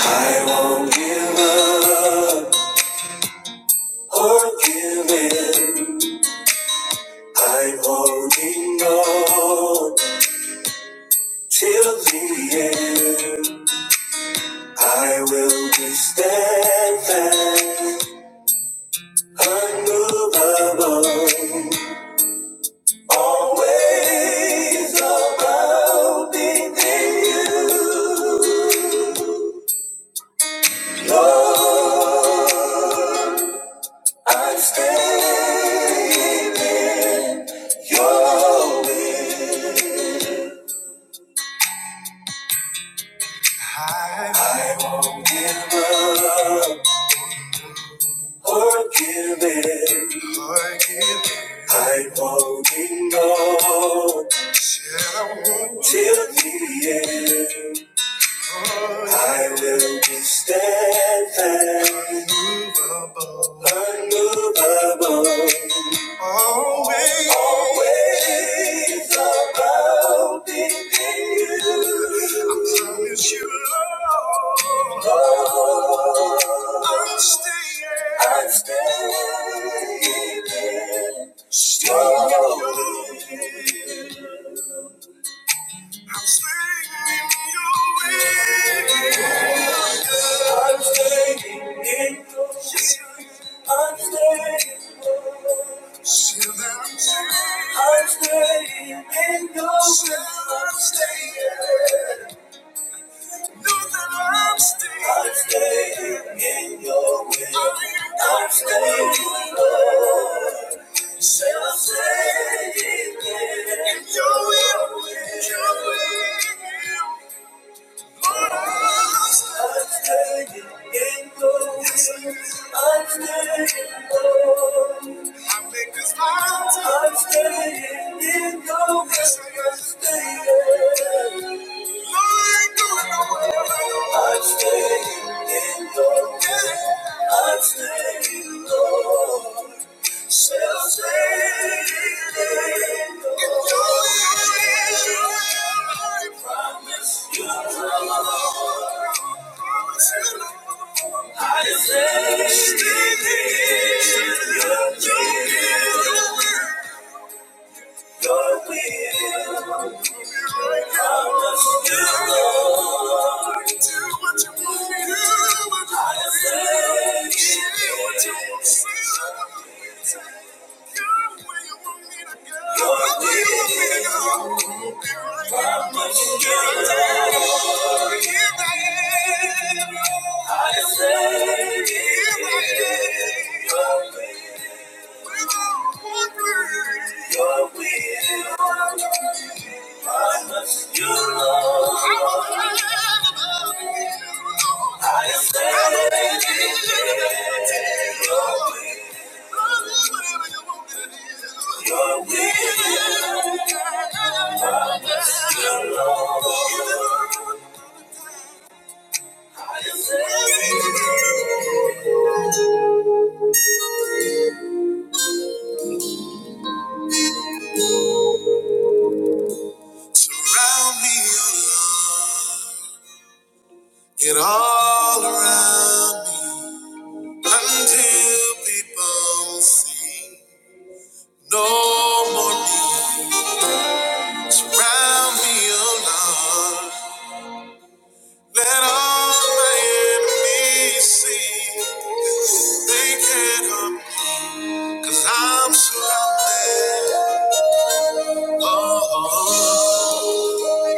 I won't give up or give in. I'm holding on till the end. I will be steadfast, unmovable, always abounding in you, Lord. I'm staying in your will. I won't give up or give in. I won't ignore till the end. I will be steadfast, unmovable, unmovable, always, always abounding in you. I promise you, Lord, Lord, I'm staying, I'm staying, in, staying in your way. I'm staying in your way. I'm standing in the sea. I'm standing Still that I'm standing. I'm standing in your Still I'm standing. Know that I'm standing. I'm standing in your will. I'm standing, Lord. Still I'm standing in your will. Your will. I'm staying in in I'm staying low. Thank you. Thank you. Round me, get all around me until people see no more need. Surround me, oh Lord. Let all my enemies see they can't harm me i I'm surrounded. Oh, oh, oh.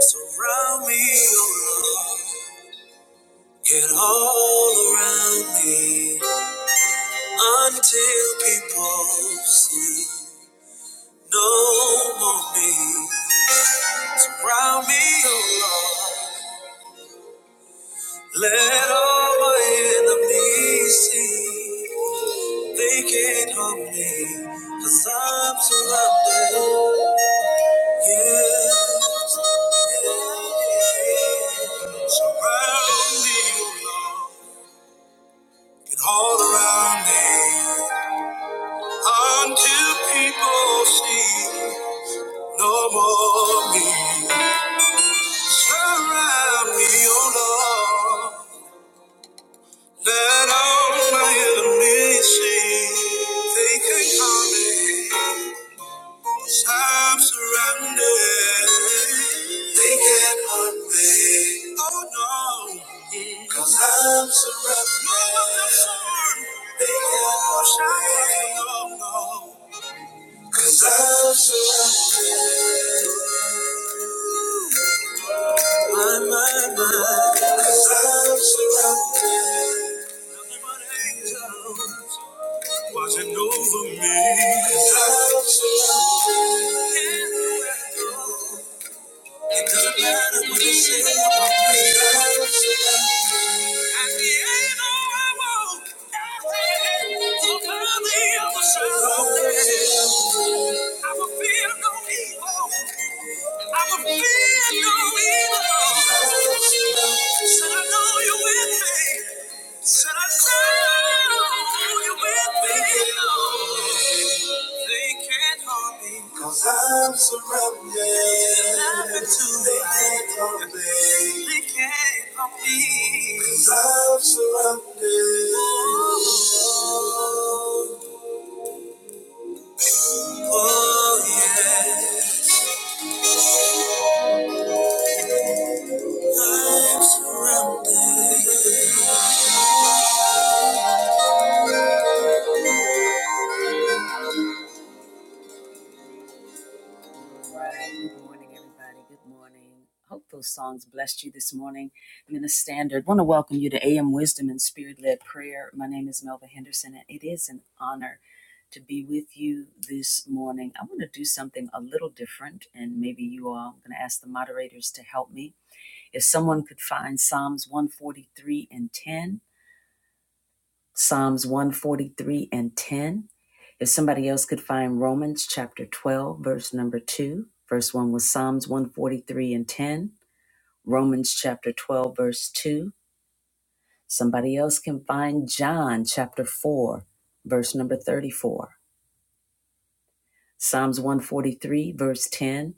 Surround me, oh Lord. Get all around me until people see no more me. Surround me, oh Lord. Let all my enemies see they can't harm me, cause I'm surrounded. Yeah. Surround me, oh Lord. Get all around me. Until people see no more me. Surround me, oh Lord. Let all my enemies see. They can't harm me. 'cause I'm surrounded. They can't harm me. Oh no. i I'm surrounded. They can't harm me. Oh no. i I'm surrounded. My, my, my. 'Cause I'm surrounded. Watching over me. 'Cause I'm surrounded. It doesn't matter what they say about me. 'Cause I'm surrounded. At the end of my walk, so finally I'm surrounded. I will feel no evil. I will feel no evil. Said I know you're with me. They can't harm me. Cause I'm surrounded. they can't harm me. They can't harm me i I'm surrounded. Oh, oh yeah. I'm surrounded. All right. Good morning, everybody. Good morning. Hope those songs blessed you this morning. I'm in the standard. Want to welcome you to AM Wisdom and Spirit Led Prayer. My name is Melva Henderson, and it is an honor to be with you this morning. I want to do something a little different, and maybe you all, I'm going to ask the moderators to help me. If someone could find Psalms 143 and 10, Psalms 143 and 10. If somebody else could find Romans chapter 12, verse number 2. First 1 was Psalms 143 and 10. Romans chapter 12, verse 2. Somebody else can find John chapter 4, verse number 34. Psalms 143, verse 10.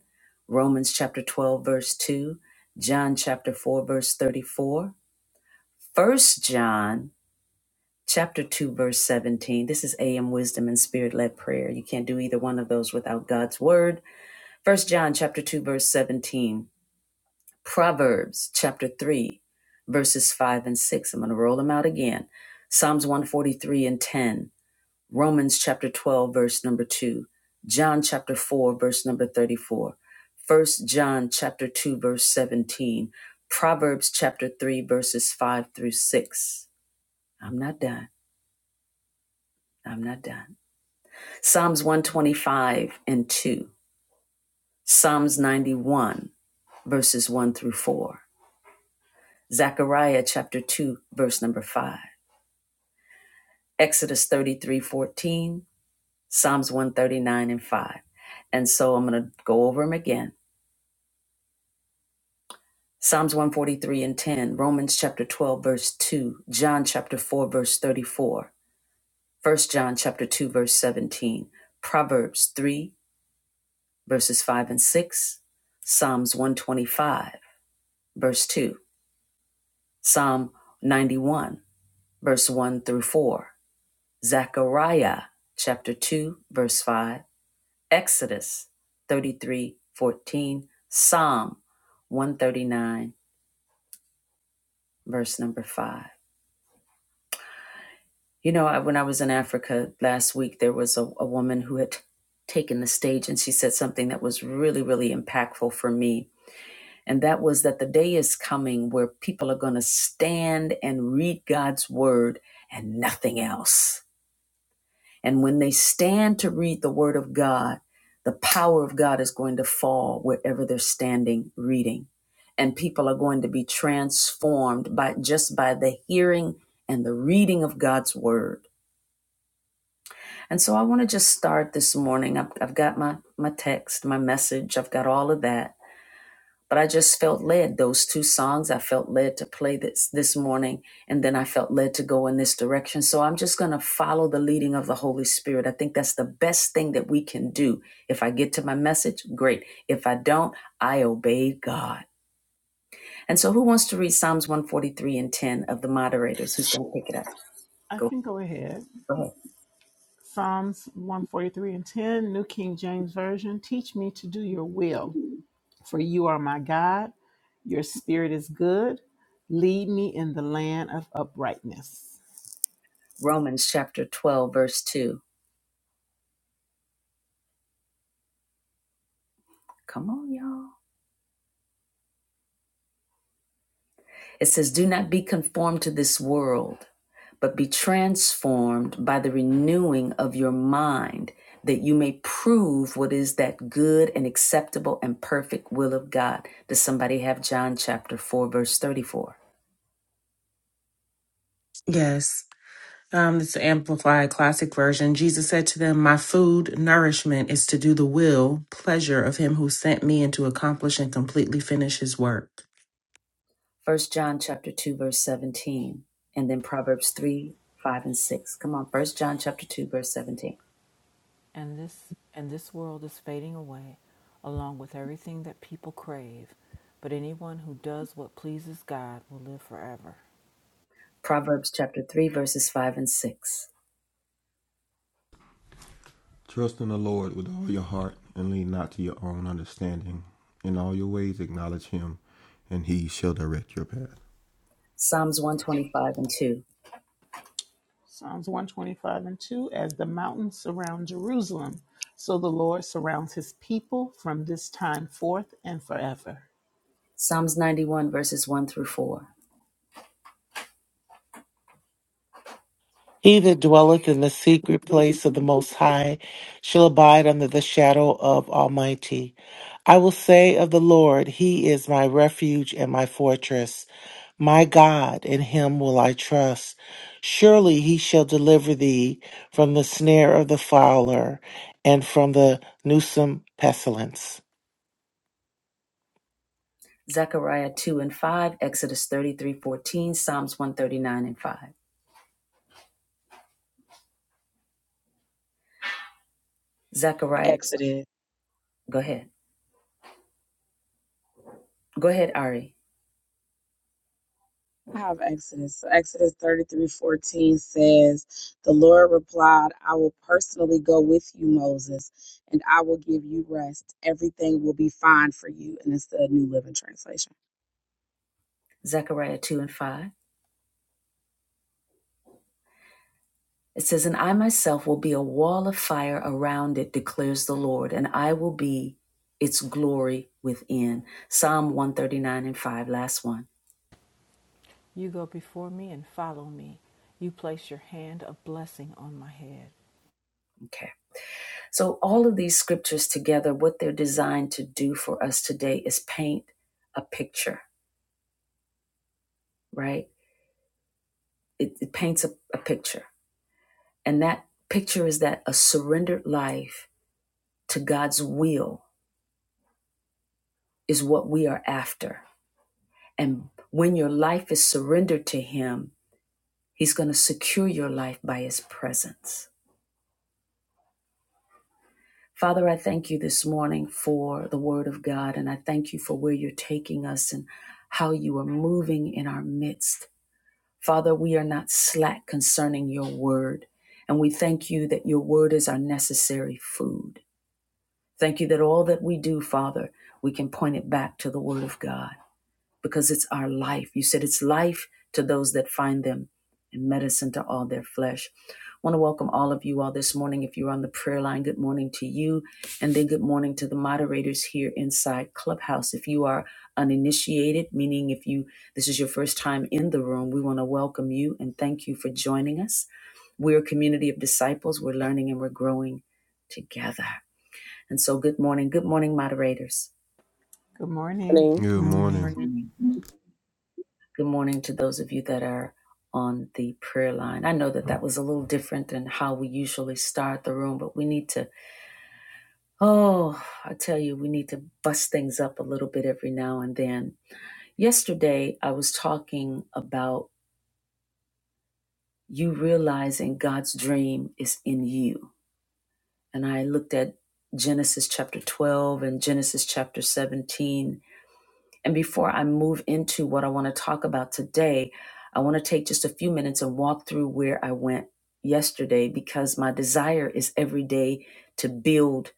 Romans chapter 12, verse 2. John chapter 4, verse 34. four. First John chapter 2 verse 17 this is am wisdom and spirit-led prayer you can't do either one of those without god's word first john chapter 2 verse 17 proverbs chapter 3 verses 5 and 6 i'm going to roll them out again psalms 143 and 10 romans chapter 12 verse number 2 john chapter 4 verse number 34 first john chapter 2 verse 17 proverbs chapter 3 verses 5 through 6 i'm not done i'm not done Psalms 125 and 2, Psalms 91, verses 1 through 4, Zechariah chapter 2, verse number 5, Exodus 33 14, Psalms 139 and 5. And so I'm going to go over them again. Psalms 143 and 10, Romans chapter 12, verse 2, John chapter 4, verse 34, First John chapter 2, verse 17, Proverbs 3, verses 5 and 6, Psalms 125, verse 2. Psalm 91, verse 1 through 4, Zechariah chapter 2, verse 5, Exodus 33, 14. Psalm 139, verse number 5. You know, I- when I was in Africa last week, there was a, a woman who had taken the stage and she said something that was really, really impactful for me. And that was that the day is coming where people are going to stand and read God's word and nothing else And when they stand to read the Word of God, the power of God is going to fall wherever they're standing reading. And people are going to be transformed by just by the hearing and the reading of God's Word. And so I want to just start this morning. I've, I've got my, my text, my message, I've got all of that but I just felt led. Those two songs I felt led to play this this morning, and then I felt led to go in this direction. So I'm just going to follow the leading of the Holy Spirit. I think that's the best thing that we can do. If I get to my message, great. If I don't, I obey God. And so, who wants to read Psalms 143 and 10 of the moderators? Who's going to pick it up? I Go, can go ahead. ahead. Psalms 143 and 10, New King James Version. Teach me to do your will, for you are my God. Your spirit is good. Lead me in the land of uprightness. Romans chapter 12, verse 2. Come on, y'all. It says, "Do not be conformed to this world." but be transformed by the renewing of your mind, that you may prove what is that good and acceptable and perfect will of God. Does somebody have John chapter 4, verse 34? Yes. Um, it's the Amplified Classic Version. Jesus said to them, My food, nourishment, is to do the will, pleasure of him who sent me and to accomplish and completely finish his work. First John chapter 2, verse 17, and then Proverbs 3, 5, and 6. Come on, First John chapter 2, verse 17. and this and this world is fading away along with everything that people crave but anyone who does what pleases god will live forever Proverbs chapter 3, verses 5 and 6. Trust in the Lord with all your heart and lean not to your own understanding. In all your ways acknowledge him and he shall direct your path. Psalms 125 and 2. Psalms 125 and 2, as the mountains surround Jerusalem, so the Lord surrounds his people from this time forth and forever. Psalms 91, verses 1 through 4. He that dwelleth in the secret place of the Most High shall abide under the shadow of Almighty. I will say of the Lord, He is my refuge and my fortress. My God, in Him will I trust. Surely He shall deliver thee from the snare of the fowler and from the newsome pestilence. Zechariah 2 and 5, Exodus 33 14, Psalms 139 and 5. Zechariah, Exodus. go ahead. Go ahead, Ari. I have Exodus. So Exodus thirty-three fourteen says, The Lord replied, I will personally go with you, Moses, and I will give you rest. Everything will be fine for you. And it's the New Living Translation. Zechariah 2 and 5. It says, And I myself will be a wall of fire around it, declares the Lord, and I will be its glory within. Psalm 139 and 5, last one. you go before me and follow me you place your hand of blessing on my head Okay. So, all of these scriptures together, what they're designed to do for us today is paint a picture, right? It, it paints a a picture And that picture is that a surrendered life to God's will is what we are after. And when your life is surrendered to Him, He's going to secure your life by His presence. Father, I thank you this morning for the Word of God, and I thank you for where you're taking us and how you are moving in our midst. Father, we are not slack concerning your Word, and we thank you that your Word is our necessary food. Thank you that all that we do, Father, we can point it back to the Word of God because it's our life. You said it's life to those that find them and medicine to all their flesh. I want to welcome all of you all this morning. If you're on the prayer line, good morning to you. And then good morning to the moderators here inside Clubhouse. If you are uninitiated, meaning if you this is your first time in the room, we want to welcome you and thank you for joining us. We're a community of disciples. We're learning and we're growing together. And so, good morning. Good morning, moderators. Good morning. morning. Good morning. Morning. Arnita. Morning. Good morning to those of you that are on the prayer line. I know that that was a little different than how we usually start the room, but we need to, oh, I tell you, we need to bust things up a little bit every now and then. Yesterday, I was talking about you realizing God's dream is in you. And I looked at Genesis chapter 12 and Genesis chapter 17 And before I move into what I want to talk about today, I want to take just a few minutes and walk through where I went yesterday because my desire is every day to build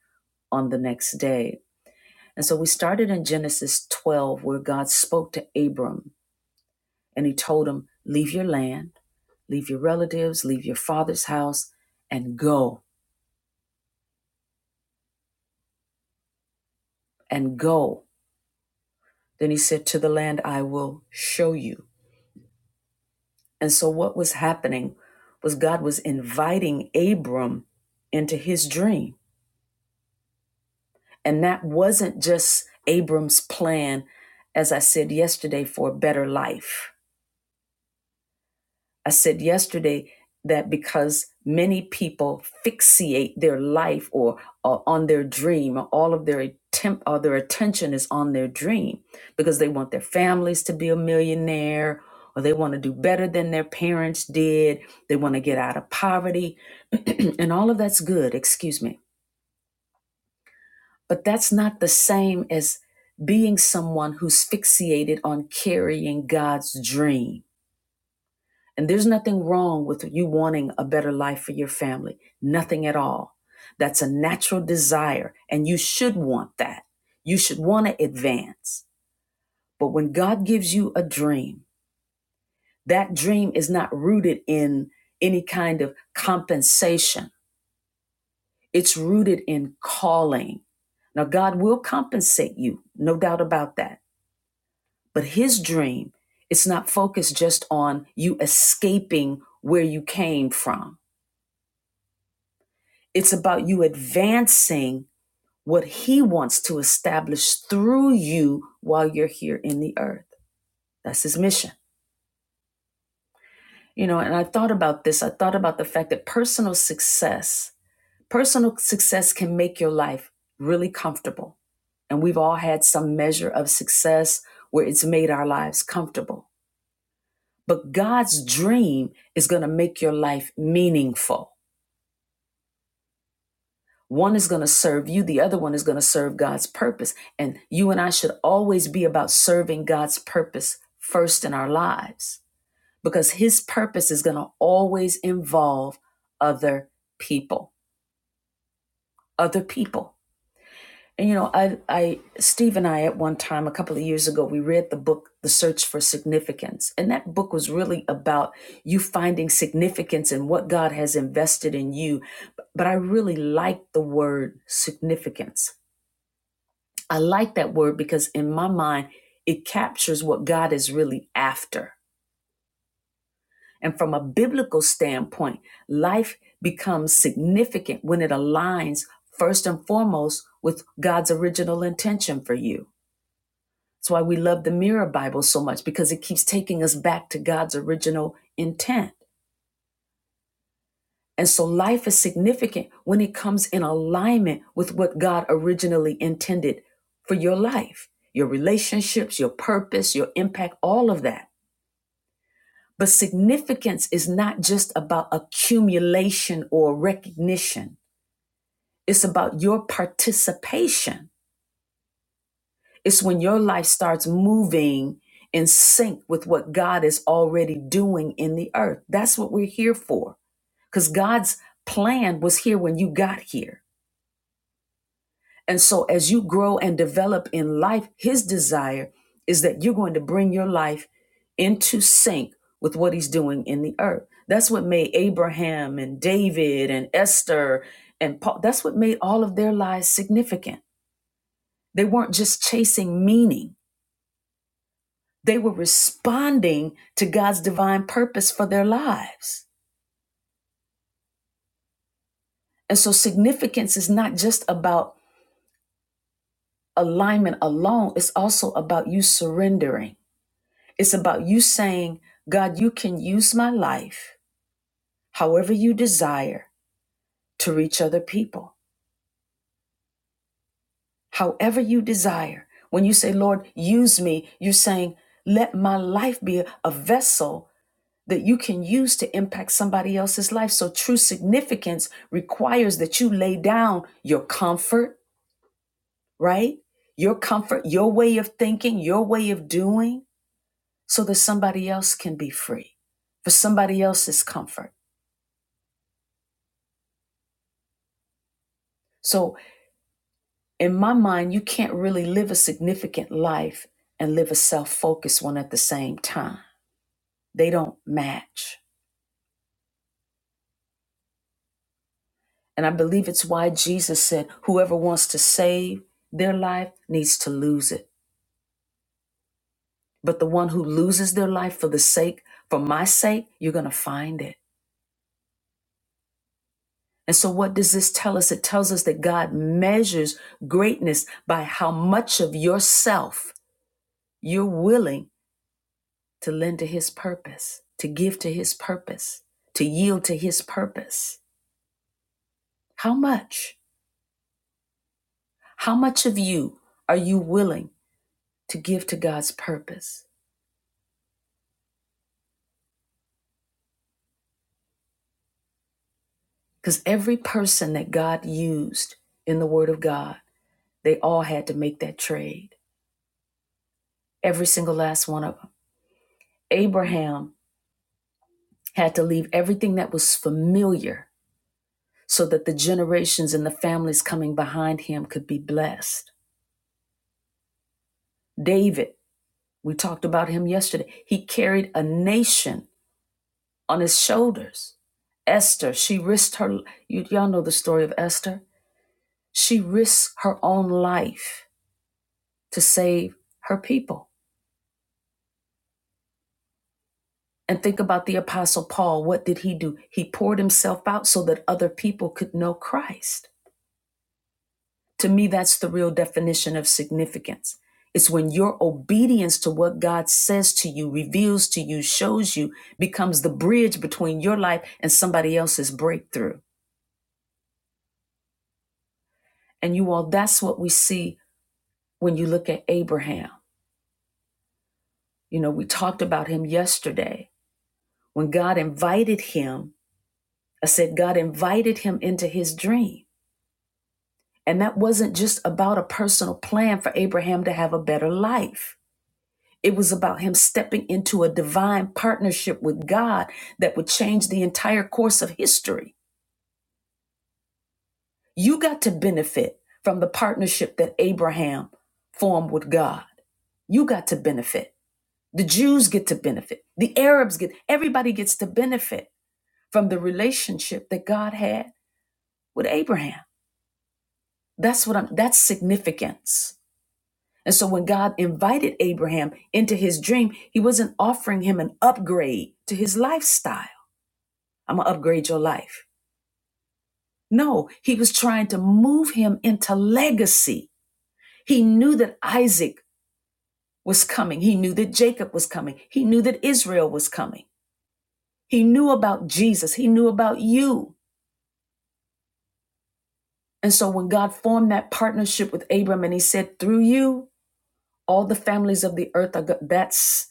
on the next day. And so we started in Genesis 12, where God spoke to Abram and he told him, Leave your land, leave your relatives, leave your father's house, and go, and go. Then he said, To the land I will show you. And so, what was happening was God was inviting Abram into his dream. And that wasn't just Abram's plan, as I said yesterday, for a better life I said yesterday that because many people fixate their life or, or on their dream, or all of their attempt or their attention is on their dream because they want their families to be a millionaire or they want to do better than their parents did. They want to get out of poverty. and all of that's good, excuse me. But that's not the same as being someone who's fixated on carrying God's dream And there's nothing wrong with you wanting a better life for your family, nothing at all. That's a natural desire, and you should want that. You should want to advance. But when God gives you a dream, that dream is not rooted in any kind of compensation, it's rooted in calling. Now, God will compensate you, no doubt about that. But His dream, it's not focused just on you escaping where you came from It's about you advancing what he wants to establish through you while you're here in the earth. That's his mission. You know, and I thought about this. I thought about the fact that personal success, personal success can make your life really comfortable. And we've all had some measure of success where it's made our lives comfortable. But God's dream is going to make your life meaningful. One is going to serve you, the other one is going to serve God's purpose. And you and I should always be about serving God's purpose first in our lives because His purpose is going to always involve other people. Other people. And you know, I, I, Steve and I, at one time a couple of years ago, we read the book *The Search for Significance*, and that book was really about you finding significance in what God has invested in you. But I really liked the word significance I like that word because in my mind, it captures what God is really after. And from a biblical standpoint, life becomes significant when it aligns first and foremost with God's original intention for you. That's why we love the Mirror Bible so much because it keeps taking us back to God's original intent. And so life is significant when it comes in alignment with what God originally intended for your life, your relationships, your purpose, your impact, all of that. But significance is not just about accumulation or recognition, it's about your participation. It's when your life starts moving in sync with what God is already doing in the earth. That's what we're here for, because God's plan was here when you got here. And so, as you grow and develop in life, his desire is that you're going to bring your life into sync with what he's doing in the earth. That's what made Abraham and David and Esther and Paul, that's what made all of their lives significant. They weren't just chasing meaning, they were responding to God's divine purpose for their lives. And so, significance is not just about alignment alone, it's also about you surrendering It's about you saying, God, you can use my life however you desire to reach other people, however you desire. When you say, Lord, use me, you're saying, let my life be a vessel that you can use to impact somebody else's life. So true significance requires that you lay down your comfort, right? Your comfort, your way of thinking, your way of doing, so that somebody else can be free, for somebody else's comfort. So in my mind, you can't really live a significant life and live a self focused one at the same time. They don't match. And I believe it's why Jesus said, whoever wants to save their life needs to lose it. But the one who loses their life for the sake, for my sake, you're going to find it. And so, what does this tell us? It tells us that God measures greatness by how much of yourself you're willing to lend to his purpose, to give to his purpose, to yield to his purpose. How much? How much of you are you willing to give to God's purpose? Because every person that God used in the Word of God, they all had to make that trade. Every single last one of them. Abraham had to leave everything that was familiar so that the generations and the families coming behind him could be blessed. David We talked about him yesterday. He carried a nation on his shoulders. Esther, she risked her, you, y'all know the story of Esther. She risked her own life to save her people. And think about the Apostle Paul. What did he do? He poured himself out so that other people could know Christ. To me, that's the real definition of significance. It's when your obedience to what God says to you, reveals to you, shows you, becomes the bridge between your life and somebody else's breakthrough. And you all, that's what we see when you look at Abraham. You know, we talked about him yesterday. When God invited him, I said, God invited him into his dream. And that wasn't just about a personal plan for Abraham to have a better life It was about him stepping into a divine partnership with God that would change the entire course of history. You got to benefit from the partnership that Abraham formed with God. You got to benefit. The Jews get to benefit. The Arabs get, everybody gets to benefit from the relationship that God had with Abraham. That's what I'm, that's significance. And so when God invited Abraham into his dream, he wasn't offering him an upgrade to his lifestyle. I'm going to upgrade your life. No, he was trying to move him into legacy. He knew that Isaac was coming. He knew that Jacob was coming. He knew that Israel was coming. He knew about Jesus. He knew about you. And so when God formed that partnership with Abram and he said, through you, all the families of the earth are, go-" that's,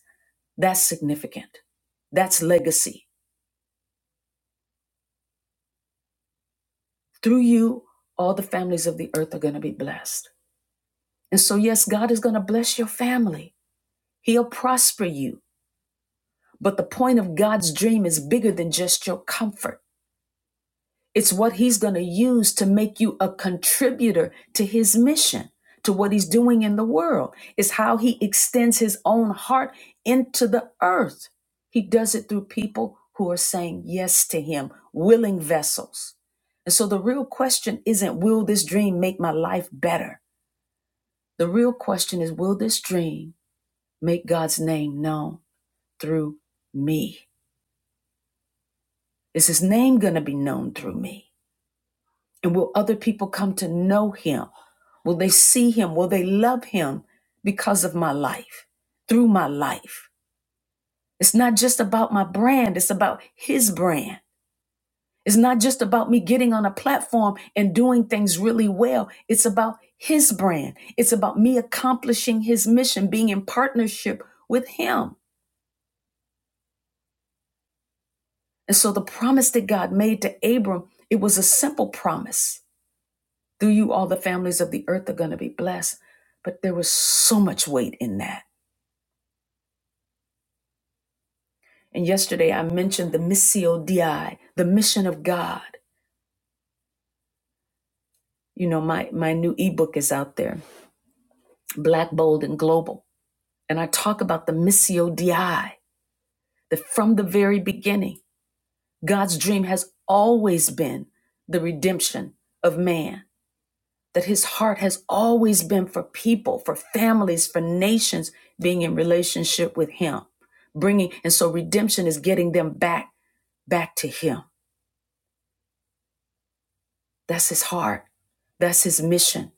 that's significant. That's legacy. Through you, all the families of the earth are going to be blessed. And so, yes, God is going to bless your family. He'll prosper you. But the point of God's dream is bigger than just your comfort. It's what He's going to use to make you a contributor to His mission, to what He's doing in the world. It's how He extends His own heart into the earth. He does it through people who are saying yes to Him, willing vessels. And so the real question isn't, will this dream make my life better? The real question is, will this dream make God's name known through me? Is his name going to be known through me? And will other people come to know him? Will they see him? Will they love him because of my life, through my life? It's not just about my brand, it's about his brand. It's not just about me getting on a platform and doing things really well. It's about his brand. It's about me accomplishing his mission, being in partnership with him. And so the promise that God made to Abram, it was a simple promise. Through you, all the families of the earth are going to be blessed. But there was so much weight in that. And yesterday I mentioned the Missio Dei, the mission of God. You know, my, my new ebook is out there, Black, Bold, and Global. And I talk about the Missio Dei, that from the very beginning, God's dream has always been the redemption of man that his heart has always been for people, for families, for nations being in relationship with him. Bringing and so redemption is getting them back back to him. That's his heart. That's his mission.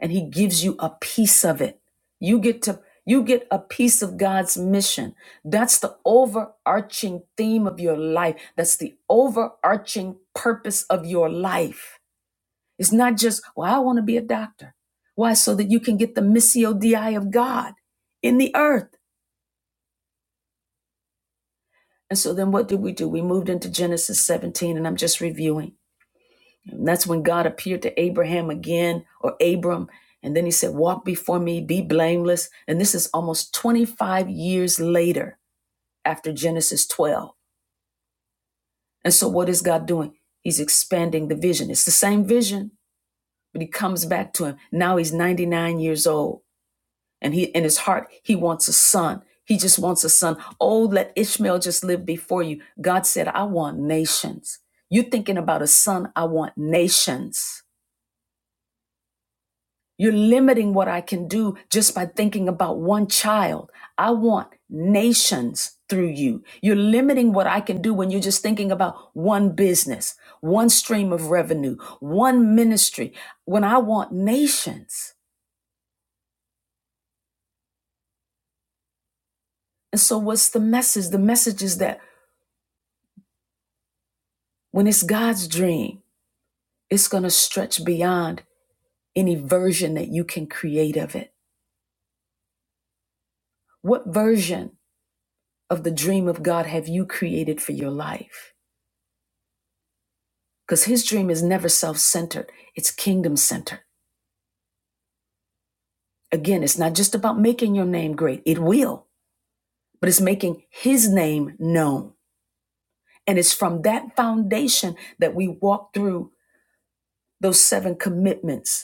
And he gives you a piece of it. You get to you get a piece of God's mission. That's the overarching theme of your life. That's the overarching purpose of your life. It's not just, well, I want to be a doctor. Why? So that you can get the missio di of God in the earth. And so then what did we do? We moved into Genesis 17, and I'm just reviewing. And that's when God appeared to Abraham again, or Abram. And then he said, Walk before me, be blameless. And this is almost 25 years later after Genesis 12. And so what is God doing? He's expanding the vision. It's the same vision, but he comes back to him. Now he's 99 years old and he in his heart he wants a son he just wants a son oh let ishmael just live before you god said i want nations you are thinking about a son i want nations you're limiting what i can do just by thinking about one child i want nations through you you're limiting what i can do when you're just thinking about one business one stream of revenue one ministry when i want nations and so what's the message the message is that when it's god's dream It's going to stretch beyond any version that you can create of it. What version of the dream of God have you created for your life? Because his dream is never self centered, it's kingdom centered. Again, it's not just about making your name great, it will, but it's making his name known. And it's from that foundation that we walk through those seven commitments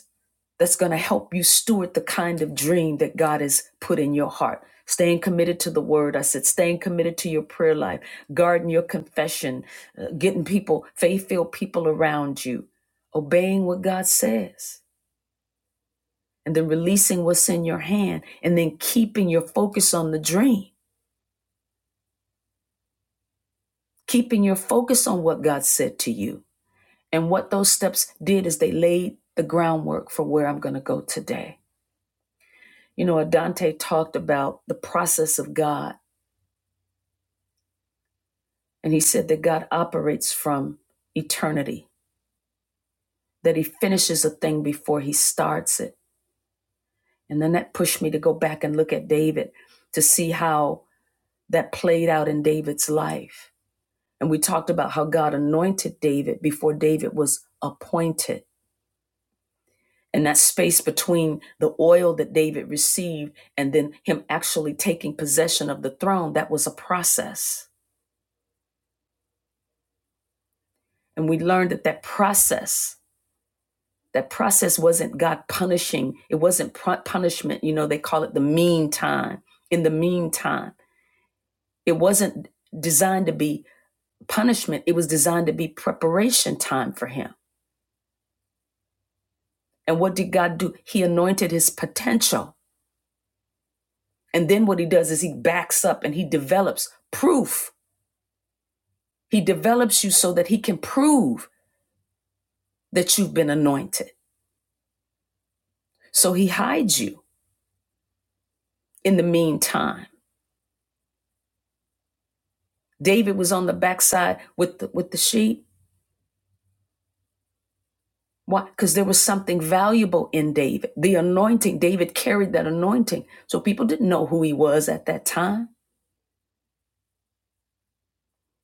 that's going to help you steward the kind of dream that God has put in your heart. Staying committed to the word. I said, staying committed to your prayer life, guarding your confession, uh, getting people, faith filled people around you, obeying what God says, and then releasing what's in your hand, and then keeping your focus on the dream, keeping your focus on what God said to you. And what those steps did is they laid the groundwork for where I'm going to go today. You know, Adante talked about the process of God And he said that God operates from eternity, that he finishes a thing before he starts it. And then that pushed me to go back and look at David to see how that played out in David's life. And we talked about how God anointed David before David was appointed. And that space between the oil that David received and then him actually taking possession of the throne, that was a process. And we learned that that process That process wasn't God punishing. It wasn't punishment. You know, they call it the meantime. In the meantime, it wasn't designed to be punishment. It was designed to be preparation time for him. And what did God do? He anointed his potential. And then what he does is he backs up and he develops proof. He develops you so that he can prove that you've been anointed. So he hides you in the meantime. David was on the backside with the, with the sheep Why? Because there was something valuable in David. The anointing, David carried that anointing. So people didn't know who he was at that time.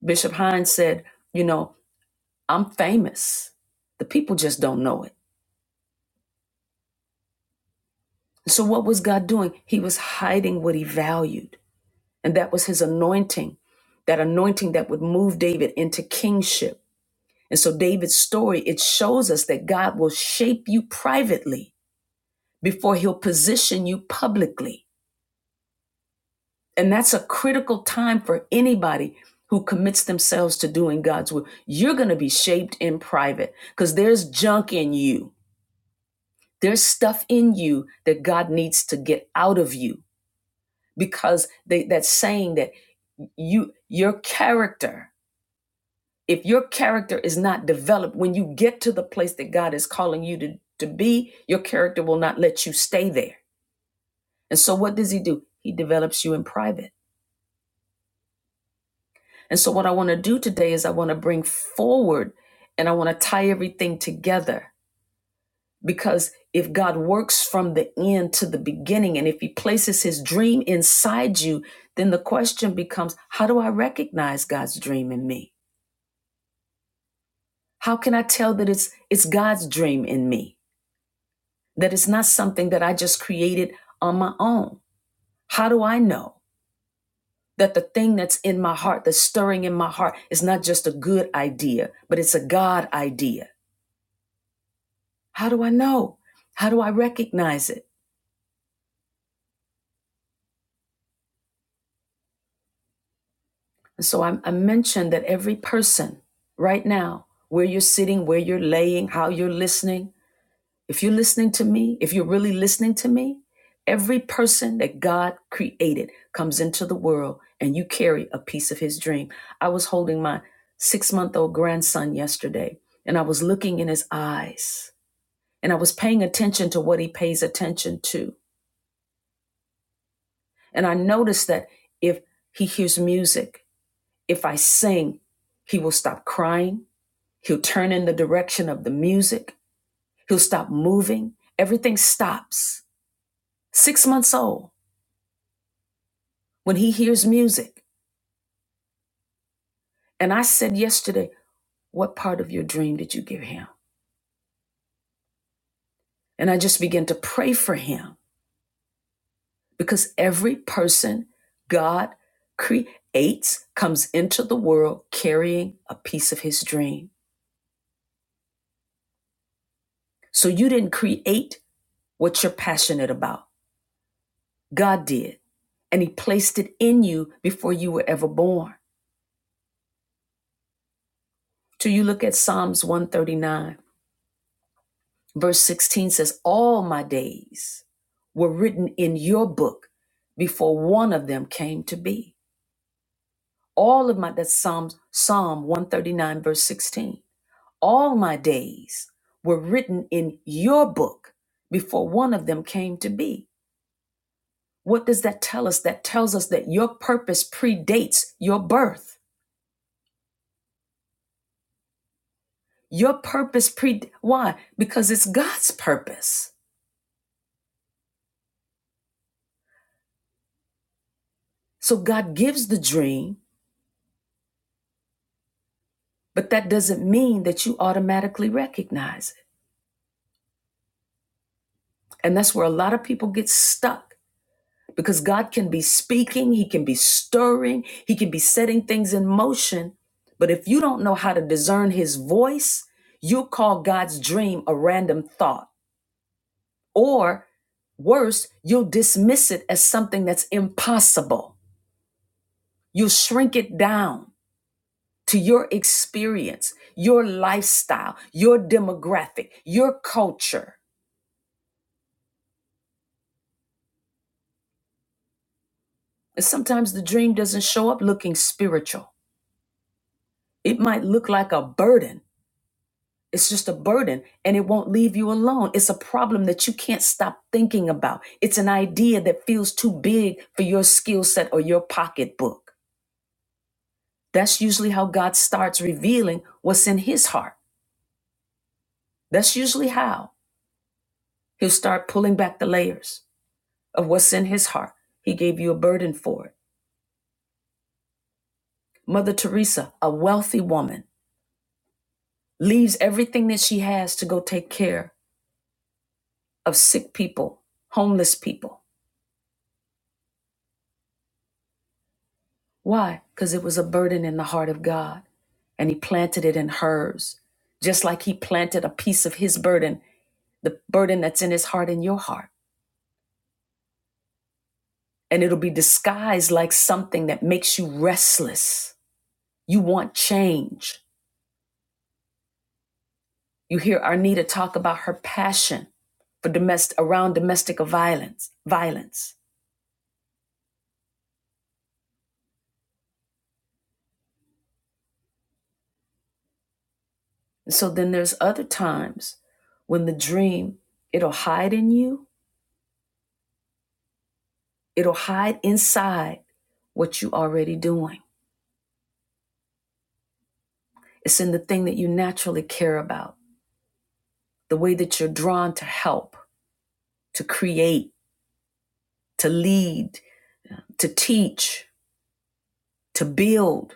Bishop Hines said, You know, I'm famous. The people just don't know it. So what was God doing? He was hiding what he valued. And that was his anointing, that anointing that would move David into kingship. And so David's story, it shows us that God will shape you privately before he'll position you publicly. And that's a critical time for anybody who commits themselves to doing God's will. You're going to be shaped in private because there's junk in you. There's stuff in you that God needs to get out of you because they, that's saying that you your character, if your character is not developed, when you get to the place that God is calling you to, to be, your character will not let you stay there. And so what does he do? He develops you in private. And so, what I want to do today is I want to bring forward and I want to tie everything together because if God works from the end to the beginning and if He places His dream inside you, then the question becomes how do I recognize God's dream in me? How can I tell that it's, it's God's dream in me? That it's not something that I just created on my own? How do I know? That the thing that's in my heart, that's stirring in my heart, is not just a good idea, but it's a God idea How do I know? How do I recognize it? And so I, I mentioned that every person right now, where you're sitting, where you're laying, how you're listening, if you're listening to me, if you're really listening to me, every person that God created comes into the world and you carry a piece of his dream. I was holding my six month old grandson yesterday and I was looking in his eyes and I was paying attention to what he pays attention to. And I noticed that if he hears music, If I sing, he will stop crying. He'll turn in the direction of the music. He'll stop moving. Everything stops. Six months old when he hears music. And I said yesterday, What part of your dream did you give him? And I just began to pray for him because every person God creates comes into the world carrying a piece of his dream. So you didn't create what you're passionate about, God did. and he placed it in you before you were ever born. Till you look at Psalms 139, verse 16 says, All my days were written in your book before one of them came to be. All of my, that's Psalms, Psalm 139, verse 16. All my days were written in your book before one of them came to be. What does that tell us? That tells us that your purpose predates your birth. Your purpose pre why? Because it's God's purpose. So God gives the dream, but that doesn't mean that you automatically recognize it. And that's where a lot of people get stuck because God can be speaking, he can be stirring, he can be setting things in motion, but if you don't know how to discern his voice, you'll call God's dream a random thought or Worse, you'll dismiss it as something that's impossible. You'll shrink it down. to your experience, your lifestyle, your demographic, your culture. And sometimes the dream doesn't show up looking spiritual. It might look like a burden. It's just a burden and it won't leave you alone. It's a problem that you can't stop thinking about. It's an idea that feels too big for your skill set or your pocketbook. That's usually how God starts revealing what's in his heart. That's usually how he'll start pulling back the layers of what's in his heart. He gave you a burden for it. Mother Teresa, a wealthy woman, leaves everything that she has to go take care of sick people, homeless people. Why? Because it was a burden in the heart of God, and He planted it in hers, just like He planted a piece of His burden, the burden that's in His heart in your heart. And it'll be disguised like something that makes you restless. You want change. You hear Arnita talk about her passion for domestic around domestic violence, violence. And so then there's other times when the dream, it'll hide in you, it'll hide inside what you already doing. It's in the thing that you naturally care about, the way that you're drawn to help, to create, to lead, to teach, to build,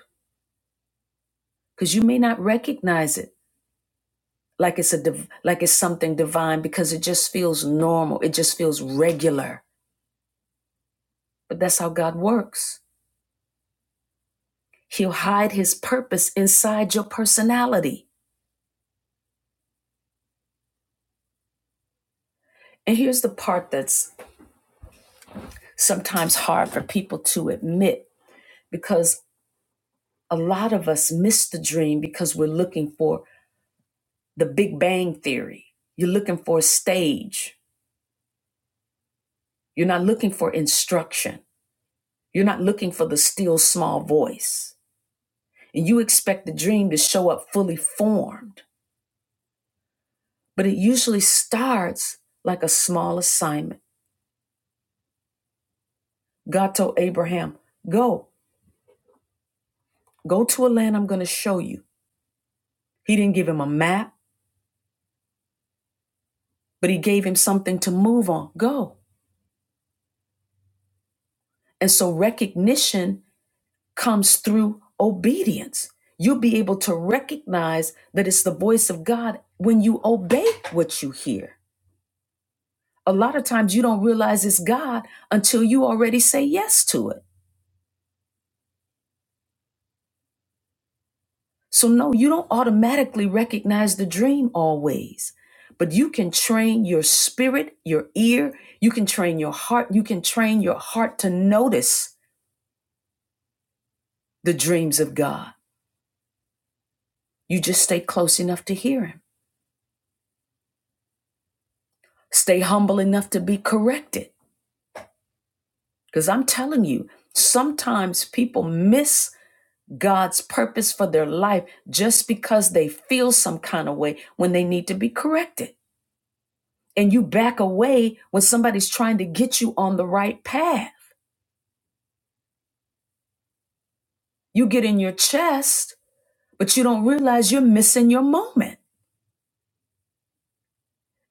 because you may not recognize it like it's a div- like it's something divine because it just feels normal, it just feels regular. But that's how God works. He'll hide his purpose inside your personality. And here's the part that's sometimes hard for people to admit because a lot of us miss the dream because we're looking for the Big Bang Theory. You're looking for a stage. You're not looking for instruction. You're not looking for the still small voice. And you expect the dream to show up fully formed. But it usually starts like a small assignment. God told Abraham, Go, go to a land I'm going to show you. He didn't give him a map. but he gave him something to move on, go. And so recognition comes through obedience. You'll be able to recognize that it's the voice of God when you obey what you hear. A lot of times you don't realize it's God until you already say yes to it. So, no, you don't automatically recognize the dream always, but you can train your spirit, your ear, you can train your heart, you can train your heart to notice the dreams of God You just stay close enough to hear him. Stay humble enough to be corrected. Because I'm telling you, sometimes people miss God's purpose for their life just because they feel some kind of way when they need to be corrected. And you back away when somebody's trying to get you on the right path. You get in your chest, but you don't realize you're missing your moment.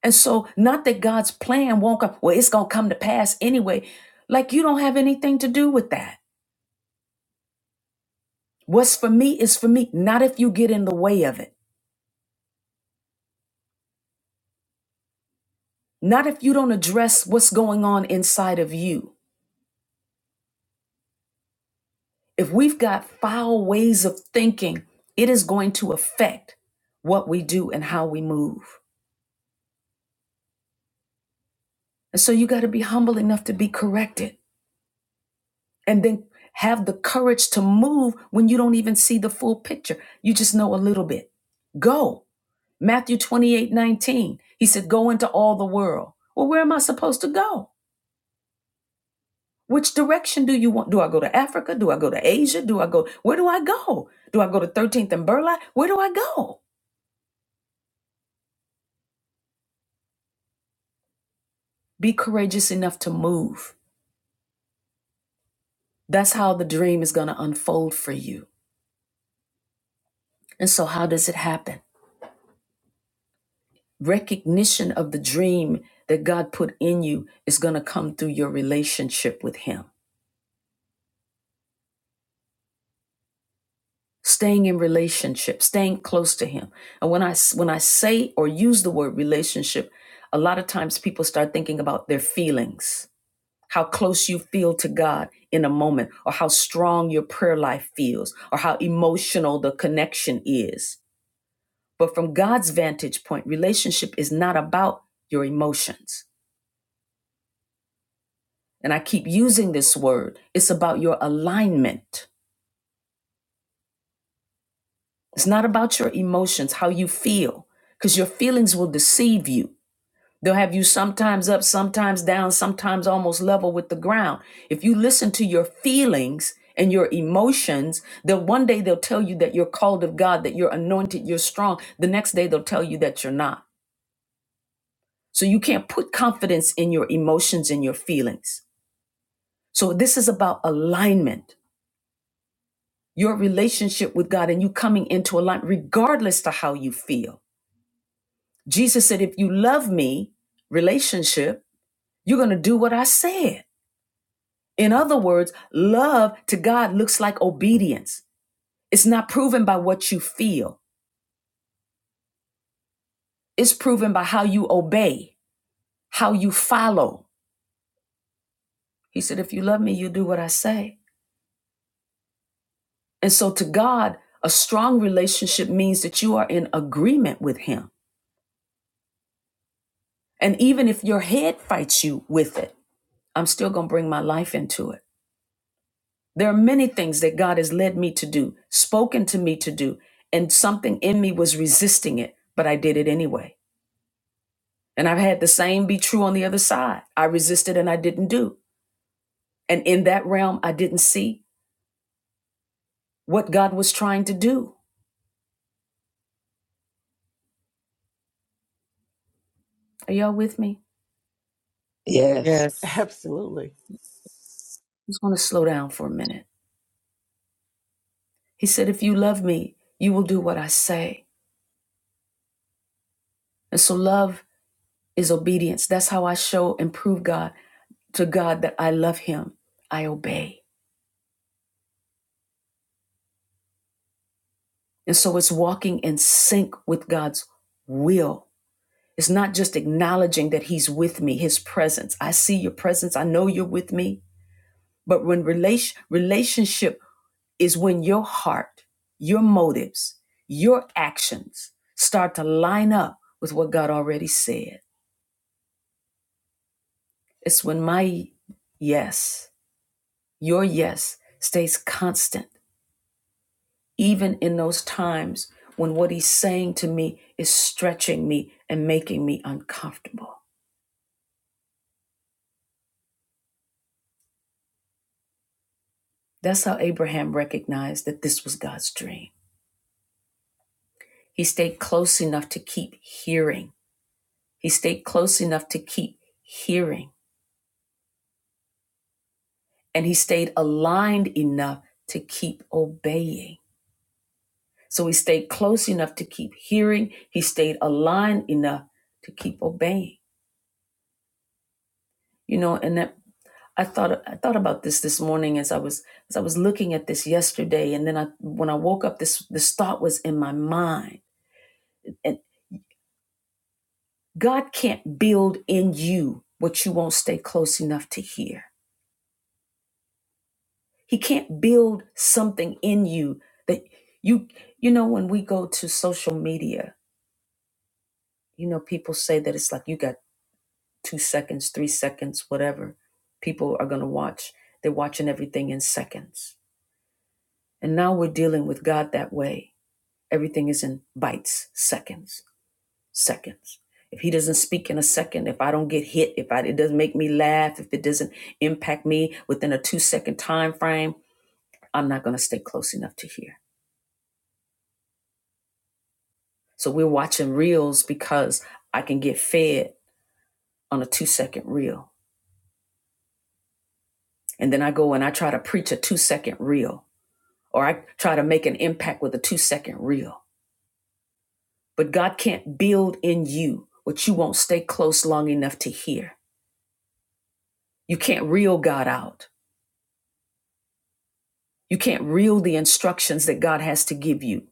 And so, not that God's plan won't come, well, it's going to come to pass anyway. Like, you don't have anything to do with that What's for me is for me, not if you get in the way of it, not if you don't address what's going on inside of you. If we've got foul ways of thinking, it is going to affect what we do and how we move. And so you got to be humble enough to be corrected and then have the courage to move when you don't even see the full picture. You just know a little bit. Go. Matthew 28 19. he said, Go into all the world. Well, where am I supposed to go? Which direction do you want? Do I go to Africa? Do I go to Asia? Do I go? Where do I go? Do I go to 13th and Burleigh? Where do I go? Be courageous enough to move. That's how the dream is going to unfold for you. And so, how does it happen? Recognition of the dream that God put in you is going to come through your relationship with Him. Staying in relationship, staying close to Him. And when I when I say or use the word relationship, a lot of times people start thinking about their feelings how close you feel to God in a moment, or how strong your prayer life feels, or how emotional the connection is. But from God's vantage point, relationship is not about your emotions. And I keep using this word it's about your alignment. It's not about your emotions, how you feel, because your feelings will deceive you. They'll have you sometimes up, sometimes down, sometimes almost level with the ground. If you listen to your feelings and your emotions, they'll one day they'll tell you that you're called of God, that you're anointed, you're strong. The next day they'll tell you that you're not. So you can't put confidence in your emotions and your feelings. So this is about alignment, your relationship with God and you coming into alignment regardless to how you feel. Jesus said, if you love me, relationship, you're going to do what I said. In other words, love to God looks like obedience. It's not proven by what you feel, it's proven by how you obey, how you follow. He said, If you love me, you do what I say. And so to God, a strong relationship means that you are in agreement with Him. And even if your head fights you with it, I'm still going to bring my life into it. There are many things that God has led me to do, spoken to me to do, and something in me was resisting it, but I did it anyway. And I've had the same be true on the other side. I resisted and I didn't do. And in that realm, I didn't see what God was trying to do. Are y'all with me? Yes, Yes. Absolutely. I'm just going to slow down for a minute. He said, If you love me, you will do what I say. And so love is obedience. That's how I show and prove God to God that I love Him. I obey. And so it's walking in sync with God's will. It's not just acknowledging that He's with me, His presence. I see your presence. I know you're with me. But when relation, relationship is when your heart, your motives, your actions start to line up with what God already said. It's when my yes, your yes stays constant, even in those times when what he's saying to me is stretching me and making me uncomfortable. That's how Abraham recognized that this was God's dream. He stayed close enough to keep hearing. He stayed close enough to keep hearing and he stayed aligned enough to keep obeying. So he stayed close enough to keep hearing. He stayed aligned enough to keep obeying. You know, and that I thought I thought about this this morning as I was as I was looking at this yesterday, and then I when I woke up, this this thought was in my mind. And God can't build in you what you won't stay close enough to hear. He can't build something in you that you you know when we go to social media you know, people say that it's like you got two seconds, three seconds, whatever. People are going to watch. They're watching everything in seconds. And now we're dealing with God that way. Everything is in bites, seconds, seconds. If He doesn't speak in a second, if I don't get hit, if I, it doesn't make me laugh, if it doesn't impact me within a two second time frame, I'm not going to stay close enough to hear. So we're watching reels because I can get fed on a two second reel. And then I go and I try to preach a two second reel or I try to make an impact with a two second reel. But God can't build in you what you won't stay close long enough to hear. You can't reel God out. You can't reel the instructions that God has to give you.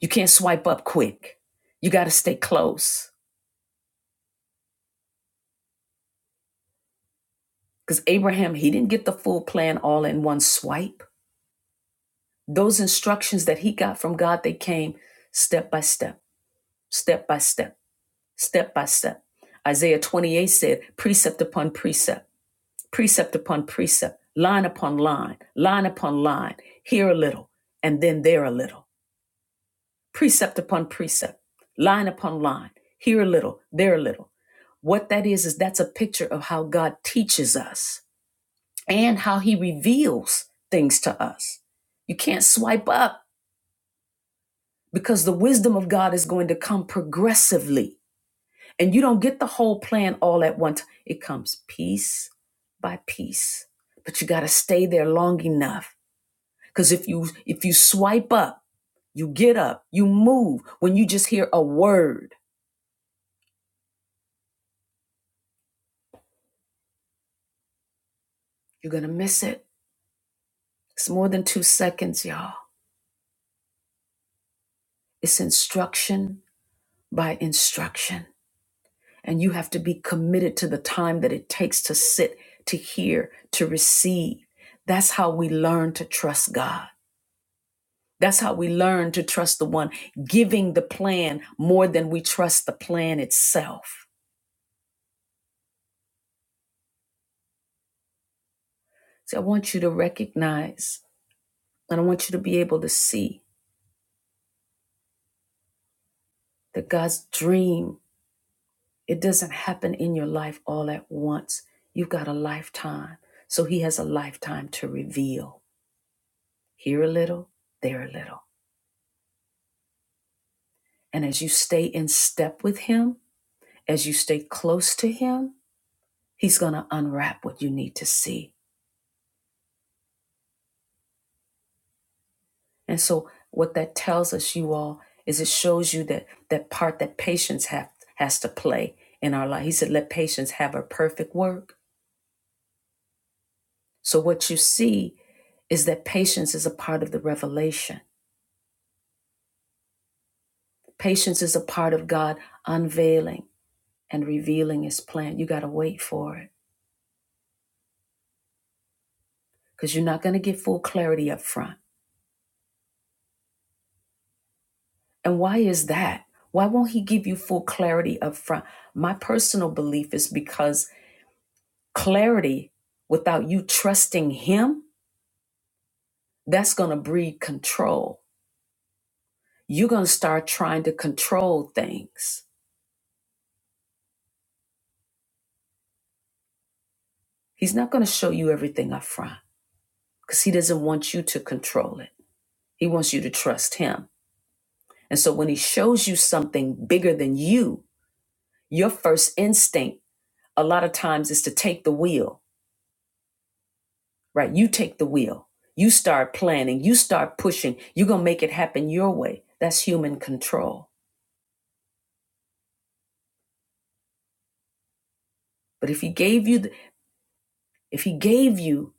You can't swipe up quick. You got to stay close. Because Abraham, he didn't get the full plan all in one swipe. Those instructions that he got from God, they came step by step, step by step, step by step. Isaiah 28 said, precept upon precept precept upon precept, line upon line, line upon line, here a little, and then there a little, precept upon precept, line upon line, here a little, there a little. What that is, is that's a picture of how God teaches us and how he reveals things to us. You can't swipe up because the wisdom of God is going to come progressively. And you don't get the whole plan all at once. It comes piece by piece. But you got to stay there long enough Because if you if you swipe up, you get up, you move. When you just hear a word, you're gonna miss it. It's more than two seconds, y'all. It's instruction by instruction. And you have to be committed to the time that it takes to sit, to hear, to receive. That's how we learn to trust God. That's how we learn to trust the one giving the plan more than we trust the plan itself. So I want you to recognize and I want you to be able to see that God's dream, it doesn't happen in your life all at once. You've got a lifetime. So he has a lifetime to reveal. Here a little, there a little. And as you stay in step with him, as you stay close to him, he's going to unwrap what you need to see. And so what that tells us you all is it shows you that that part that patience have, has to play in our life. He said let patience have a perfect work So, what you see is that patience is a part of the revelation. Patience is a part of God unveiling and revealing His plan. You got to wait for it because you're not going to get full clarity up front. And why is that? Why won't He give you full clarity up front? My personal belief is because clarity without you trusting Him, that's going to breed control. You're going to start trying to control things. He's not going to show you everything up front. because he doesn't want you to control it. He wants you to trust him. And so when he shows you something bigger than you, your first instinct a lot of times is to take the wheel, right? You take the wheel. You start planning, you start pushing. You're going to make it happen your way. That's human control. But if he gave you the, if he gave you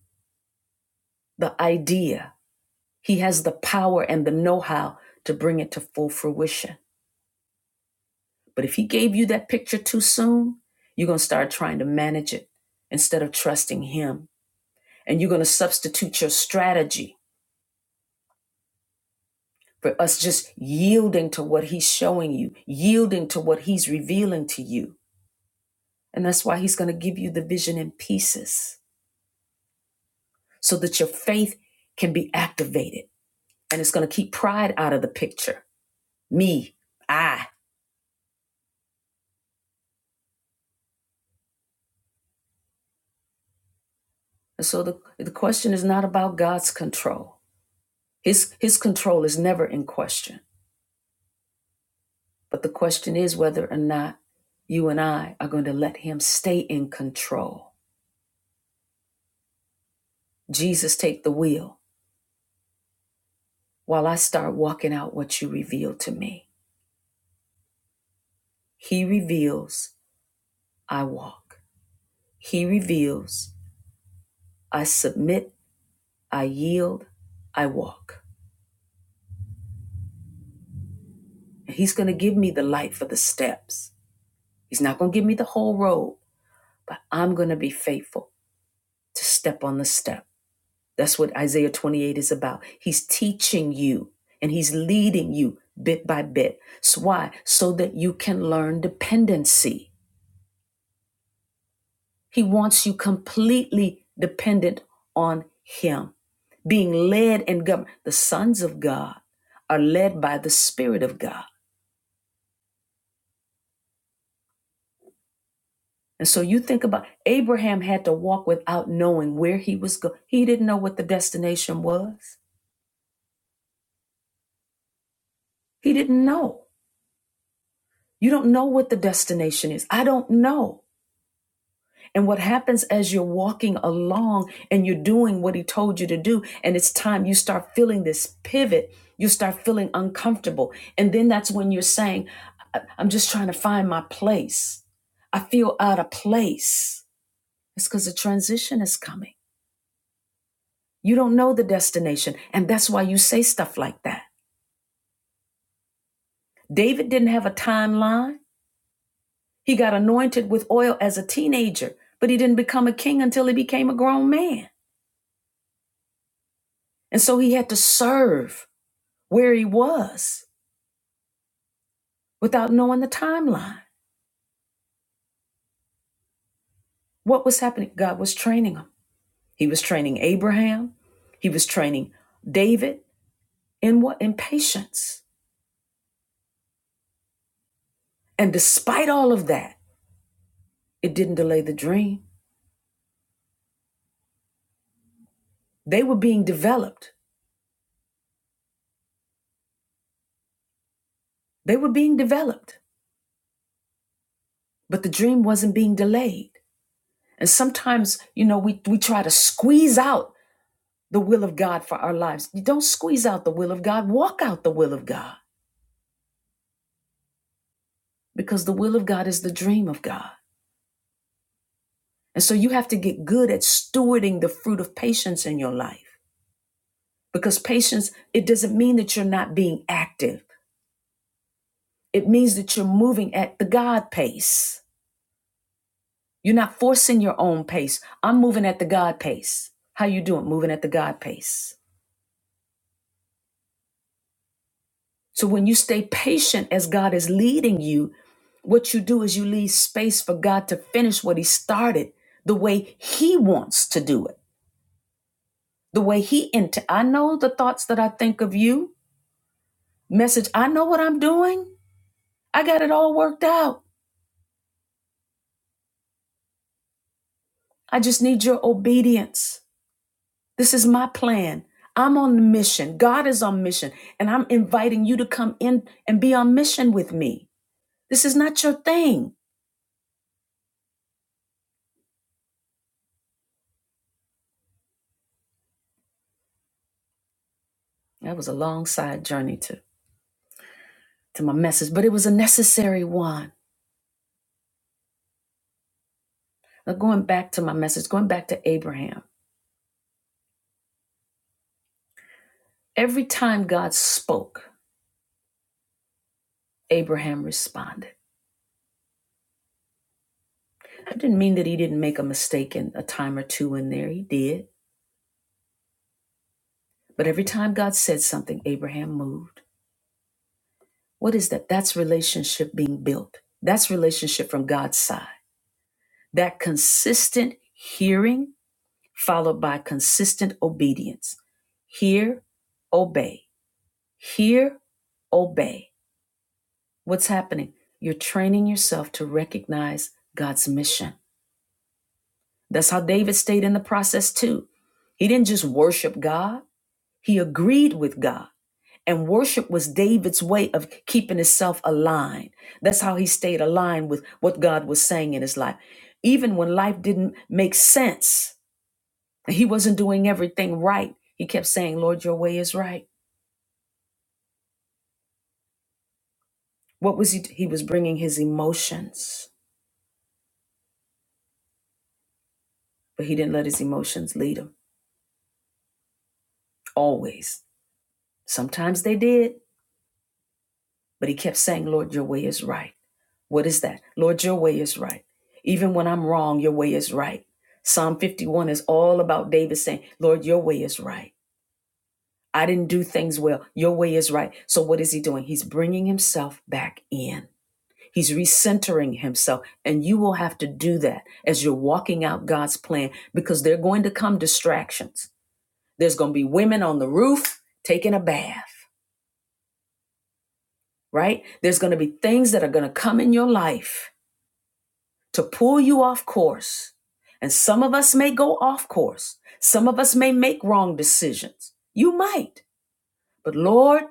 the idea, he has the power and the know-how to bring it to full fruition. But if he gave you that picture too soon, you're going to start trying to manage it instead of trusting him. And you're going to substitute your strategy for us just yielding to what he's showing you, yielding to what he's revealing to you. And that's why he's going to give you the vision in pieces so that your faith can be activated. And it's going to keep pride out of the picture. Me, I. And so the, the question is not about God's control. His, his control is never in question. But the question is whether or not you and I are going to let Him stay in control. Jesus, take the wheel while I start walking out what you reveal to me. He reveals, I walk. He reveals, I submit, I yield, I walk. And He's going to give me the light for the steps. He's not going to give me the whole road, but I'm going to be faithful to step on the step. That's what Isaiah 28 is about. He's teaching you and he's leading you bit by bit. So why? So that you can learn dependency. He wants you completely dependent on him, being led and governed. The sons of God are led by the Spirit of God. And so you think about Abraham had to walk without knowing where he was going. He didn't know what the destination was. He didn't know. You don't know what the destination is. I don't know. And what happens as you're walking along and you're doing what he told you to do, and it's time you start feeling this pivot, you start feeling uncomfortable. And then that's when you're saying, "I- am just trying to find my place. I feel out of place. It's because the transition is coming. You don't know the destination. And that's why you say stuff like that. David didn't have a timeline. He got anointed with oil as a teenager, but he didn't become a king until he became a grown man. And so he had to serve where he was without knowing the timeline. What was happening? God was training him. He was training Abraham. He was training David in what? In patience. And despite all of that, it didn't delay the dream. They were being developed. They were being developed, but the dream wasn't being delayed. And sometimes, you know, we, we try to squeeze out the will of God for our lives. You don't squeeze out the will of God, walk out the will of God because the will of God is the dream of God. And so you have to get good at stewarding the fruit of patience in your life because patience, it doesn't mean that you're not being active. It means that you're moving at the God pace. You're not forcing your own pace. I'm moving at the God pace. How you doing? Moving at the God pace. So when you stay patient as God is leading you, what you do is you leave space for God to finish what he started the way he wants to do it. The way he into I know the thoughts that I think of you Message, I know what I'm doing. I got it all worked out. I just need your obedience. This is my plan. I'm on the mission. God is on mission. And I'm inviting you to come in and be on mission with me. This is not your thing. That was a long side journey to, to my message, but it was a necessary one. Now, going back to my message, going back to Abraham, every time God spoke, Abraham responded. I didn't mean that he didn't make a mistake in a time or two in there. He did But every time God said something, Abraham moved. What is that? That's relationship being built. That's relationship from God's side. That consistent hearing followed by consistent obedience. Hear, obey. Hear, obey. What's happening? You're training yourself to recognize God's mission. That's how David stayed in the process too. He didn't just worship God, he agreed with God. And worship was David's way of keeping himself aligned. That's how he stayed aligned with what God was saying in his life. Even when life didn't make sense, and he wasn't doing everything right, he kept saying, Lord, your way is right. What was he? He was bringing his emotions, but he didn't let his emotions lead him always. Sometimes they did, but he kept saying, Lord, your way is right. What is that? Lord, your way is right. Even when I'm wrong, your way is right. Psalm 51 is all about David saying, Lord, your way is right. I didn't do things well. Your way is right. So what is he doing? He's bringing himself back in. He's recentering himself. And you will have to do that as you're walking out God's plan because they're going to come distractions. There's going to be women on the roof taking a bath, right? There's going to be things that are going to come in your life to pull you off course. And some of us may go off course. Some of us may make wrong decisions. You might, but Lord,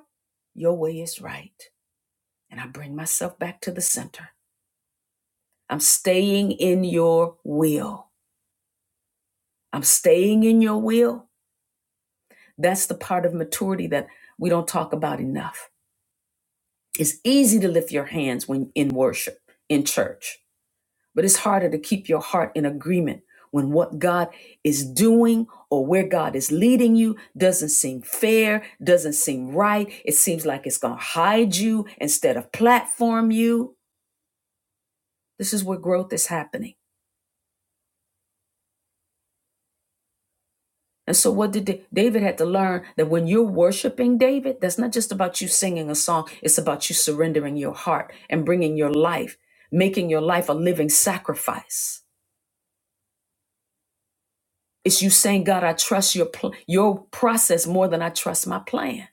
your way is right. And I bring myself back to the center. I'm staying in your will. I'm staying in your will. That's the part of maturity that we don't talk about enough. It's easy to lift your hands when in worship, in church. But it's harder to keep your heart in agreement when what God is doing or where God is leading you doesn't seem fair, doesn't seem right. It seems like it's going to hide you instead of platform you. This is where growth is happening. And so, what did Da- David had to learn that when you're worshiping David, that's not just about you singing a song, it's about you surrendering your heart and bringing your life, making your life a living sacrifice It's you saying, God, I trust your pl- your process more than I trust my plan.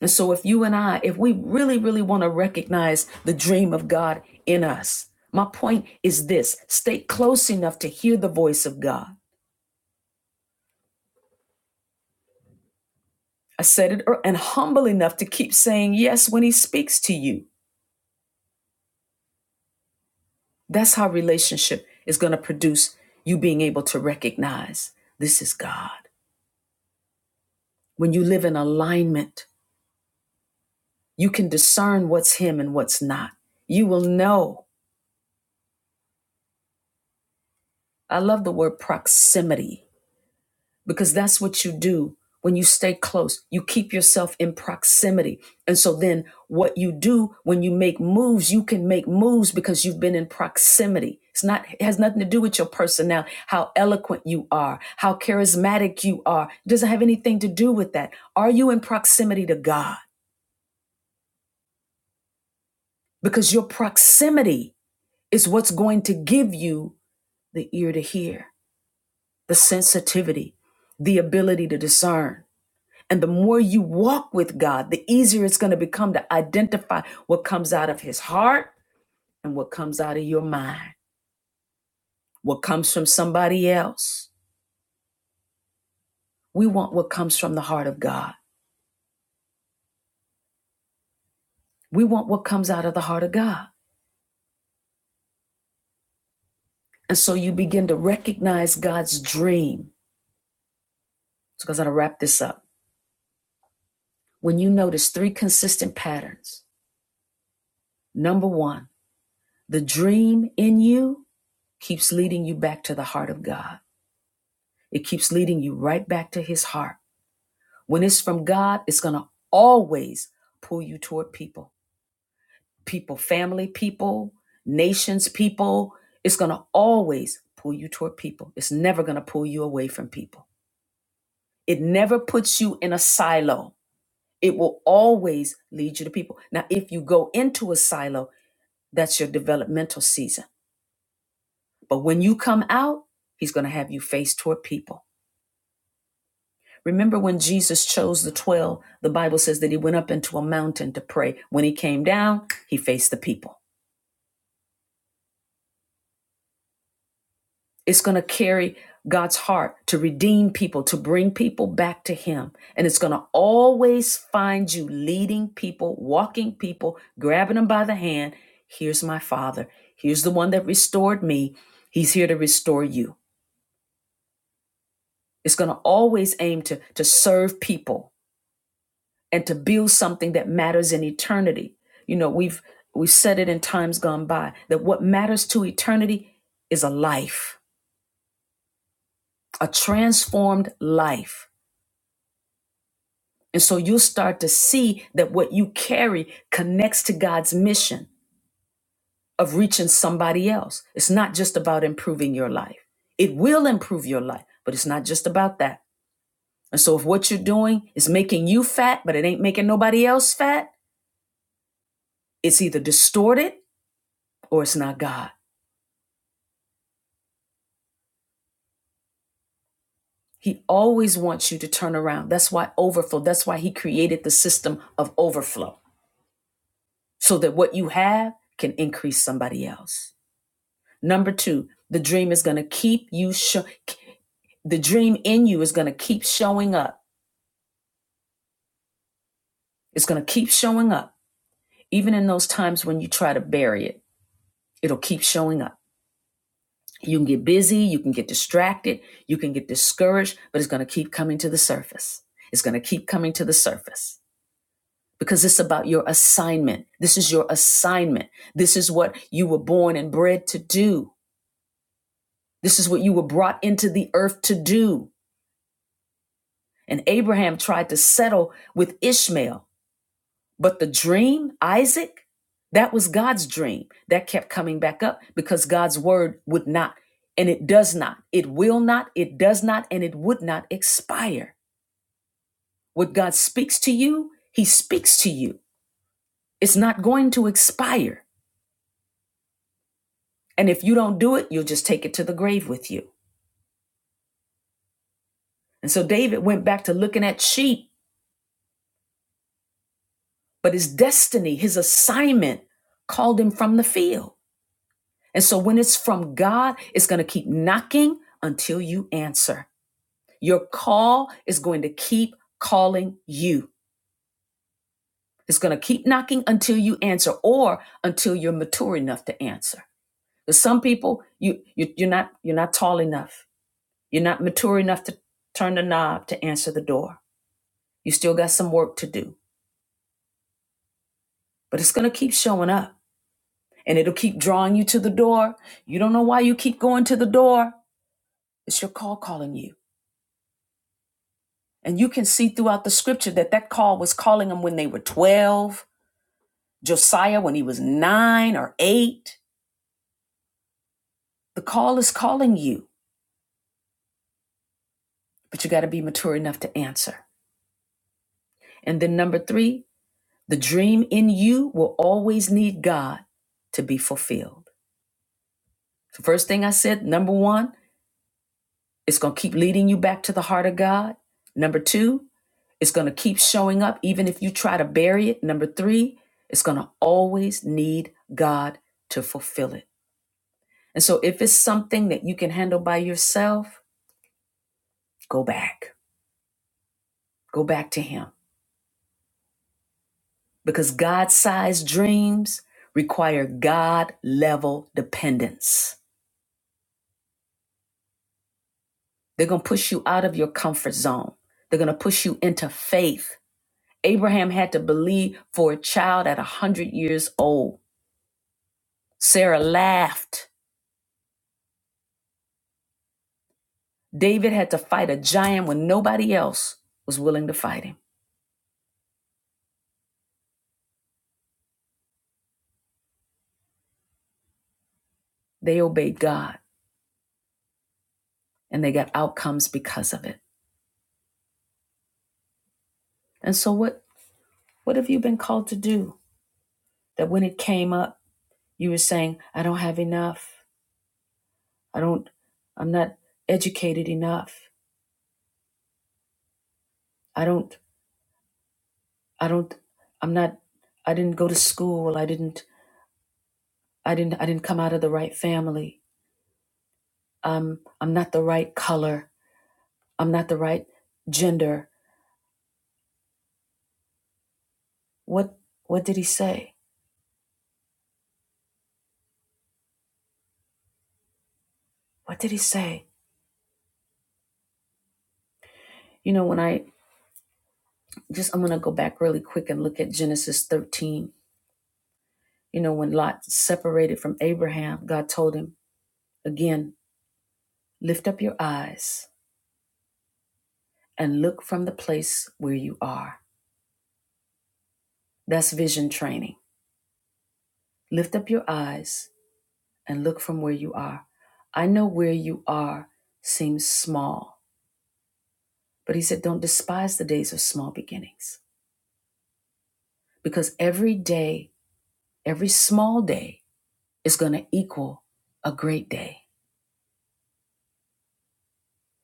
And so if you and I, if we really, really want to recognize the dream of God in us, my point is this stay close enough to hear the voice of God. I said it ear- and humble enough to keep saying yes when he speaks to you. That's how relationship is going to produce you being able to recognize this is God. When you live in alignment, you can discern what's him and what's not. You will know I love the word proximity because that's what you do when you stay close. You keep yourself in proximity. And so then what you do when you make moves, you can make moves because you've been in proximity. It's not it has nothing to do with your personnel, how eloquent you are, how charismatic you are. It doesn't have anything to do with that. Are you in proximity to God? Because your proximity is what's going to give you the ear to hear, the sensitivity, the ability to discern And the more you walk with God, the easier it's going to become to identify what comes out of his heart and what comes out of your mind, what comes from somebody else. We want what comes from the heart of God. We want what comes out of the heart of God. And so you begin to recognize God's dream. So, I'm going to wrap this up. When you notice three consistent patterns, number one, the dream in you keeps leading you back to the heart of God, it keeps leading you right back to his heart. When it's from God, it's going to always pull you toward people, people, family, people, nations, people. It's going to always pull you toward people. It's never going to pull you away from people. It never puts you in a silo. It will always lead you to people. Now, if you go into a silo, that's your developmental season. But when you come out, he's going to have you face toward people. Remember when Jesus chose the 12, the Bible says that he went up into a mountain to pray. When he came down, he faced the people. It's going to carry God's heart to redeem people, to bring people back to him. And it's going to always find you leading people, walking people, grabbing them by the hand. Here's my father. Here's the one that restored me. He's here to restore you. It's going to always aim to, to serve people and to build something that matters in eternity. You know, we've we've said it in times gone by that what matters to eternity is a life, a transformed life. And so you'll start to see that what you carry connects to God's mission of reaching somebody else. It's not just about improving your life. It will improve your life, but it's not just about that. And so if what you're doing is making you fat, but it ain't making nobody else fat, it's either distorted or it's not God. He always wants you to turn around. That's why overflow, that's why he created the system of overflow so that what you have can increase somebody else. Number two, the dream is going to keep you, sho- the dream in you is going to keep showing up. It's going to keep showing up. Even in those times when you try to bury it, it'll keep showing up. You can get busy, you can get distracted, you can get discouraged, but it's going to keep coming to the surface. It's going to keep coming to the surface. because it's about your assignment. This is your assignment. This is what you were born and bred to do. This is what you were brought into the earth to do. And Abraham tried to settle with Ishmael, but the dream, Isaac, that was God's dream. That kept coming back up because God's word would not, and it does not, it will not, it does not, and it would not expire. What God speaks to you, He speaks to you. It's not going to expire. And if you don't do it, you'll just take it to the grave with you. And so David went back to looking at sheep, but his destiny, his assignment called him from the field. And so when it's from God, it's going to keep knocking until you answer. Your call is going to keep calling you. It's going to keep knocking until you answer or until you're mature enough to answer. Because some people, you, you, you're, not, you're not tall enough. You're not mature enough to turn the knob to answer the door. You still got some work to do, but it's going to keep showing up and it'll keep drawing you to the door. You don't know why you keep going to the door. It's your call calling you. And you can see throughout the scripture that that call was calling them when they were 12, Josiah when he was nine or eight. The call is calling you, but you got to be mature enough to answer. And then number three, the dream in you will always need God to be fulfilled. The first thing I said, number one, It's going to keep leading you back to the heart of God. Number two, it's going to keep showing up even if you try to bury it. Number three, it's going to always need God to fulfill it. And so if it's something that you can handle by yourself, go back. Go back to Him because God sized dreams require God level dependence. They're going to push you out of your comfort zone, they're going to push you into faith. Abraham had to believe for a child at 100 years old. Sarah laughed. David had to fight a giant when nobody else was willing to fight him. They obeyed God and they got outcomes because of it. And so what what have you been called to do that when it came up you were saying I don't have enough. I don't I'm not educated enough. I don't I don't I'm not I didn't go to school. I didn't I didn't I didn't come out of the right family. Um I'm not the right color. I'm not the right gender. What what did he say? What did he say? You know, when I just, I'm going to go back really quick and look at Genesis 13. You know, when Lot separated from Abraham, God told him, again, lift up your eyes and look from the place where you are. That's vision training. Lift up your eyes and look from where you are. I know where you are seems small, but he said, don't despise the days of small beginnings because every day, every small day is going to equal a great day.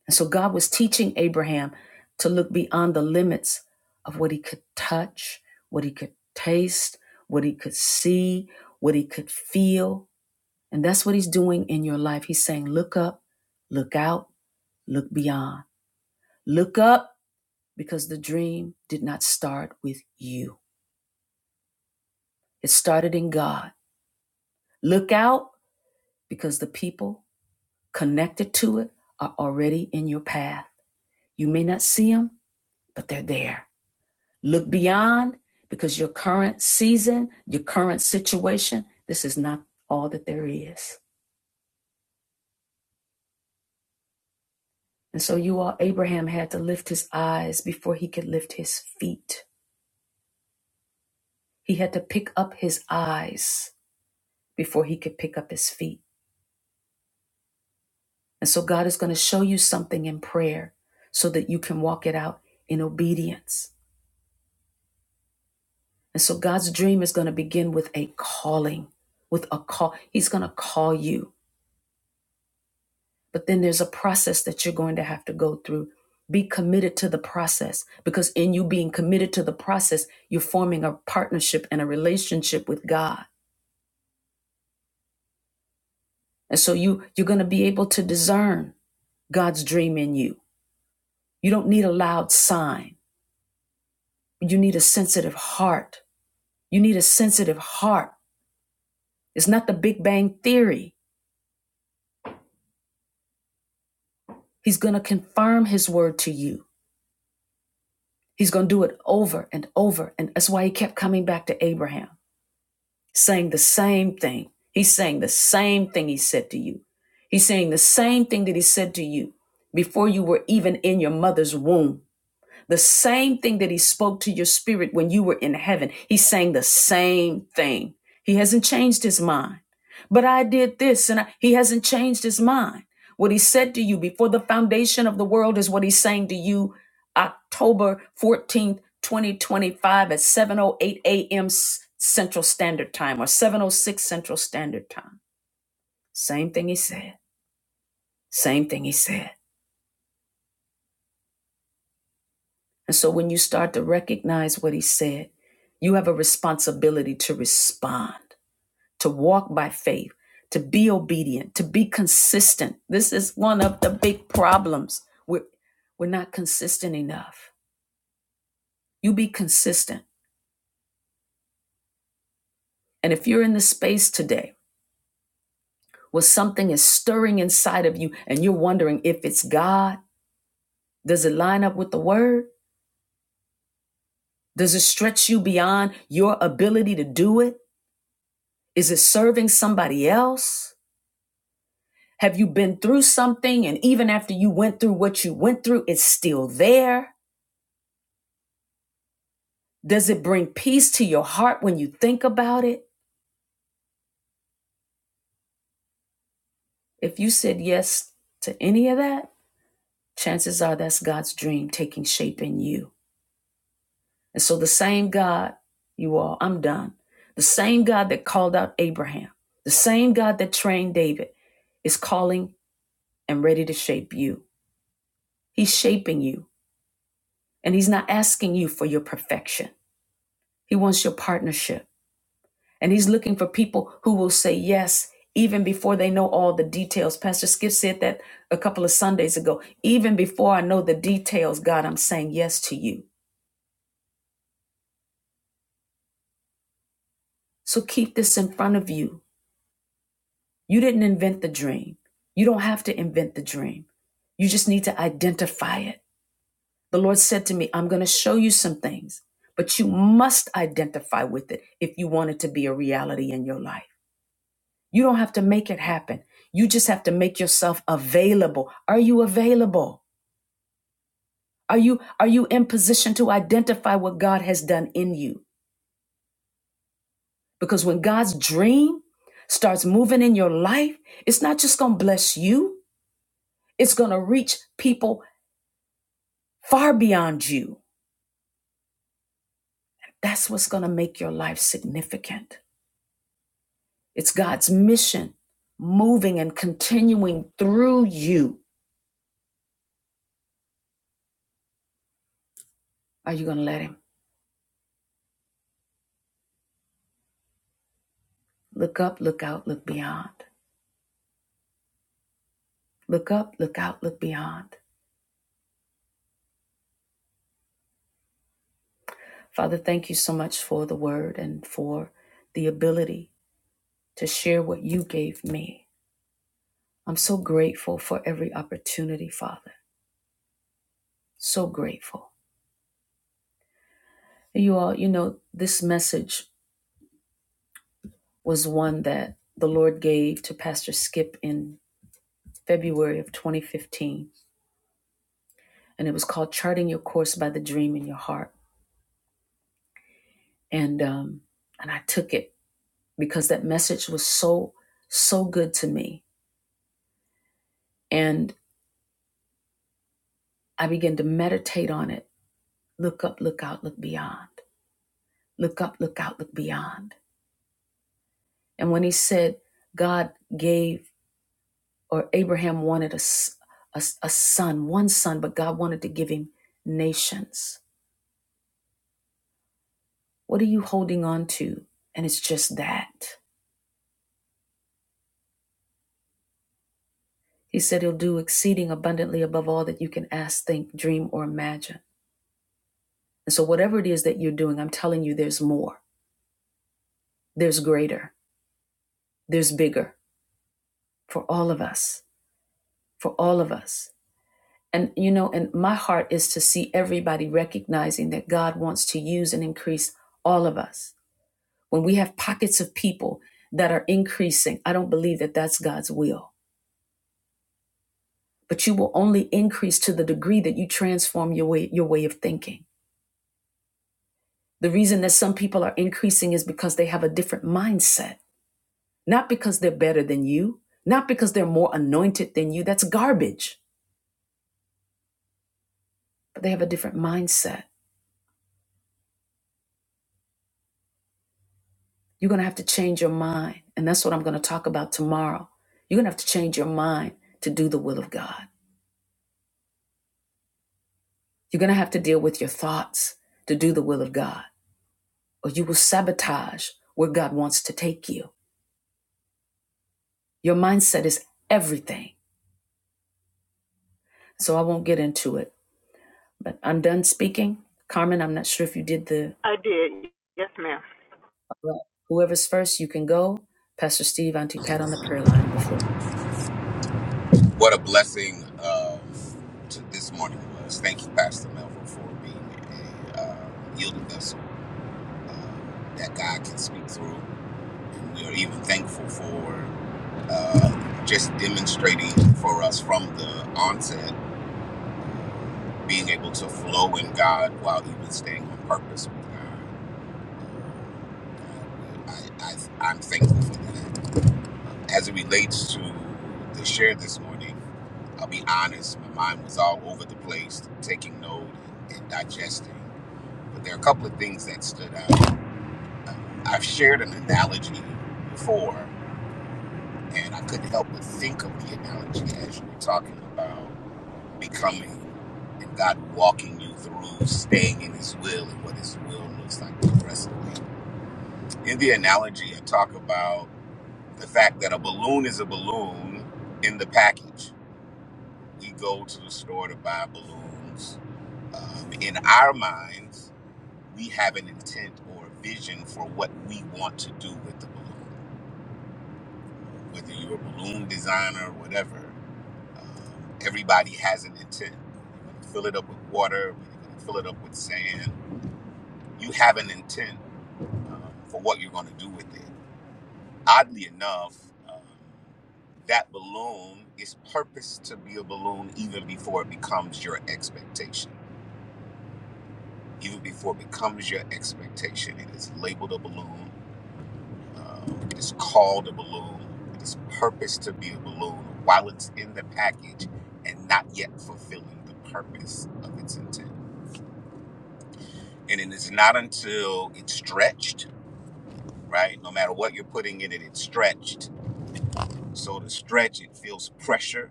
And so God was teaching Abraham to look beyond the limits of what he could touch, what he could taste, what he could see, what he could feel. And that's what he's doing in your life. He's saying, look up, look out, look beyond. Look up because the dream did not start with you, it started in God. Look out because the people connected to it are already in your path. You may not see them, but they're there. Look beyond because your current season, your current situation, this is not all that there is. And so you all, Abraham had to lift his eyes before he could lift his feet. He had to pick up his eyes before he could pick up his feet. And so God is going to show you something in prayer so that you can walk it out in obedience. And so God's dream is going to begin with a calling, with a call. He's going to call you. But then there's a process that you're going to have to go through. Be committed to the process because in you being committed to the process, you're forming a partnership and a relationship with God. And so you you're going to be able to discern God's dream in you. You don't need a loud sign. You need a sensitive heart. You need a sensitive heart. It's not the Big Bang theory. He's going to confirm his word to you. He's going to do it over and over and that's why he kept coming back to Abraham. saying the same thing. He's saying the same thing he said to you. He's saying the same thing that he said to you before you were even in your mother's womb. The same thing that he spoke to your spirit when you were in heaven, he's saying the same thing. He hasn't changed his mind. But I did this and I, he hasn't changed his mind. What he said to you before the foundation of the world is what he's saying to you October 14th, 2025 at 7:08 a.m. Central Standard Time or 7:06 Central Standard Time. Same thing he said. Same thing he said. And so when you start to recognize what he said, you have a responsibility to respond, to walk by faith, to be obedient, to be consistent. This is one of the big problems. We're, we're not consistent enough. You be consistent. And if you're in the space today where something is stirring inside of you and you're wondering if it's God, does it line up with the word? Does it stretch you beyond your ability to do it? Is it serving somebody else? Have you been through something? And even after you went through what you went through, it's still there? Does it bring peace to your heart when you think about it? If you said yes to any of that, chances are that's God's dream taking shape in you. And so the same God, you all, I'm done. The same God that called out Abraham, the same God that trained David is calling and ready to shape you. He's shaping you, and He's not asking you for your perfection, He wants your partnership. And he's looking for people who will say yes even before they know all the details. Pastor Skip said that a couple of Sundays ago. Even before I know the details, God, I'm saying yes to you. So keep this in front of you. You didn't invent the dream. You don't have to invent the dream. You just need to identify it. The Lord said to me, I'm going to show you some things, but you must identify with it if you want it to be a reality in your life. You don't have to make it happen. You just have to make yourself available. Are you available? Are you are you in position to identify what God has done in you? Because when God's dream starts moving in your life, it's not just going to bless you. It's going to reach people far beyond you. That's what's going to make your life significant. It's God's mission moving and continuing through you. Are you going to let him? Look up, look out, look beyond. Look up, look out, look beyond. Father, thank you so much for the word and for the ability to share what you gave me. I'm so grateful for every opportunity, Father. So grateful. You all, you know, this message was one that the Lord gave to Pastor Skip in February of 2015, and it was called Charting Your Course by the Dream in Your Heart. And um, and I took it because that message was so so good to me. and. I began to meditate on it. Look up, look out, look beyond. Look up, look out, look beyond. And when he said God gave, or Abraham wanted a a a son, one son, but God wanted to give him nations. What are you holding on to? And it's just that. He said he'll do exceeding abundantly above all that you can ask, think, dream, or imagine. And so, whatever it is that you're doing, I'm telling you, there's more, there's greater, there's bigger for all of us, for all of us And you know, and my heart is to see everybody recognizing that God wants to use and increase all of us. When we have pockets of people that are increasing, I don't believe that that's God's will. But you will only increase to the degree that you transform your way your way of thinking. The reason that some people are increasing is because they have a different mindset, not because they're better than you, not because they're more anointed than you. That's garbage. But they have a different mindset. You're going to have to change your mind. And that's what I'm going to talk about tomorrow. You're going to have to change your mind to do the will of God. You're going to have to deal with your thoughts to do the will of God, or you will sabotage where God wants to take you. Your mindset is everything. So I won't get into it, but I'm done speaking. Carmen, I'm not sure if you did the, Yes, ma'am. whoever's first, you can go. Pastor Steve, Auntie Pat on the prayer line, the floor. what a blessing of to this morning was. Thank you, Pastor Melville, for being a uh, yielding vessel uh, that God can speak through. And we are even thankful for uh, just demonstrating for us from the onset, being able to flow in God while even staying on purpose with God. I, I, I'm thankful for that. As it relates to the share this morning, I'll be honest, my mind was all over the place, taking note and digesting. But there are a couple of things that stood out. I've shared an analogy before, and I couldn't help but think of the analogy as you were talking about becoming and God walking you through staying in His will and what His will looks like progressively. In the analogy, I talk about the fact that a balloon is a balloon in the package We go to the store to buy balloons. Um, in our minds, we have an intent or a vision for what we want to do with the balloon. Whether you're a balloon designer or whatever, um, everybody has an intent. You're going to fill it up with water, you're going to fill it up with sand. You have an intent um, for what you're going to do with it. Oddly enough, um, that balloon is purposed to be a balloon even before it becomes your expectation even before it becomes your expectation. It is labeled a balloon. Uh, it is called a balloon. It is purposed to be a balloon while it's in the package and not yet fulfilling the purpose of its intent. And it is not until it's stretched, right? No matter what you're putting in it, it's stretched. So to stretch, it feels pressure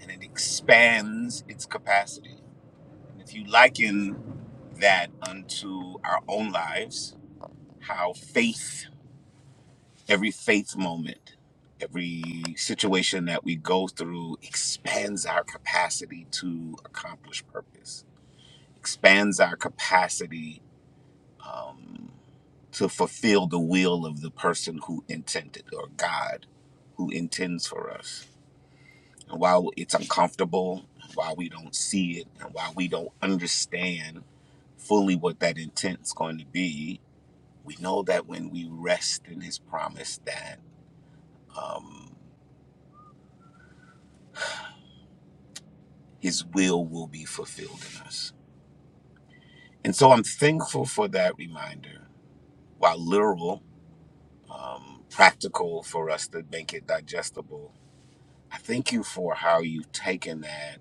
and it expands its capacity. And if you liken that unto our own lives, how faith Every faith moment, every situation that we go through expands our capacity to accomplish purpose, expands our capacity um, to fulfill the will of the person who intended or God who intends for us. And while it's uncomfortable, while we don't see it, and while we don't understand fully what that intent is going to be, we know that when we rest in His promise, that. Um, his will will be fulfilled in us. And so I'm thankful for that reminder. While literal, um, practical for us to make it digestible, I thank you for how you've taken that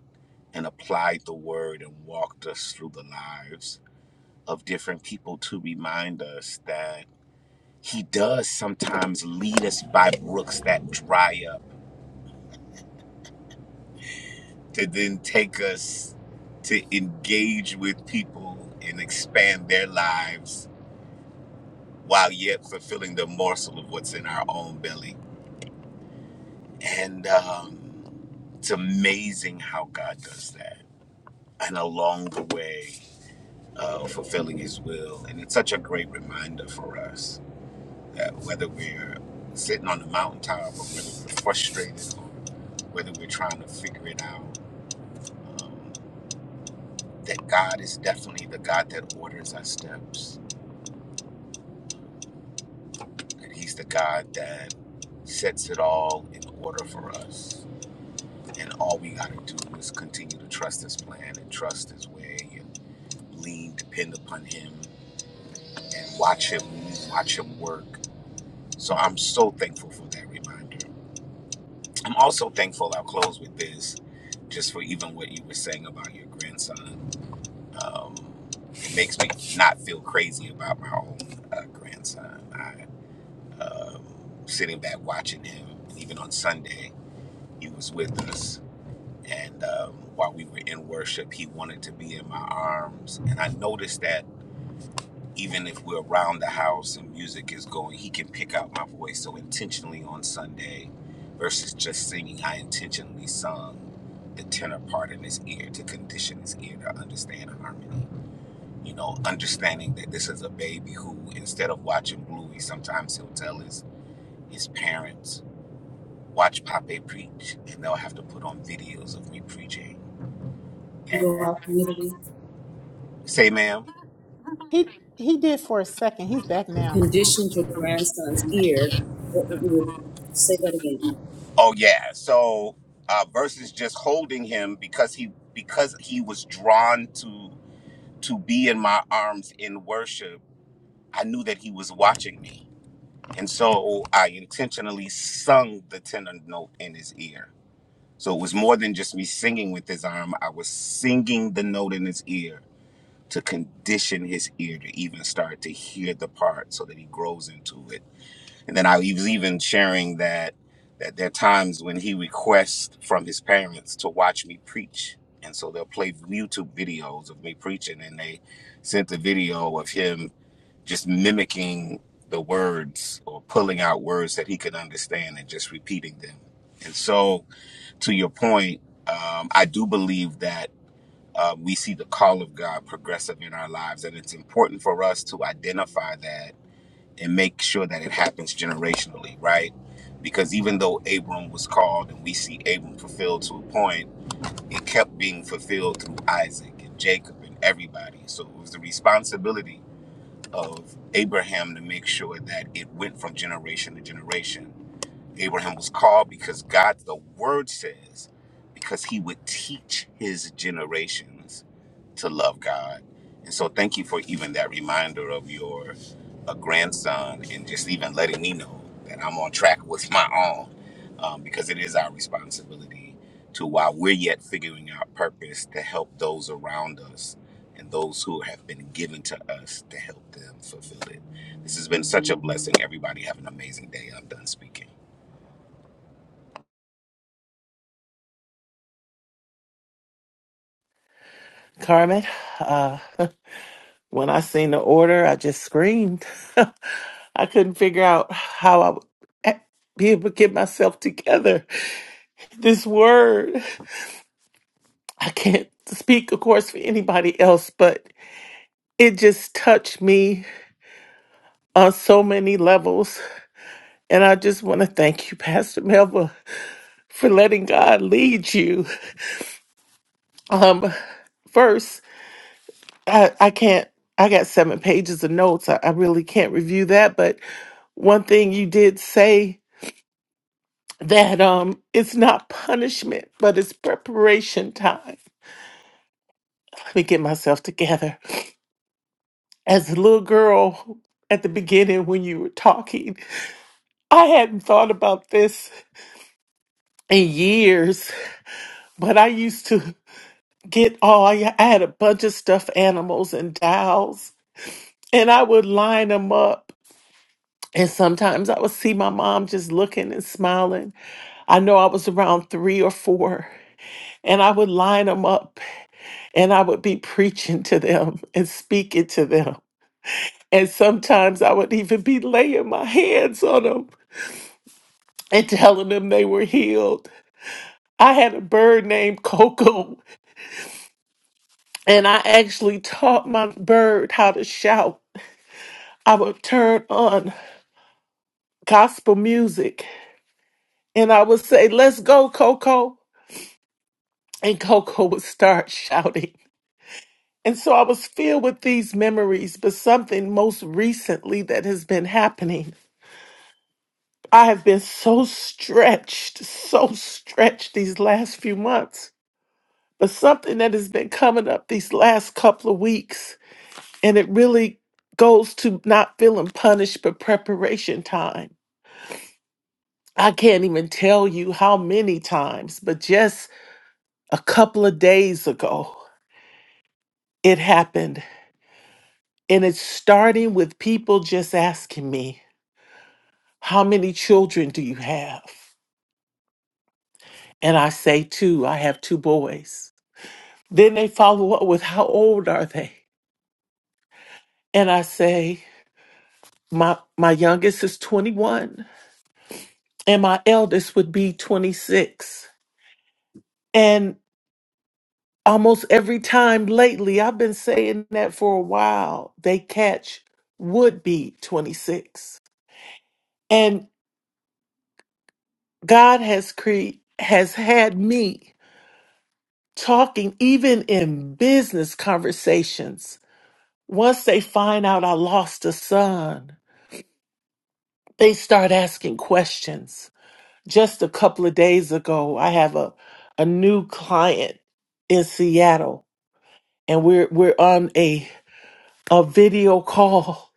and applied the word and walked us through the lives of different people to remind us that he does sometimes lead us by brooks that dry up to then take us to engage with people and expand their lives while yet fulfilling the morsel of what's in our own belly. And um, it's amazing how God does that. And along the way of fulfilling His will. And it's such a great reminder for us that whether we're sitting on the mountaintop or whether we're frustrated or whether we're trying to figure it out, um, that God is definitely the God that orders our steps, and He's the God that sets it all in order for us And all we got to do is continue to trust his plan and trust his way and lean, depend upon him and watch him move, watch him work. So I'm so thankful for that reminder. I'm also thankful, I'll close with this, just for even what you were saying about your grandson. Um, it makes me not feel crazy about my own uh, grandson. I, um, sitting back watching him, even on Sunday, he was with us and um, while we were in worship, he wanted to be in my arms. And I noticed that even if we're around the house and music is going, he can pick out my voice. So intentionally on Sunday, versus just singing, I intentionally sung the tenor part in his ear to condition his ear to understand harmony. You know, understanding that this is a baby who, instead of watching Bluey, sometimes he'll tell his his parents, "Watch Pape preach," and they'll have to put on videos of me preaching. You go out And community. Say, ma'am. He he did for a second. He's back You now. conditioned your grandson's ear. What would you say that again? Oh yeah. So uh, versus just holding him because he because he was drawn to to be in my arms in worship. I knew that he was watching me, and so I intentionally sung the tenor note in his ear. So it was more than just me singing with his arm. I was singing the note in his ear. to condition his ear to even start to hear the part so that he grows into it. And then I was even sharing that that there are times when he requests from his parents to watch me preach. And so they'll play YouTube videos of me preaching and they sent the video of him just mimicking the words or pulling out words that he could understand and just repeating them. And so to your point, um, I do believe that um, we see the call of God progressive in our lives. And it's important for us to identify that and make sure that it happens generationally, right? Because even though Abram was called and we see Abram fulfilled to a point, it kept being fulfilled through Isaac and Jacob and everybody. So it was the responsibility of Abraham to make sure that it went from generation to generation. Abraham was called because God, the word says, because he would teach his generations to love God. And so thank you for even that reminder of your a grandson and just even letting me know that I'm on track with my own um, because it is our responsibility to, while we're yet figuring out purpose, to help those around us and those who have been given to us to help them fulfill it. This has been such a blessing. Everybody have an amazing day. I'm done speaking. Carmen, uh, when I seen the order, I just screamed. I couldn't figure out how I would a- be able to get myself together. This word, I can't speak, of course, for anybody else, but it just touched me on so many levels. And I just want to thank you, Pastor Melva, for letting God lead you. Um, first, I, I can't, I got seven pages of notes. I, I really can't review that, but One thing you did say that um it's not punishment, but it's preparation time. Let me get myself together. As a little girl at the beginning when you were talking, I hadn't thought about this in years, but I used to get all I had a bunch of stuffed animals and dolls, and I would line them up. And sometimes I would see my mom just looking and smiling. I know I was around three or four, and I would line them up and I would be preaching to them and speaking to them. And sometimes I would even be laying my hands on them and telling them they were healed. I had a bird named Coco, and I actually taught my bird how to shout. I would turn on gospel music and I would say, Let's go, Coco. And Coco would start shouting. And so I was filled with these memories, but something most recently that has been happening I have been so stretched, so stretched these last few months. But something that has been coming up these last couple of weeks, and it really goes to not feeling punished, but preparation time. I can't even tell you how many times, but just a couple of days ago, it happened. And it's starting with people just asking me, How many children do you have? And I say, Two, I have two boys. Then they follow up with how old are they? And I say, my my youngest is 21 and my eldest would be 26. And almost every time lately, I've been saying that for a while, they catch would be 26. And God has cre- has had me talking even in business conversations. Once they find out I lost a son, they start asking questions Just a couple of days ago, I have a, a new client in Seattle and we're we're on a a video call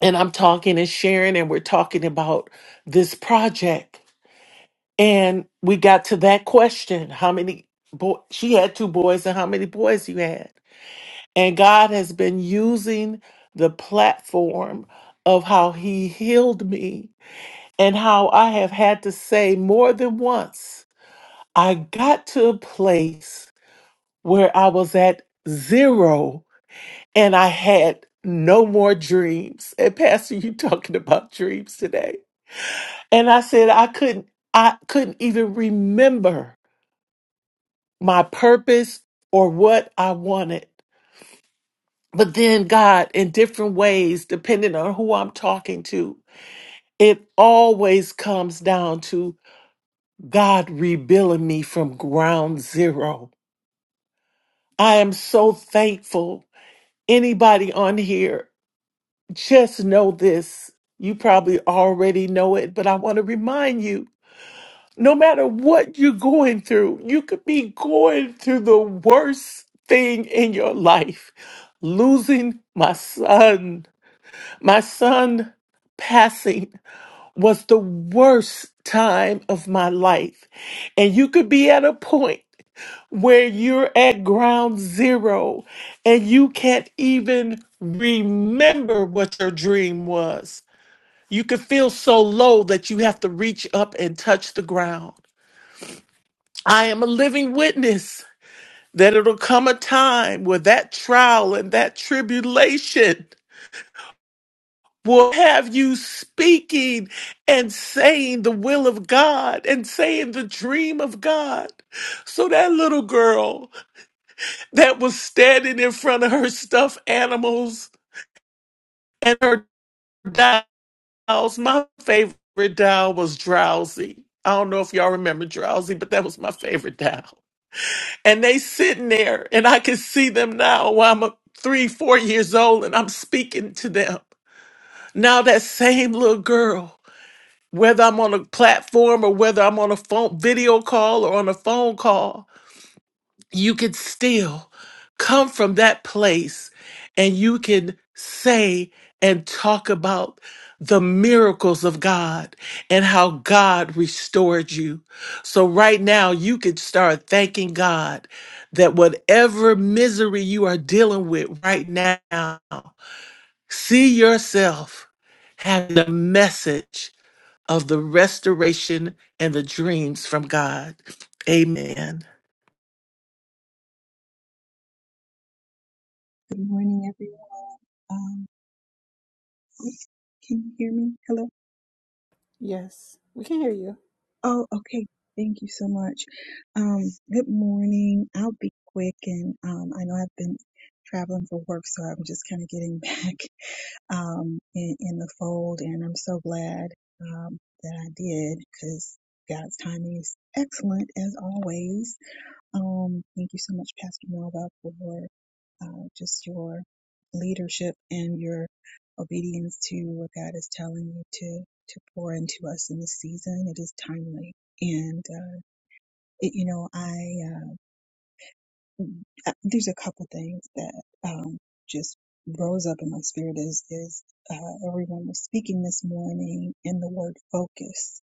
and I'm talking and sharing and we're talking about this project. And we got to that question, how many boy she had two boys and how many boys you had. And God has been using the platform of how he healed me and how I have had to say more than once I got to a place where I was at zero and I had no more dreams. And Pastor, you talking about dreams today. And I said I couldn't I couldn't even remember my purpose or what I wanted. But then God, in different ways, depending on who I'm talking to, it always comes down to God rebuilding me from ground zero. I am so thankful anybody on here, just know this. You probably already know it, but I want to remind you no matter what you're going through, you could be going through the worst thing in your life losing my son, my son passing was the worst time of my life. And you could be at a point where you're at ground zero and you can't even remember what your dream was. You could feel so low that you have to reach up and touch the ground. I am a living witness that it'll come a time where that trial and that tribulation will have you speaking and saying the will of God and saying the dream of God. So that little girl that was standing in front of her stuffed animals and her dolls, my favorite doll was Drowsy. I don't know if y'all remember Drowsy, but that was my favorite doll. And they sitting there, and I can see them now while I'm a- three, four years old, and I'm speaking to them. Now that same little girl whether I'm on a platform or whether I'm on a phone video call or on a phone call, you can still come from that place and you can say and talk about the miracles of God and how God restored you. So right now you can start thanking God that whatever misery you are dealing with right now, see yourself having a message of the restoration and the dreams from God. Amen. Good morning, everyone. Um, can you hear me? Hello? Yes. We can hear you. Oh, okay. Thank you so much. Um, good morning. I'll be quick and um, I know I've been traveling for work, so I'm just kind of getting back um, in, in the fold, and I'm so glad um, that I did because God's timing is excellent as always. Um, thank you so much, Pastor Melba, for uh, just your leadership and your obedience to what God is telling you to to pour into us in this season. It is timely, and uh, it, you know, I uh, uh, there's a couple things that um, just rose up in my spirit as as uh, everyone was speaking this morning, and the word focus,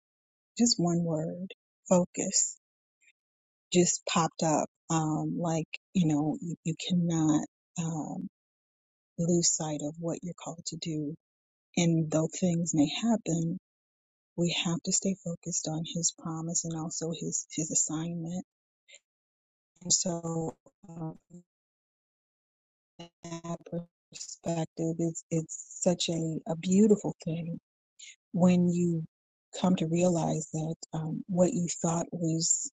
just one word, focus, just popped up. Um, like you know, you, you cannot um, lose sight of what you're called to do And though things may happen, we have to stay focused on His promise and also His His assignment. And so, um, that perspective is it's such a, a beautiful thing when you come to realize that um, what you thought was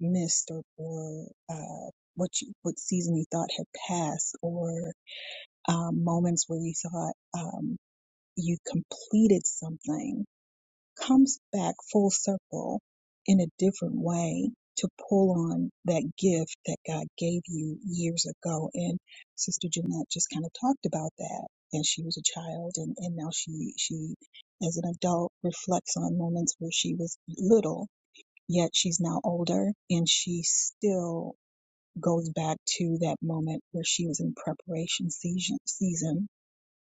missed or, or uh, what you, what season you thought had passed or um, moments where you thought um, you completed something comes back full circle in a different way to pull on that gift that God gave you years ago. And Sister Jeanette just kind of talked about that. And she was a child and, and now she she as an adult reflects on moments where she was little, yet she's now older and she still goes back to that moment where she was in preparation season season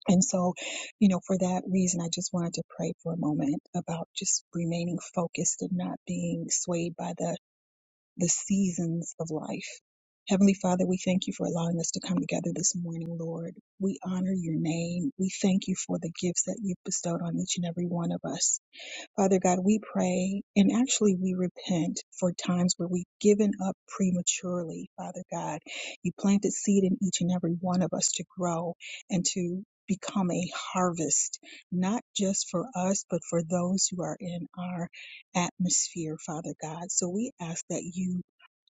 and so, you know, for that reason, I just wanted to pray for a moment about just remaining focused and not being swayed by the, the seasons of life. Heavenly Father, we thank you for allowing us to come together this morning, Lord. We honor your name. We thank you for the gifts that you've bestowed on each and every one of us. Father God, we pray and actually we repent for times where we've given up prematurely, Father God. You planted seed in each and every one of us to grow and to become a harvest, not just for us, but for those who are in our atmosphere, Father God. So we ask that you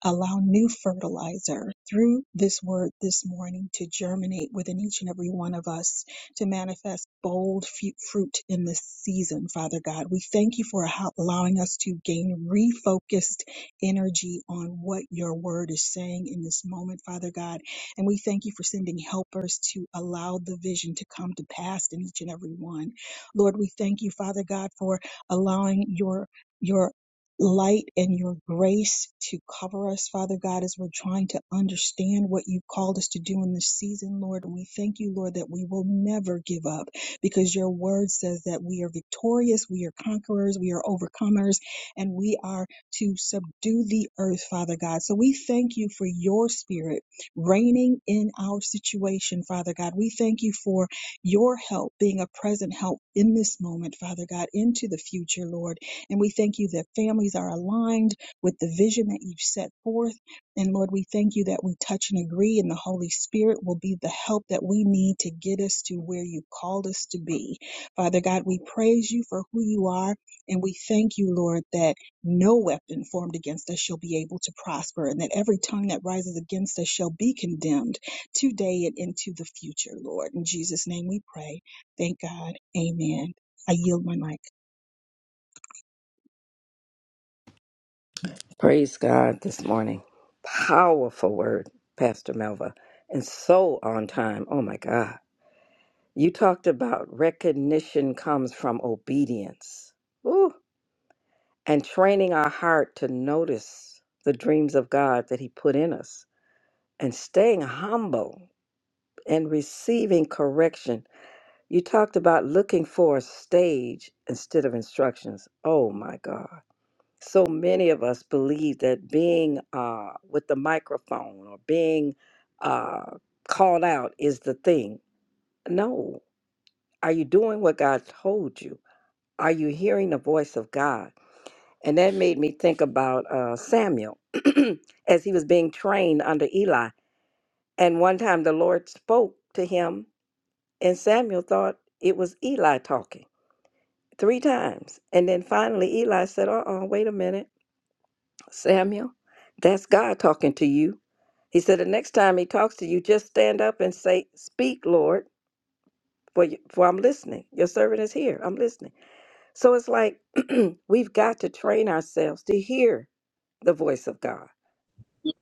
allow new fertilizer through this word this morning to germinate within each and every one of us to manifest bold fruit in this season, Father God. We thank you for allowing us to gain refocused energy on what your word is saying in this moment, Father God. And we thank you for sending helpers to allow the vision to come to pass in each and every one. Lord, we thank you, Father God, for allowing your your light and your grace to cover us, Father God, as we're trying to understand what you've called us to do in this season, Lord. And we thank you, Lord, that we will never give up because your word says that we are victorious, we are conquerors, we are overcomers, and we are to subdue the earth, Father God. So we thank you for your spirit reigning in our situation, Father God. We thank you for your help being a present help in this moment, Father God, into the future, Lord. And we thank you that families are aligned with the vision that you've set forth. And Lord, we thank you that we touch and agree, and the Holy Spirit will be the help that we need to get us to where you called us to be. Father God, we praise you for who you are, and we thank you, Lord, that no weapon formed against us shall be able to prosper, and that every tongue that rises against us shall be condemned today and into the future, Lord. In Jesus' name we pray. Thank God. Amen. I yield my mic. praise God this morning. Powerful word, Pastor Melva, and so on time. Oh my God. You talked about recognition comes from obedience. Ooh, and training our heart to notice the dreams of God that He put in us and staying humble and receiving correction. You talked about looking for a stage instead of instructions. Oh my God. so many of us believe that being uh, with the microphone or being uh, called out is the thing. No. Are you doing what God told you? Are you hearing the voice of God? And that made me think about uh, Samuel as he was being trained under Eli. And one time the Lord spoke to him, and Samuel thought it was Eli talking three times. And then finally, Eli said, Uh oh, wait a minute. Samuel, that's God talking to you. He said, the next time he talks to you, just stand up and say, Speak, Lord, for, you, for I'm listening. Your servant is here. I'm listening. So it's like we've got to train ourselves to hear the voice of God.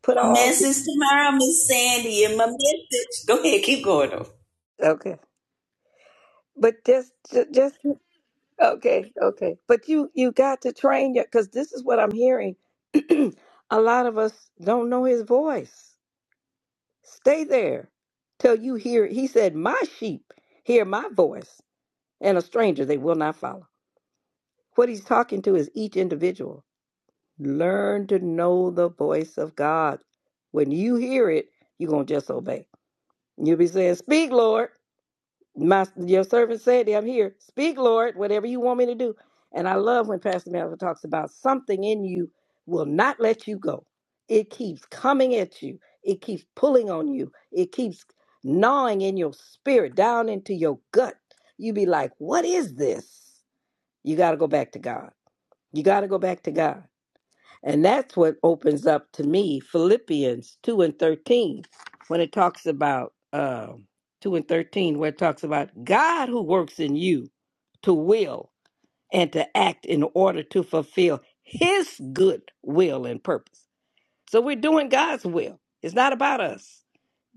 Put all, Message tomorrow, Miss Sandy, and my message. Go ahead, keep going though. okay. But just, ju- just, okay, okay. But you, you got to train your, because this is what I'm hearing. A lot of us don't know his voice. Stay there till you hear. He said, My sheep hear my voice, and a stranger they will not follow. What he's talking to is each individual. Learn to know the voice of God. When you hear it, you're going to just obey. You'll be saying, Speak, Lord. My your servant said, that I'm here. Speak, Lord, whatever you want me to do. And I love when Pastor Melvin talks about something in you will not let you go. It keeps coming at you. It keeps pulling on you. It keeps gnawing in your spirit, down into your gut. You be like, what is this? You got to go back to God. You got to go back to God. And that's what opens up to me Philippians 2 and 13, when it talks about um 2 and 13, where it talks about God who works in you to will and to act in order to fulfill his good will and purpose. So we're doing God's will, it's not about us.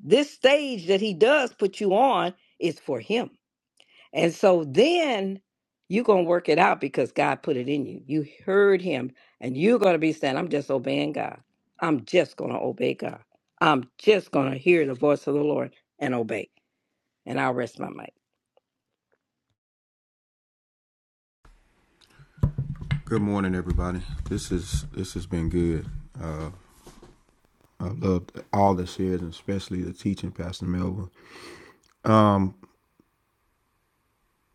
This stage that he does put you on is for him. And so then you're going to work it out because God put it in you. You heard him and you're going to be saying, I'm just obeying God. I'm just going to obey God. I'm just going to hear the voice of the Lord and obey. And I'll rest my mind. Good morning everybody. This is this has been good. Uh I loved all the shares and especially the teaching Pastor Melvin. Um,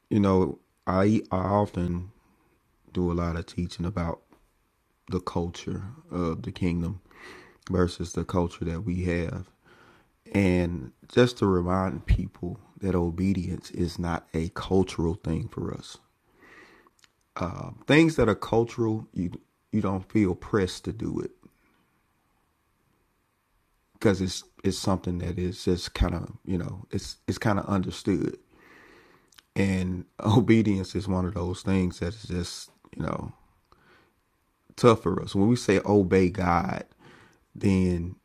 you know, I I often do a lot of teaching about the culture of the kingdom versus the culture that we have. And just to remind people that obedience is not a cultural thing for us. Um, things that are cultural, you you don't feel pressed to do it because it's it's something that is just kind of you know it's it's kind of understood. And obedience is one of those things that's just you know tough for us. When we say obey God, then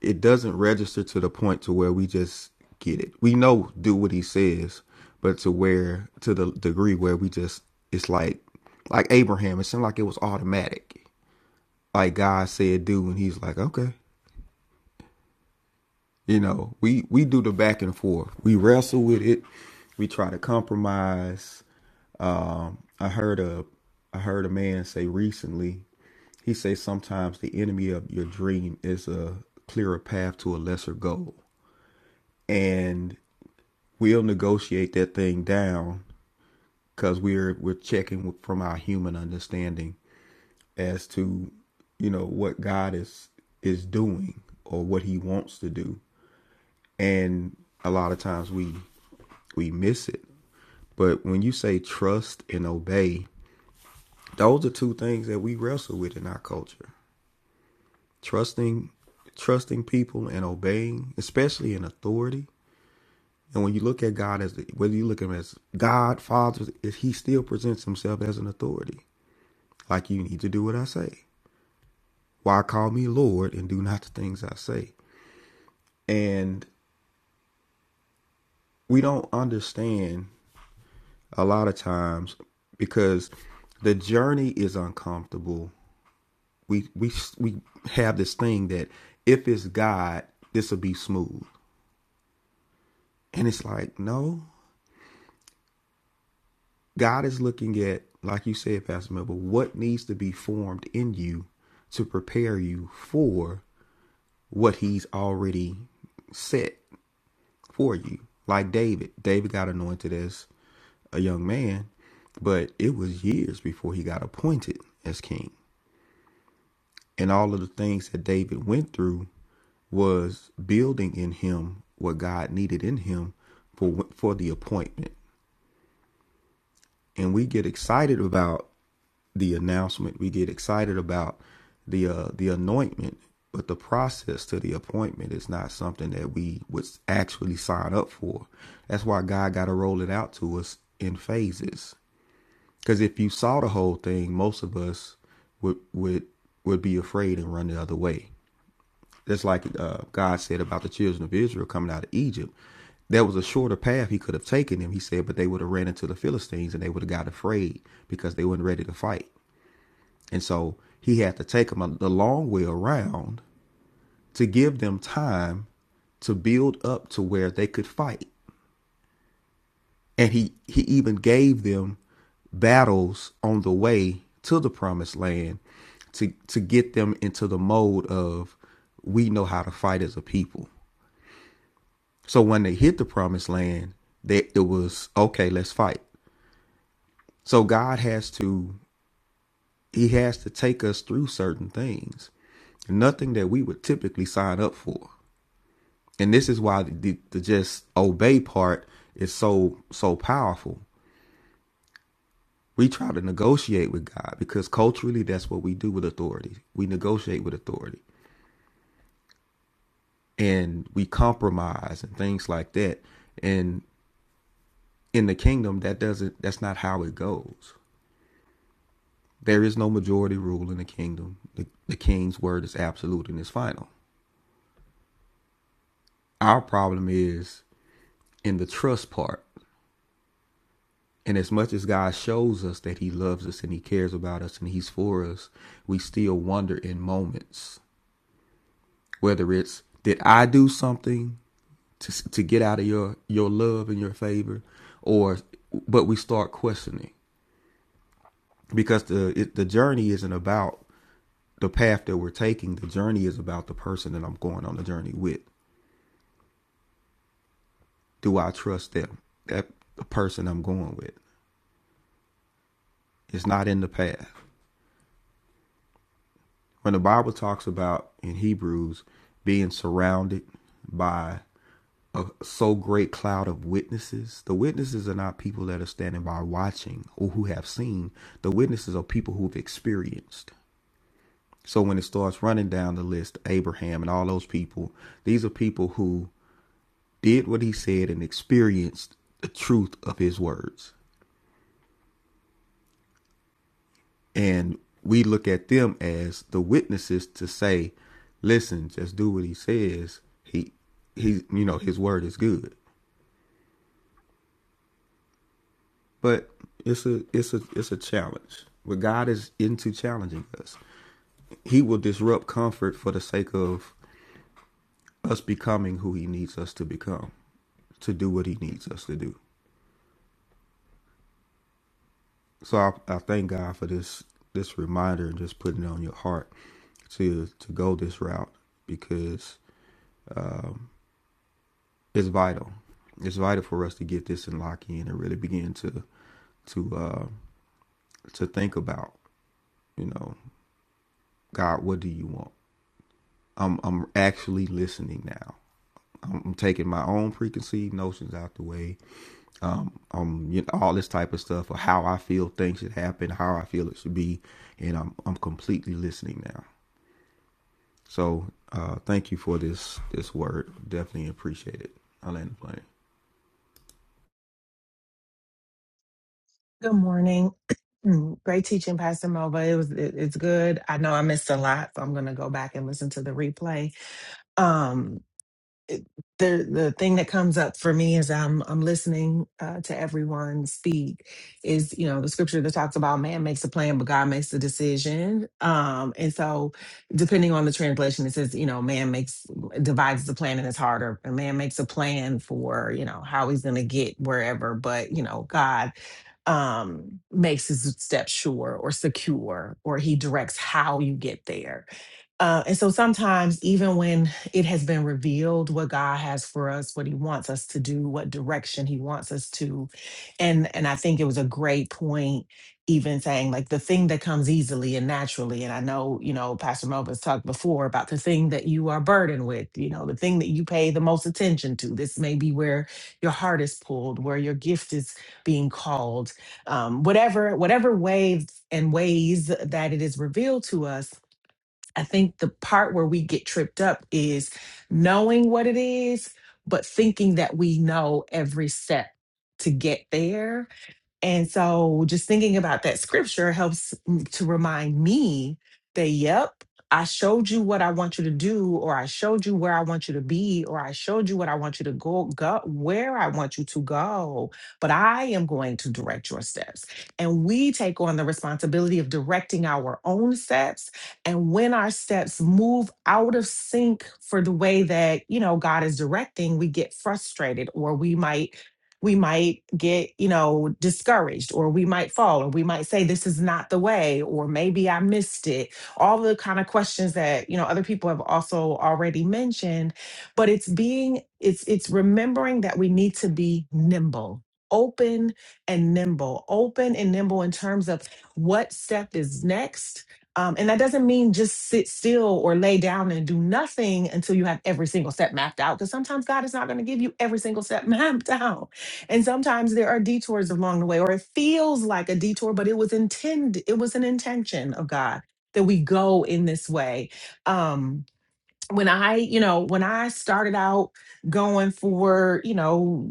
it doesn't register to the point to where we just get it. We know do what he says, but to where to the degree where we just it's like like Abraham, it seemed like it was automatic. Like God said do and he's like, Okay. You know, we we do the back and forth. We wrestle with it. We try to compromise. Um, I heard a I heard a man say recently. He says sometimes the enemy of your dream is a clearer path to a lesser goal, and we'll negotiate that thing down because we're we're checking from our human understanding as to you know what God is is doing or what He wants to do and a lot of times we we miss it. But when you say trust and obey, those are two things that we wrestle with in our culture. Trusting trusting people and obeying, especially in authority. And when you look at God as the, whether you look at him as God, Father, he still presents himself as an authority. Like you need to do what I say. Why call me Lord and do not the things I say? And we don't understand a lot of times because the journey is uncomfortable. We we we have this thing that if it's God, this will be smooth, and it's like no. God is looking at, like you said, Pastor Melville, what needs to be formed in you to prepare you for what He's already set for you. Like David, David got anointed as a young man, but it was years before he got appointed as king. And all of the things that David went through was building in him what God needed in him for for the appointment. And we get excited about the announcement. We get excited about the uh, the anointment, but the process to the appointment is not something that we would actually sign up for. That's why God got to roll it out to us in phases. Because if you saw the whole thing, most of us would would would be afraid and run the other way. That's like uh, God said about the children of Israel coming out of Egypt. There was a shorter path he could have taken them, he said, but they would have ran into the Philistines and they would have got afraid because they weren't ready to fight. And so he had to take them the long way around to give them time to build up to where they could fight. And he, he even gave them battles on the way to the promised land to, to get them into the mode of we know how to fight as a people. So when they hit the promised land, that it was okay, let's fight. So God has to he has to take us through certain things. Nothing that we would typically sign up for. And this is why the, the just obey part is so so powerful. We try to negotiate with God because culturally that's what we do with authority. We negotiate with authority and we compromise and things like that. And in the kingdom that doesn't that's not how it goes There is no majority rule in the kingdom. The, the king's word is absolute and it's final. Our problem is in the trust part. And as much as God shows us that he loves us and he cares about us and he's for us, we still wonder in moments whether it's did I do something to to get out of your your love and your favor or but we start questioning because the it, the journey isn't about the path that we're taking. The journey is about the person that I'm going on the journey with. do I trust them? That the person I'm going with. It's not in the past. When the Bible talks about in Hebrews being surrounded by a so great cloud of witnesses, the witnesses are not people that are standing by watching or who have seen. The witnesses are people who've experienced. So when it starts running down the list, Abraham and all those people, these are people who did what he said and experienced the truth of his words. And we look at them as the witnesses to say, listen, just do what he says. He he you know, his word is good. But it's a it's a it's a challenge. But God is into challenging us. He will disrupt comfort for the sake of us becoming who he needs us to become, to do what he needs us to do. So I, I thank God for this this reminder and just putting it on your heart to to go this route because it's vital. It's vital for us to get this and lock in and really begin to to uh, to think about. You know, God, what do you want? I'm I'm actually listening now. I'm, taking my own preconceived notions out the way. Um, you know, all this type of stuff of how I feel things should happen, how I feel it should be, and I'm I'm completely listening now. So, uh, thank you for this this word. Definitely appreciate it. I land the plane. Good morning. Great teaching, Pastor Mova. It was it, it's good. I know I missed a lot, so I'm gonna go back and listen to the replay. Um, it- the the thing that comes up for me as I'm I'm listening uh, to everyone speak is you know the scripture that talks about man makes a plan but God makes the decision um and so depending on the translation it says you know man makes divides the plan in his heart or a man makes a plan for you know how he's going to get wherever but you know God um makes his steps sure or secure or he directs how you get there uh, and so sometimes, even when it has been revealed what God has for us, what He wants us to do, what direction He wants us to, and and I think it was a great point, even saying like the thing that comes easily and naturally. And I know you know Pastor Melvin's talked before about the thing that you are burdened with, you know, the thing that you pay the most attention to. This may be where your heart is pulled, where your gift is being called, um, whatever whatever ways and ways that it is revealed to us I think the part where we get tripped up is knowing what it is, but thinking that we know every step to get there and so just thinking about that scripture helps m- to remind me that, yep, I showed you what I want you to do, or I showed you where I want you to be, or I showed you what I want you to go, go where I want you to go, but I am going to direct your steps. And we take on the responsibility of directing our own steps. And when our steps move out of sync for the way that, you know, God is directing, we get frustrated or we might we might get, you know, discouraged or we might fall or we might say this is not the way or maybe I missed it. All the kind of questions that, you know, other people have also already mentioned, but it's being it's it's remembering that we need to be nimble. Open and nimble, open and nimble in terms of what step is next, um, and that doesn't mean just sit still or lay down and do nothing until you have every single step mapped out. Because sometimes God is not going to give you every single step mapped out. And sometimes there are detours along the way, or it feels like a detour, but it was intended, it was an intention of God that we go in this way. Um, when I, you know, when I started out going for, you know,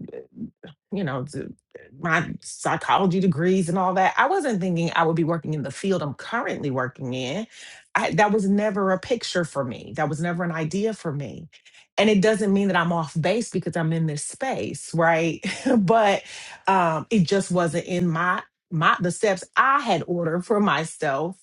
you know, to my psychology degrees and all that. I wasn't thinking I would be working in the field I'm currently working in. I, that was never a picture for me. That was never an idea for me. And it doesn't mean that I'm off base because I'm in this space, right? but um, it just wasn't in my my the steps I had ordered for myself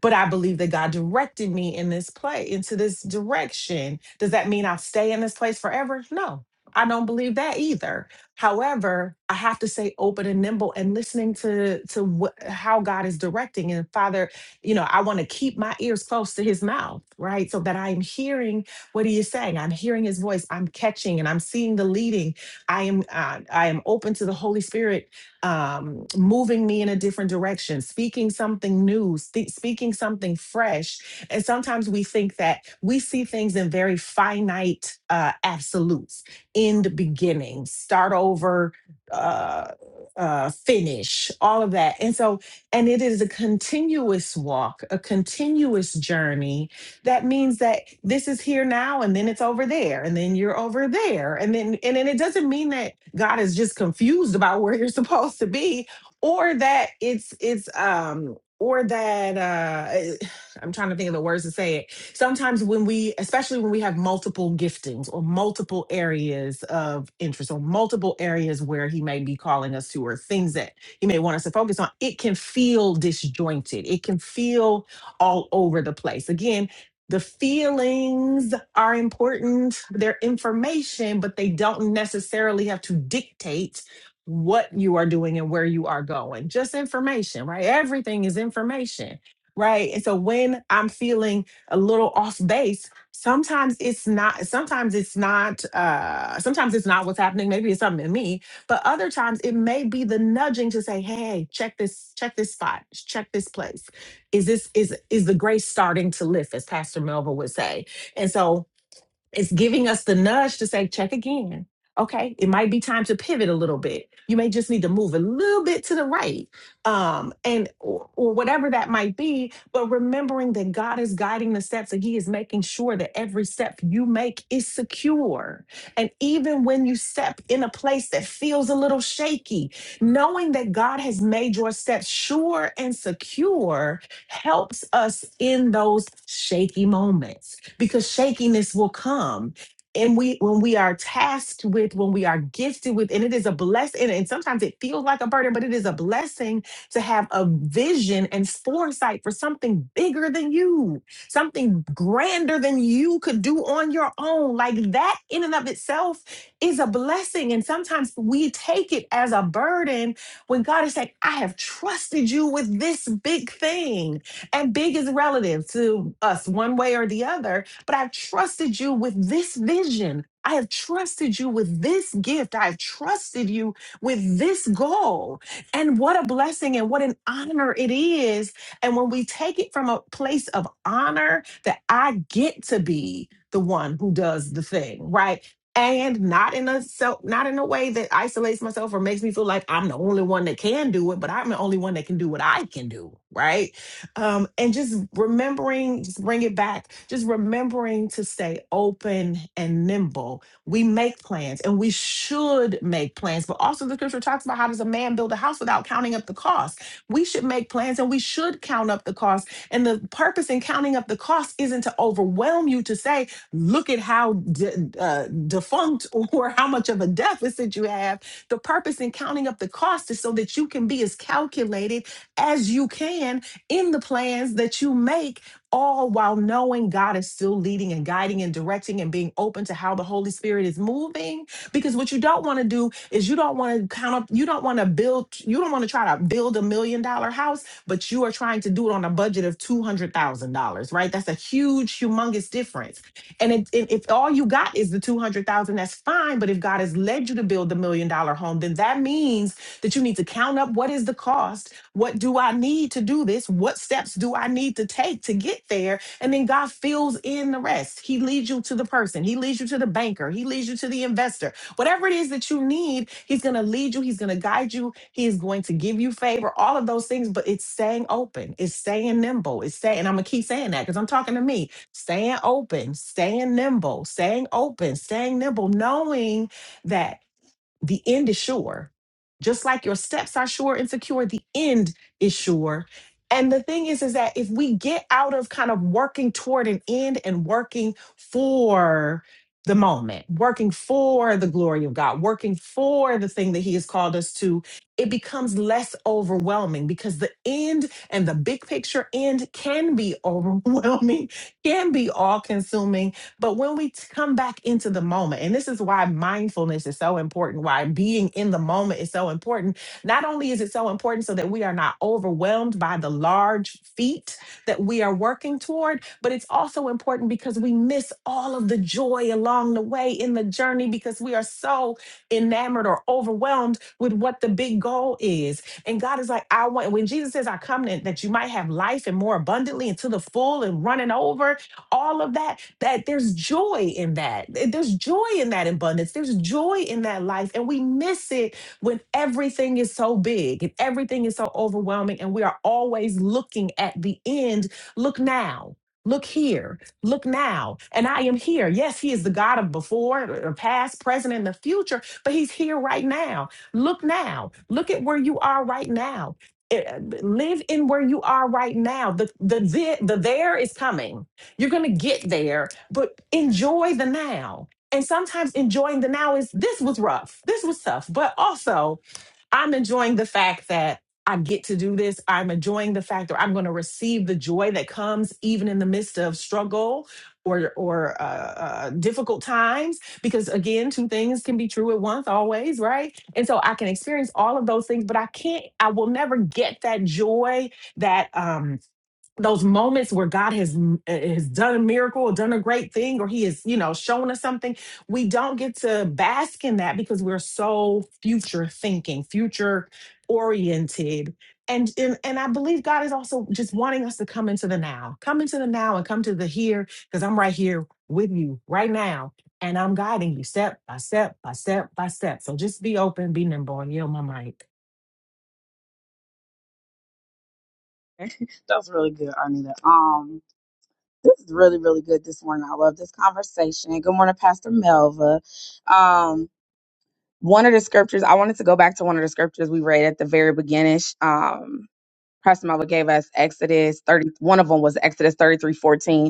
but I believe that God directed me in this play, into this direction. Does that mean I'll stay in this place forever? No, I don't believe that either. However, I have to stay open and nimble and listening to to what, how God is directing. And Father, you know, I want to keep my ears close to His mouth, right, so that I am hearing what He is saying. I'm hearing His voice. I'm catching and I'm seeing the leading. I am uh, I am open to the Holy Spirit um, moving me in a different direction, speaking something new, spe- speaking something fresh. And sometimes we think that we see things in very finite uh, absolutes, end, beginning, start over, uh, uh, finish, all of that. And so, and it is a continuous walk, a continuous journey that means that this is here now and then it's over there and then you're over there and then and then it doesn't mean that god is just confused about where you're supposed to be or that it's it's um or that uh i'm trying to think of the words to say it sometimes when we especially when we have multiple giftings or multiple areas of interest or multiple areas where he may be calling us to or things that he may want us to focus on it can feel disjointed it can feel all over the place again the feelings are important, they're information, but they don't necessarily have to dictate what you are doing and where you are going. Just information, right? Everything is information, right? And so when I'm feeling a little off base, sometimes it's not sometimes it's not uh sometimes it's not what's happening maybe it's something in me but other times it may be the nudging to say hey check this check this spot check this place is this is is the grace starting to lift as pastor Melva would say and so it's giving us the nudge to say check again okay it might be time to pivot a little bit you may just need to move a little bit to the right um and or, or whatever that might be but remembering that god is guiding the steps and he is making sure that every step you make is secure and even when you step in a place that feels a little shaky knowing that god has made your steps sure and secure helps us in those shaky moments because shakiness will come. And we, when we are tasked with, when we are gifted with, and it is a blessing, and and sometimes it feels like a burden, but it is a blessing to have a vision and foresight for something bigger than you, something grander than you could do on your own. Like that in and of itself is a blessing. And sometimes we take it as a burden when God is saying, I have trusted you with this big thing, and big is relative to us one way or the other, but I've trusted you with this vision. I have trusted you with this gift. I have trusted you with this goal. And what a blessing and what an honor it is. And when we take it from a place of honor that I get to be the one who does the thing, right? and not in a self not in a way that isolates myself or makes me feel like I'm the only one that can do it, but I'm the only one that can do what I can do, right? Um, and just remembering, just bring it back, just remembering to stay open and nimble. We make plans and we should make plans, but also the scripture talks about how does a man build a house without counting up the cost. We should make plans and we should count up the cost. And the purpose in counting up the cost isn't to overwhelm you to say, look at how de- uh, defunct or how much of a deficit you have. The purpose in counting up the cost is so that you can be as calculated as you can in the plans that you make, all while knowing God is still leading and guiding and directing and being open to how the Holy Spirit is moving. Because what you don't want to do is you don't want to count up, you don't want to build, you don't want to try to build a million dollar house, but you are trying to do it on a budget of $200,000, right? That's a huge, humongous difference and it, it, if all you got is the 200,000, that's fine. But if God has led you to build the million dollar home, then that means that you need to count up what is the cost? What do I need to do this? What steps do I need to take to get there? And then God fills in the rest. He leads you to the person, He leads you to the banker, He leads you to the investor. Whatever it is that you need, He's going to lead you, He's going to guide you, He is going to give you favor, all of those things. But it's staying open, it's staying nimble, it's staying, and I'm going to keep saying that because I'm talking to me staying open, staying nimble, staying open, staying nimble, knowing that the end is sure. Just like your steps are sure and secure, the end is sure. And the thing is, is that if we get out of kind of working toward an end and working for the moment, working for the glory of God, working for the thing that He has called us to, it becomes less overwhelming because the end and the big picture end can be overwhelming, can be all consuming but when we t- come back into the moment, and this is why mindfulness is so important, why being in the moment is so important. Not only is it so important so that we are not overwhelmed by the large feat that we are working toward, but it's also important because we miss all of the joy along the way in the journey because we are so enamored or overwhelmed with what the big goal is. And God is like, I want, when Jesus says, I come that that you might have life and more abundantly and to the full and running over, all of that that there's joy in that. Th- There's joy in that abundance. There's joy in that life. And we miss it when everything is so big and everything is so overwhelming. And we are always looking at the end. Look now. Look here. Look now. And I am here. Yes, He is the God of before, uh, past, present, and the future, but He's here right now. Look now. Look at where you are right now. Eh, eh, Live in where you are right now. The, the, the, the there is coming you're going to get there, but enjoy the now. And sometimes enjoying the now is this was rough, this was tough, but also I'm enjoying the fact that I get to do this. I'm enjoying the fact that I'm going to receive the joy that comes even in the midst of struggle or or uh, uh, difficult times. Because again, two things can be true at once, always, right? And so I can experience all of those things, but I can't. I will never get that joy that. um those moments where God has has done a miracle or done a great thing or he has, you know, shown us something, we don't get to bask in that because we're so future thinking, future oriented. And, and and I believe God is also just wanting us to come into the now. Come into the now and come to the here because I'm right here with you right now and I'm guiding you step by step by step by step. So just be open, be nimble and yield my mic. that was really good, Arnita. Um, this is really, really good this morning. I love this conversation. Good morning, Pastor Melva. Um, one of the scriptures, I wanted to go back to one of the scriptures we read at the very beginning. Pastor Mala gave us Exodus 30. One of them was Exodus 33 14,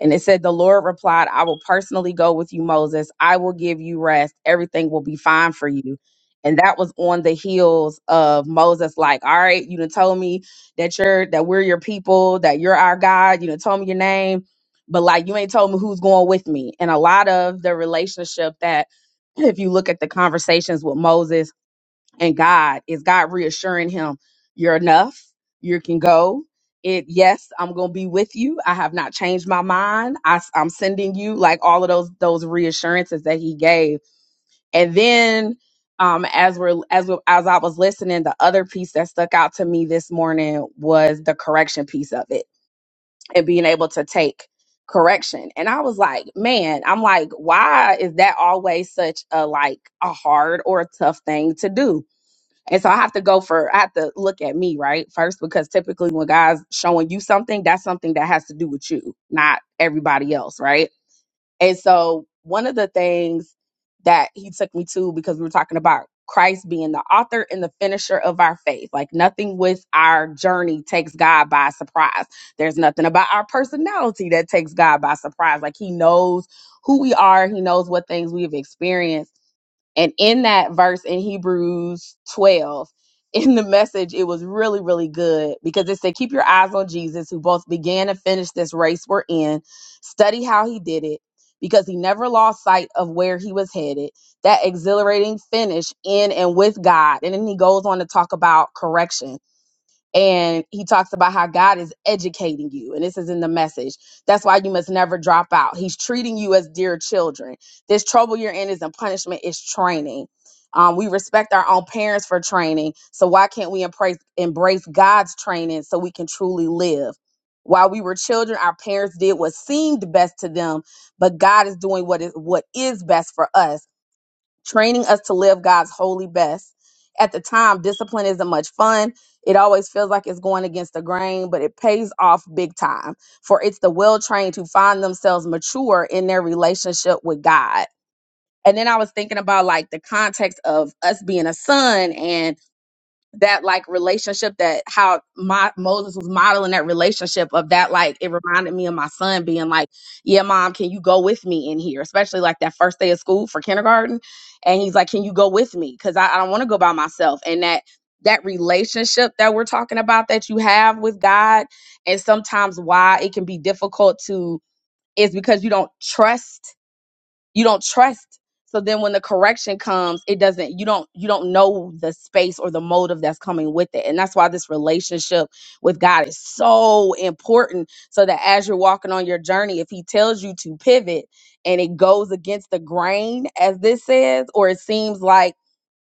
And it said, The Lord replied, I will personally go with you, Moses. I will give you rest. Everything will be fine for you. And that was on the heels of Moses, like, all right, you done told me that you're that we're your people, that you're our God, you done told me your name, but like you ain't told me who's going with me. And a lot of the relationship that if you look at the conversations with Moses and God is God reassuring him, You're enough, you can go. It yes, I'm gonna be with you. I have not changed my mind. I, am sending you like all of those those reassurances that he gave. And then um as we're as we, as I was listening, the other piece that stuck out to me this morning was the correction piece of it and being able to take correction. And I was like, man, I'm like, why is that always such a like a hard or a tough thing to do? And so I have to go for, I have to look at me, right? First, because typically when God's showing you something, that's something that has to do with you, not everybody else, right? And so one of the things that he took me to, because we were talking about Christ being the author and the finisher of our faith, like nothing with our journey takes God by surprise. There's nothing about our personality that takes God by surprise. Like he knows who we are, he knows what things we've experienced and in that verse in Hebrews 12, in the message, it was really, really good because it said, Keep your eyes on Jesus, who both began and finished this race we're in. Study how he did it because he never lost sight of where he was headed. That exhilarating finish in and with God. And then he goes on to talk about correction and he talks about how God is educating you. And this is in the message. That's why you must never drop out. He's treating you as dear children. This trouble you're in isn't punishment, it's training. Um, we respect our own parents for training. So why can't we embrace, embrace God's training so we can truly live? While we were children, our parents did what seemed best to them, but God is doing what is what is best for us training us to live God's holy best. At the time, discipline isn't much fun. It always feels like it's going against the grain, but it pays off big time. For it's the well trained who find themselves mature in their relationship with God. And then I was thinking about like the context of us being a son and that like relationship that how my Moses was modeling that relationship of that like it reminded me of my son being like, "Yeah, mom, can you go with me in here?" Especially like that first day of school for kindergarten, and he's like, "Can you go with me?" Because I, I don't want to go by myself. And that that relationship that we're talking about that you have with God, and sometimes why it can be difficult to is because you don't trust you don't trust so then when the correction comes it doesn't you don't you don't know the space or the motive that's coming with it and that's why this relationship with god is so important so that as you're walking on your journey if he tells you to pivot and it goes against the grain as this says or it seems like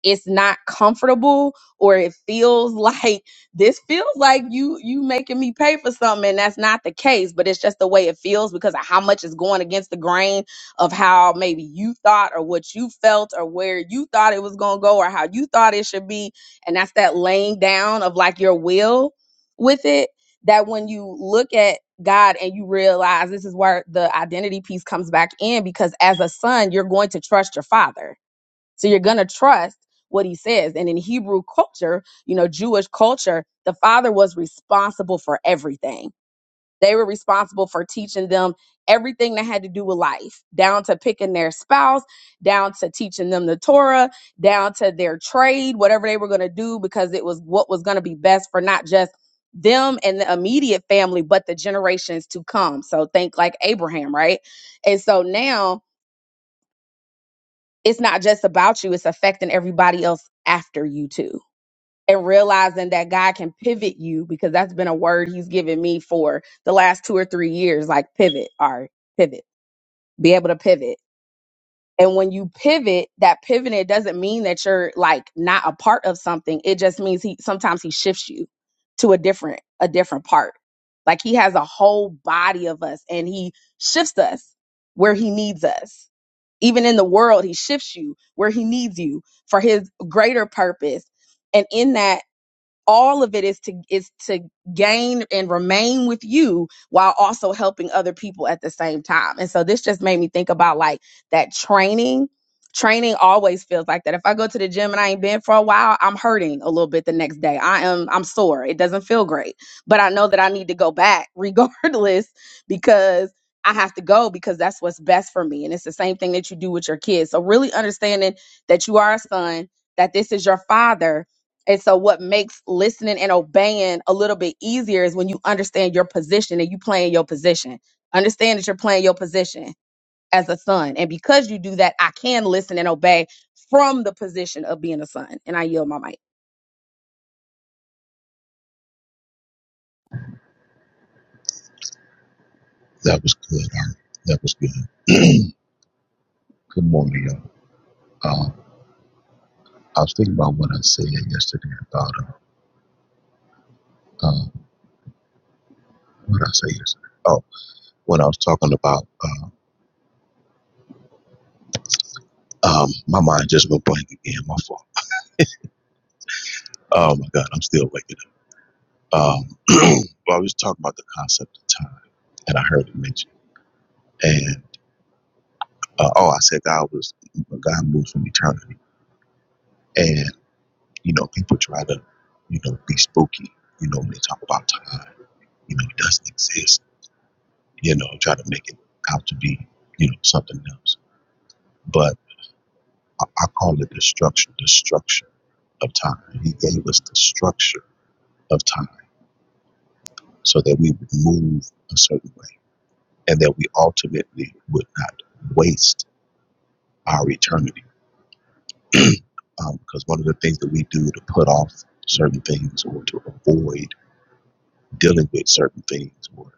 it's not comfortable or it feels like this feels like you you making me pay for something and that's not the case but it's just the way it feels because of how much is going against the grain of how maybe you thought or what you felt or where you thought it was going to go or how you thought it should be and that's that laying down of like your will with it that when you look at God and you realize this is where the identity piece comes back in because as a son you're going to trust your father so you're going to trust what he says. And in Hebrew culture, you know, Jewish culture, the father was responsible for everything. They were responsible for teaching them everything that had to do with life, down to picking their spouse, down to teaching them the Torah, down to their trade, whatever they were going to do, because it was what was going to be best for not just them and the immediate family, but the generations to come. So think like Abraham, right? And so now it's not just about you, it's affecting everybody else after you too. And realizing that God can pivot you because that's been a word he's given me for the last two or three years like pivot, all right, pivot, be able to pivot. And when you pivot, that pivot it doesn't mean that you're like not a part of something. It just means he sometimes he shifts you to a different a different part. Like he has a whole body of us and he shifts us where he needs us. Even in the world, he shifts you where he needs you for his greater purpose. And in that all of it is to is to gain and remain with you while also helping other people at the same time and so this just made me think about like that training training always feels like that if i go to the gym and i ain't been for a while i'm hurting a little bit the next day i am i'm sore it doesn't feel great but i know that i need to go back regardless because i have to go because that's what's best for me and it's the same thing that you do with your kids so really understanding that you are a son that this is your father and so, what makes listening and obeying a little bit easier is when you understand your position and you playing your position. Understand that you're playing your position as a son. And because you do that, I can listen and obey from the position of being a son. And I yield my mic. That was good, Art. That was good. Good morning, y'all. Uh, I was thinking about what I said yesterday about, uh, uh, what did I say yesterday? Oh, when I was talking about, uh, um, my mind just went blank again, my fault. Oh my God, I'm still waking up. Um, well, I was talking about the concept of time, and I heard it mentioned. And, uh, oh, I said God was, God moves from eternity. And, you know, people try to, you know, be spooky, you know, when they talk about time. You know, it doesn't exist you know, try to make it out to be, you know, something else. But I, I call it the structure, the structure of time. He gave us the structure of time so that we would move a certain way and that we ultimately would not waste our eternity. Um, because one of the things that we do to put off certain things or to avoid dealing with certain things or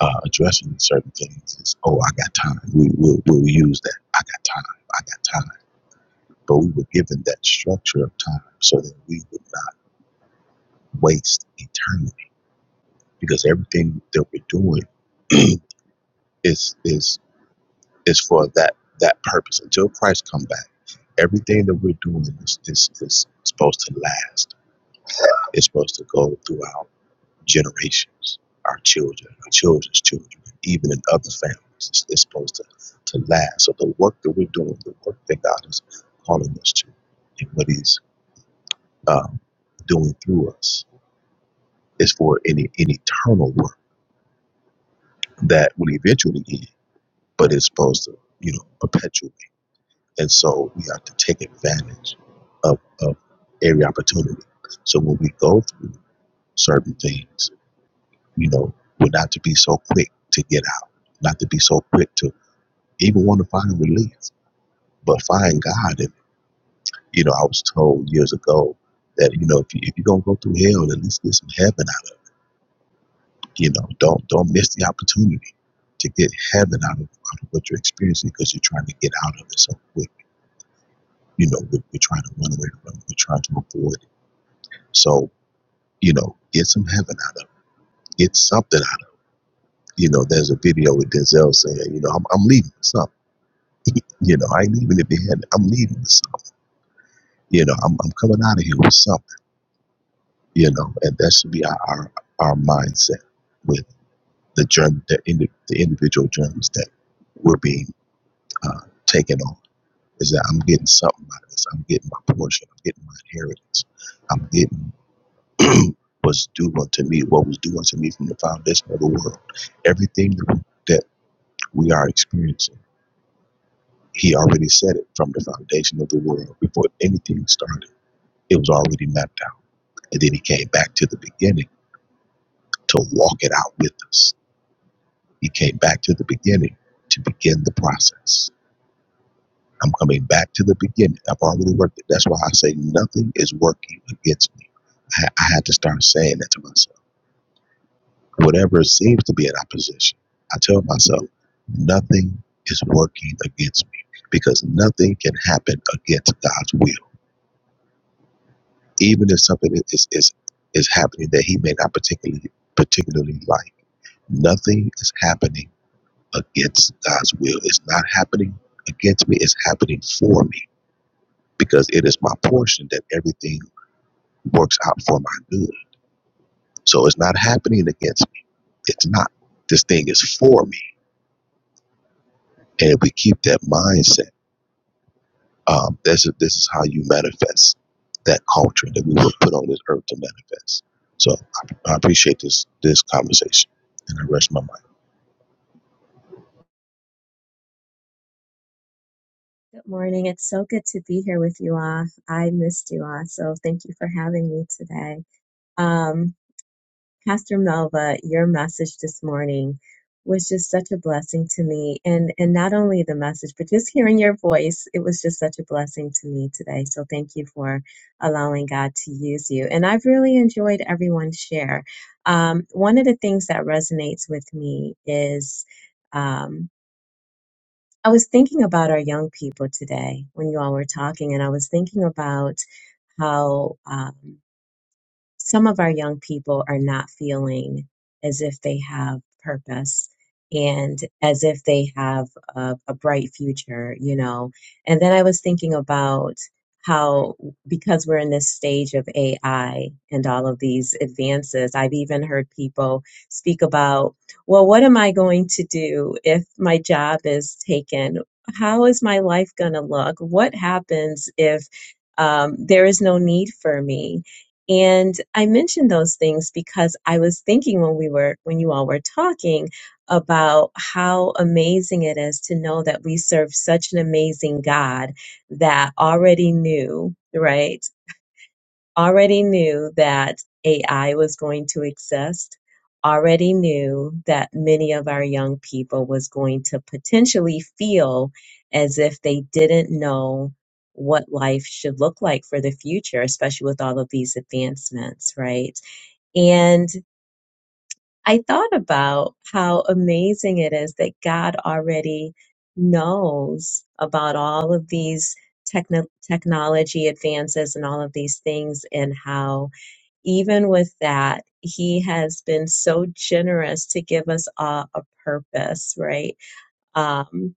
uh, addressing certain things is, oh, I got time. We, we'll, we'll use that. I got time. I got time but we were given that structure of time so that we would not waste eternity because everything that we're doing is is is for that that purpose until Christ come back everything that we're doing is is, is supposed to last it's supposed to go throughout generations our children our children's children even in other families it's, it's supposed to to last so the work that we're doing the work that God is calling us to and what he's um, doing through us Is for an, an eternal work that will eventually end, but it's supposed to, you know, perpetuate. And so we have to take advantage of, of every opportunity. So when we go through certain things, you know, we're not to be so quick to get out, not to be so quick to even want to find relief, but find God. And, you know, I was told years ago that, you know, if, you, if you're going to go through hell, at least get some heaven out You know, don't don't miss the opportunity to get heaven out of, out of what you're experiencing because you're trying to get out of it so quick. You know, we're, we're trying to run away from it. We're trying to avoid it. So, you know, get some heaven out of it. Get something out of it. You know, there's a video with Denzel saying, you know, I'm, I'm leaving with something. You know, I ain't leaving it behind. I'm leaving with something. You know, I'm, I'm coming out of here with something. You know, and that should be our our, our mindset with the germ, the, indi- the individual germs that we're being uh, taken on is that I'm getting something out of this. I'm getting my portion. I'm getting my inheritance. I'm getting what's due unto me, what was due unto me from the foundation of the world. Everything that we, that we are experiencing, he already said it from the foundation of the world before anything started. It was already mapped out. And then he came back to the beginning to walk it out with us. He came back to the beginning to begin the process I'm coming back to the beginning. I've already worked it. That's why I say nothing is working against me. I, I had to start saying that to myself. Whatever seems to be in opposition, I tell myself nothing is working against me because nothing can happen against God's will. Even if something is is is, is happening that He may not particularly particularly like, nothing is happening against God's will. It's not happening against me. It's happening for me because it is my portion that everything works out for my good. So it's not happening against me. It's not. This thing is for me. And if we keep that mindset, um, this, is, this is how you manifest that culture that we were put on this earth to manifest. So I, I appreciate this this conversation and I rest my mind. Good morning. It's so good to be here with you all. I missed you all, so thank you for having me today. Um, Pastor Melva, your message this morning was just such a blessing to me, and and not only the message, but just hearing your voice, it was just such a blessing to me today. So thank you for allowing God to use you, and I've really enjoyed everyone's share. Um, one of the things that resonates with me is. Um, I was thinking about our young people today when you all were talking, and I was thinking about how. Um, some of our young people are not feeling as if they have purpose and as if they have a, a bright future, you know. And then I was thinking about how, because we're in this stage of AI and all of these advances, I've even heard people speak about, well, what am I going to do if my job is taken? How is my life going to look? What happens if um, there is no need for me? And I mentioned those things because I was thinking when we were, when you all were talking about how amazing it is to know that we serve such an amazing God that already knew, right? already knew that AI was going to exist, already knew that many of our young people was going to potentially feel as if they didn't know what life should look like for the future, especially with all of these advancements, right? And I thought about how amazing it is that God already knows about all of these techno- technology advances and all of these things and how even with that, he has been so generous to give us a, a purpose, right? Um,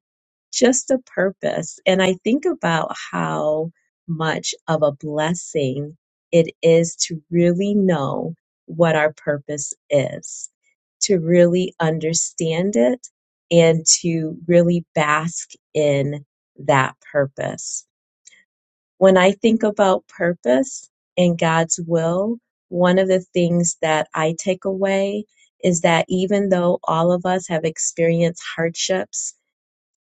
just a purpose. And I think about how much of a blessing it is to really know what our purpose is, to really understand it, and to really bask in that purpose when I think about purpose and God's will, one of the things that I take away is that even though all of us have experienced hardships,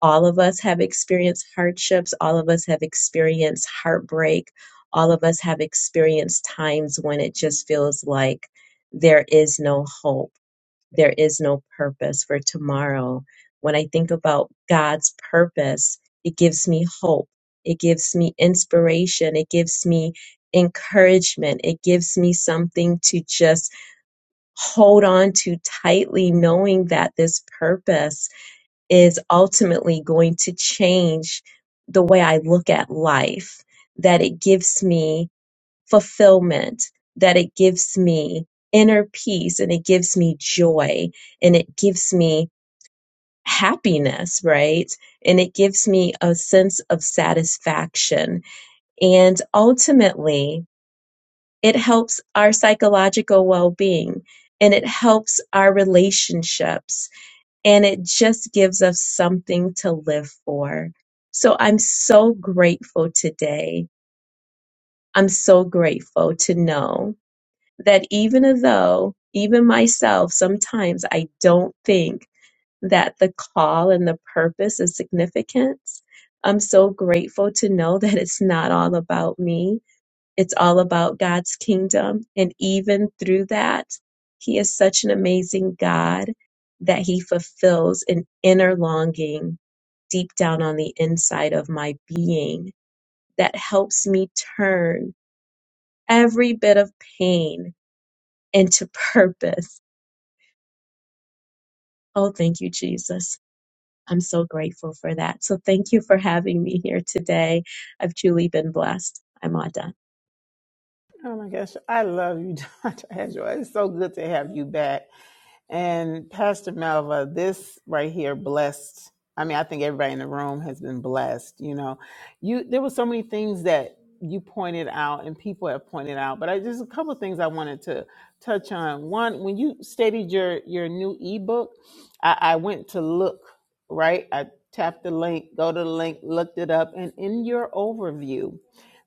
all of us have experienced hardships, all of us have experienced heartbreak, all of us have experienced times when it just feels like there is no hope there is no purpose for tomorrow. When I think about God's purpose, it gives me hope. It gives me inspiration. It gives me encouragement. It gives me something to just hold on to tightly, knowing that this purpose is ultimately going to change the way I look at life, that it gives me fulfillment, that it gives me inner peace and it gives me joy and it gives me happiness, right? And it gives me a sense of satisfaction. And ultimately, it helps our psychological well being and it helps our relationships and it just gives us something to live for. So I'm so grateful today. I'm so grateful to know that even though, even myself, sometimes I don't think that the call and the purpose is significance, I'm so grateful to know that it's not all about me. It's all about God's kingdom. And even through that, He is such an amazing God that He fulfills an inner longing deep down on the inside of my being that helps me turn every bit of pain into purpose Oh, thank you, Jesus. I'm so grateful for that. So thank you for having me here today. I've truly been blessed. I'm Ada. Oh my gosh, I love you, Dr. Angela. It's so good to have you back. And Pastor Malva, this right here blessed. I mean, I think everybody in the room has been blessed. You know, you there were so many things that you pointed out and people have pointed out, but I there's a couple of things I wanted to touch on. One, when you stated your your new ebook, I, I went to look, right? I tapped the link, go to the link, looked it up, and in your overview,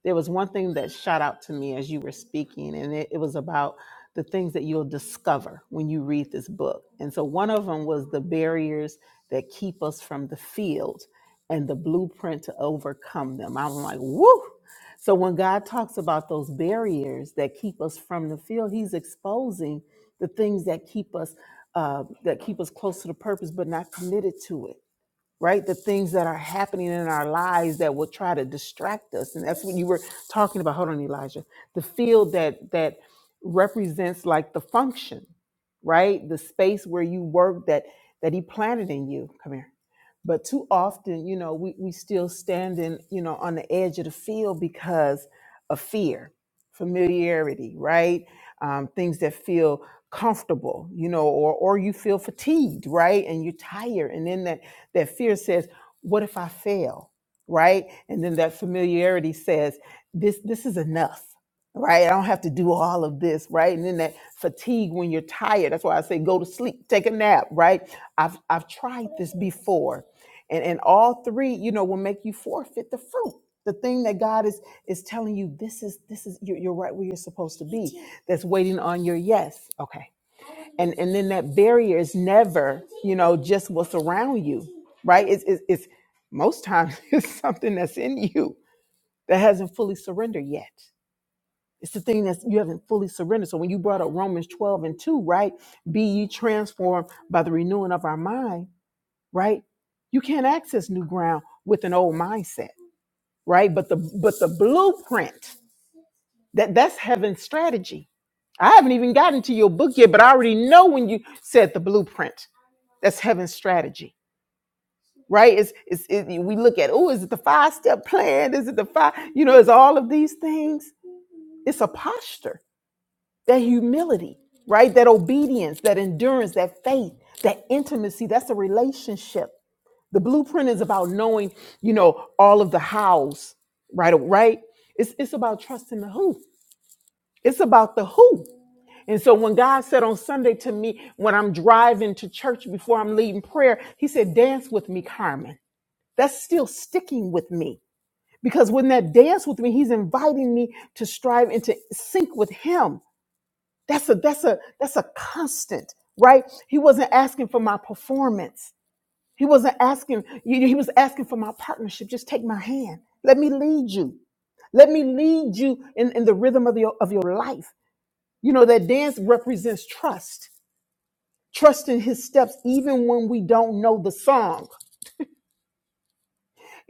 there was one thing that shot out to me as you were speaking, and it, it was about the things that you'll discover when you read this book. And so one of them was the barriers that keep us from the field and the blueprint to overcome them. I'm like, woo! So when God talks about those barriers that keep us from the field, He's exposing the things that keep us uh, that keep us close to the purpose, but not committed to it right? The things that are happening in our lives that will try to distract us. And that's what you were talking about. Hold on, Elijah. The field that that represents like the function, right? The space where you work that that he planted in you. Come here. But too often, you know, we, we still standing, you know, on the edge of the field because of fear, familiarity, right? Um, things that feel comfortable, you know, or or you feel fatigued, right? And you're tired. And then that that fear says, what if I fail? Right? And then that familiarity says, this this is enough. Right? I don't have to do all of this, right? And then that fatigue when you're tired. That's why I say go to sleep, take a nap, right? I've I've tried this before. And and all three, you know, will make you forfeit the fruit. The thing that God is is telling you, this is this is you're, you're right where you're supposed to be. That's waiting on your yes. Okay and and then that barrier is never you know just what's around you right it's it's, it's most times it's something that's in you that hasn't fully surrendered yet it's the thing that you haven't fully surrendered so when you brought up romans 12 and 2 right be ye transformed by the renewing of our mind right you can't access new ground with an old mindset right but the but the blueprint that that's heaven's strategy. I haven't even gotten to your book yet, but I already know when you said the blueprint. That's heaven's strategy, right? It's, it's it, we look at oh, is it the five step plan? Is it the five? You know, it's all of these things. It's a posture, that humility, right? That obedience, that endurance, that faith, that intimacy. That's a relationship. The blueprint is about knowing, you know, all of the hows, right? Right? It's it's about trusting the who. It's about the who And so when God said on Sunday to me, when I'm driving to church before I'm leading prayer, he said, dance with me, Carmen. That's still sticking with me because when that dance with me, he's inviting me to strive and to sync with him. That's a, that's a, that's a constant, right? He wasn't asking for my performance. He wasn't asking, you- he was asking for my partnership. Just take my hand. Let me lead you. Let me lead you in, in the rhythm of your, of your life. You know, that dance represents trust trusting his steps even when we don't know the song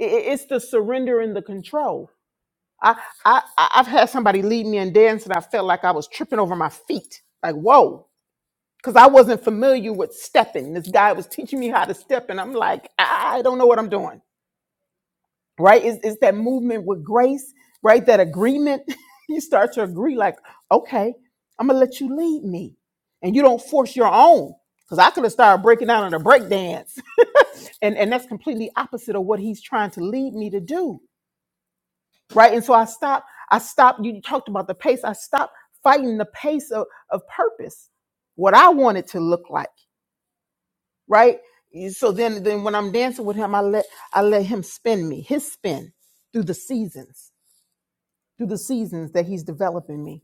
I- I- it's the surrender and the control I, I I- i've had somebody lead me in dance and i felt like i was tripping over my feet like whoa because i wasn't familiar with stepping this guy was teaching me how to step and i'm like i I don't know what i'm doing right it's, it's that movement with grace right that agreement you start to agree like okay i'm gonna let you lead me and you don't force your own because i could have started breaking down in a break dance and and that's completely opposite of what he's trying to lead me to do right and so i stopped i stopped you talked about the pace i stopped fighting the pace of, of purpose what i want it to look like right so then then when i'm dancing with him i let i let him spin me his spin through the seasons through the seasons that he's developing me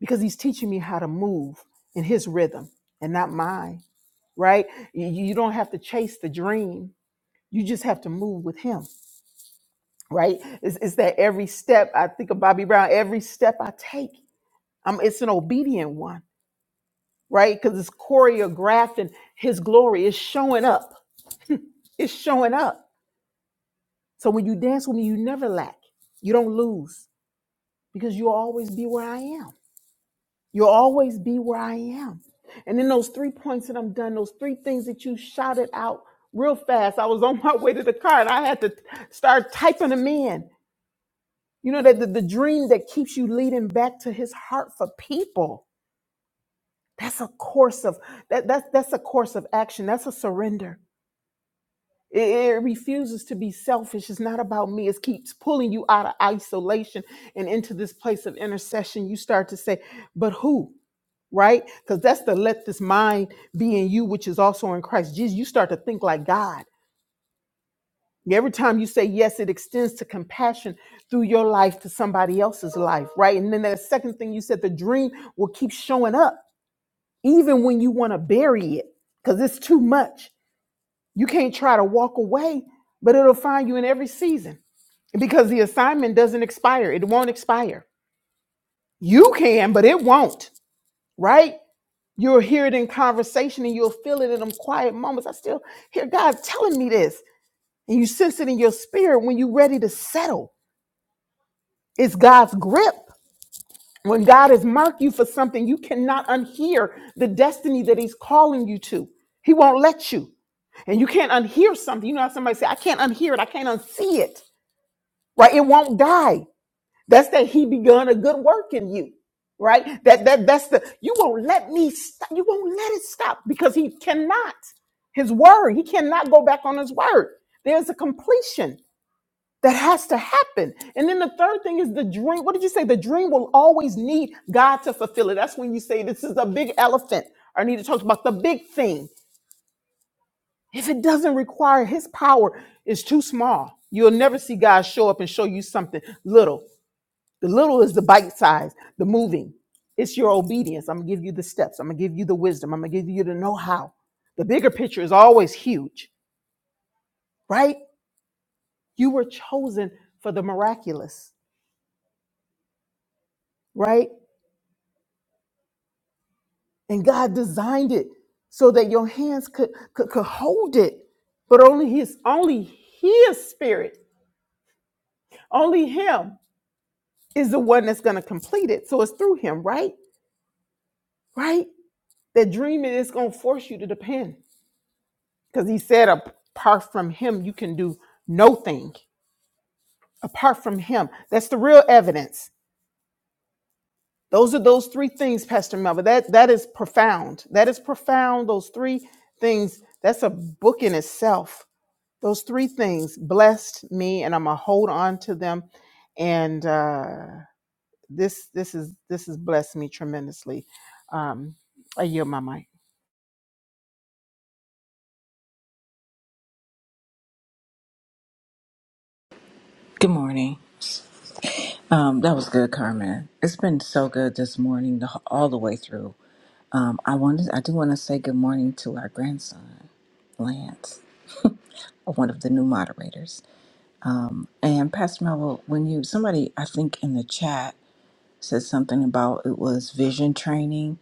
because he's teaching me how to move in his rhythm and not mine right you you don't have to chase the dream you just have to move with him right? It's, it's that every step I think of Bobby Brown, every step I take, I'm, it's an obedient one, right? Because it's choreographed and his glory is showing up. It's showing up. So when you dance with me, you never lack. You don't lose because you'll always be where I am. You'll always be where I am. And then those three points that I'm done, those three things that you shouted out real fast. I was on my way to the car and I had to start typing them in You know, that the, the dream that keeps you leading back to his heart for people. That's a course of that, that's that's a course of action. That's a surrender. It, it refuses to be selfish. It's not about me. It keeps pulling you out of isolation and into this place of intercession. You start to say, but who? Right? Because that's the let this mind be in you, which is also in Christ Jesus. You start to think like God Every time you say yes, it extends to compassion through your life to somebody else's life, right? And then the second thing you said, the dream will keep showing up even when you want to bury it because it's too much. You can't try to walk away, but it'll find you in every season because the assignment doesn't expire. It won't expire. You can, but it won't, right? You'll hear it in conversation and you'll feel it in them quiet moments. I still hear God telling me this. And you sense it in your spirit when you're ready to settle It's God's grip. When God has marked you for something, you cannot unhear the destiny that He's calling you to. He won't let you. And you can't unhear something. You know how somebody say, I can't unhear it, I can't unsee it. Right? It won't die. That's that He begun a good work in you. Right? That that that's the you won't let me stop. You won't let it stop because he cannot. His word, he cannot go back on his word. There's a completion. That has to happen. And then the third thing is the dream. What did you say? The dream will always need God to fulfill it. That's when you say this is a big elephant. I need to talk about the big thing. If it doesn't require his power, it's too small. You'll never see God show up and show you something little. The little is the bite size, the moving. It's your obedience. I'm gonna give you the steps. I'm gonna give you the wisdom. I'm gonna give you the know-how. The bigger picture is always huge, right? You were chosen for the miraculous, right? And God designed it so that your hands could, could, could hold it. But only his only his spirit, only him is the one that's gonna complete it. So it's through him, right? Right? That dreaming is gonna force you to depend. Because he said apart from him, you can do no thing. Apart from him. That's the real evidence. Those are those three things, Pastor Melvin. That that is profound. That is profound. Those three things. That's a book in itself Those three things blessed me, and I'm gonna hold on to them. And uh, this this is this has blessed me tremendously. Um, I yield my mic. Good morning. Um, that was good, Carmen. It's been so good this morning, the, all the way through. Um, I wanted, I do want to say good morning to our grandson, Lance, one of the new moderators, and Pastor Melville. When you somebody, I think in the chat. said something about it was vision training.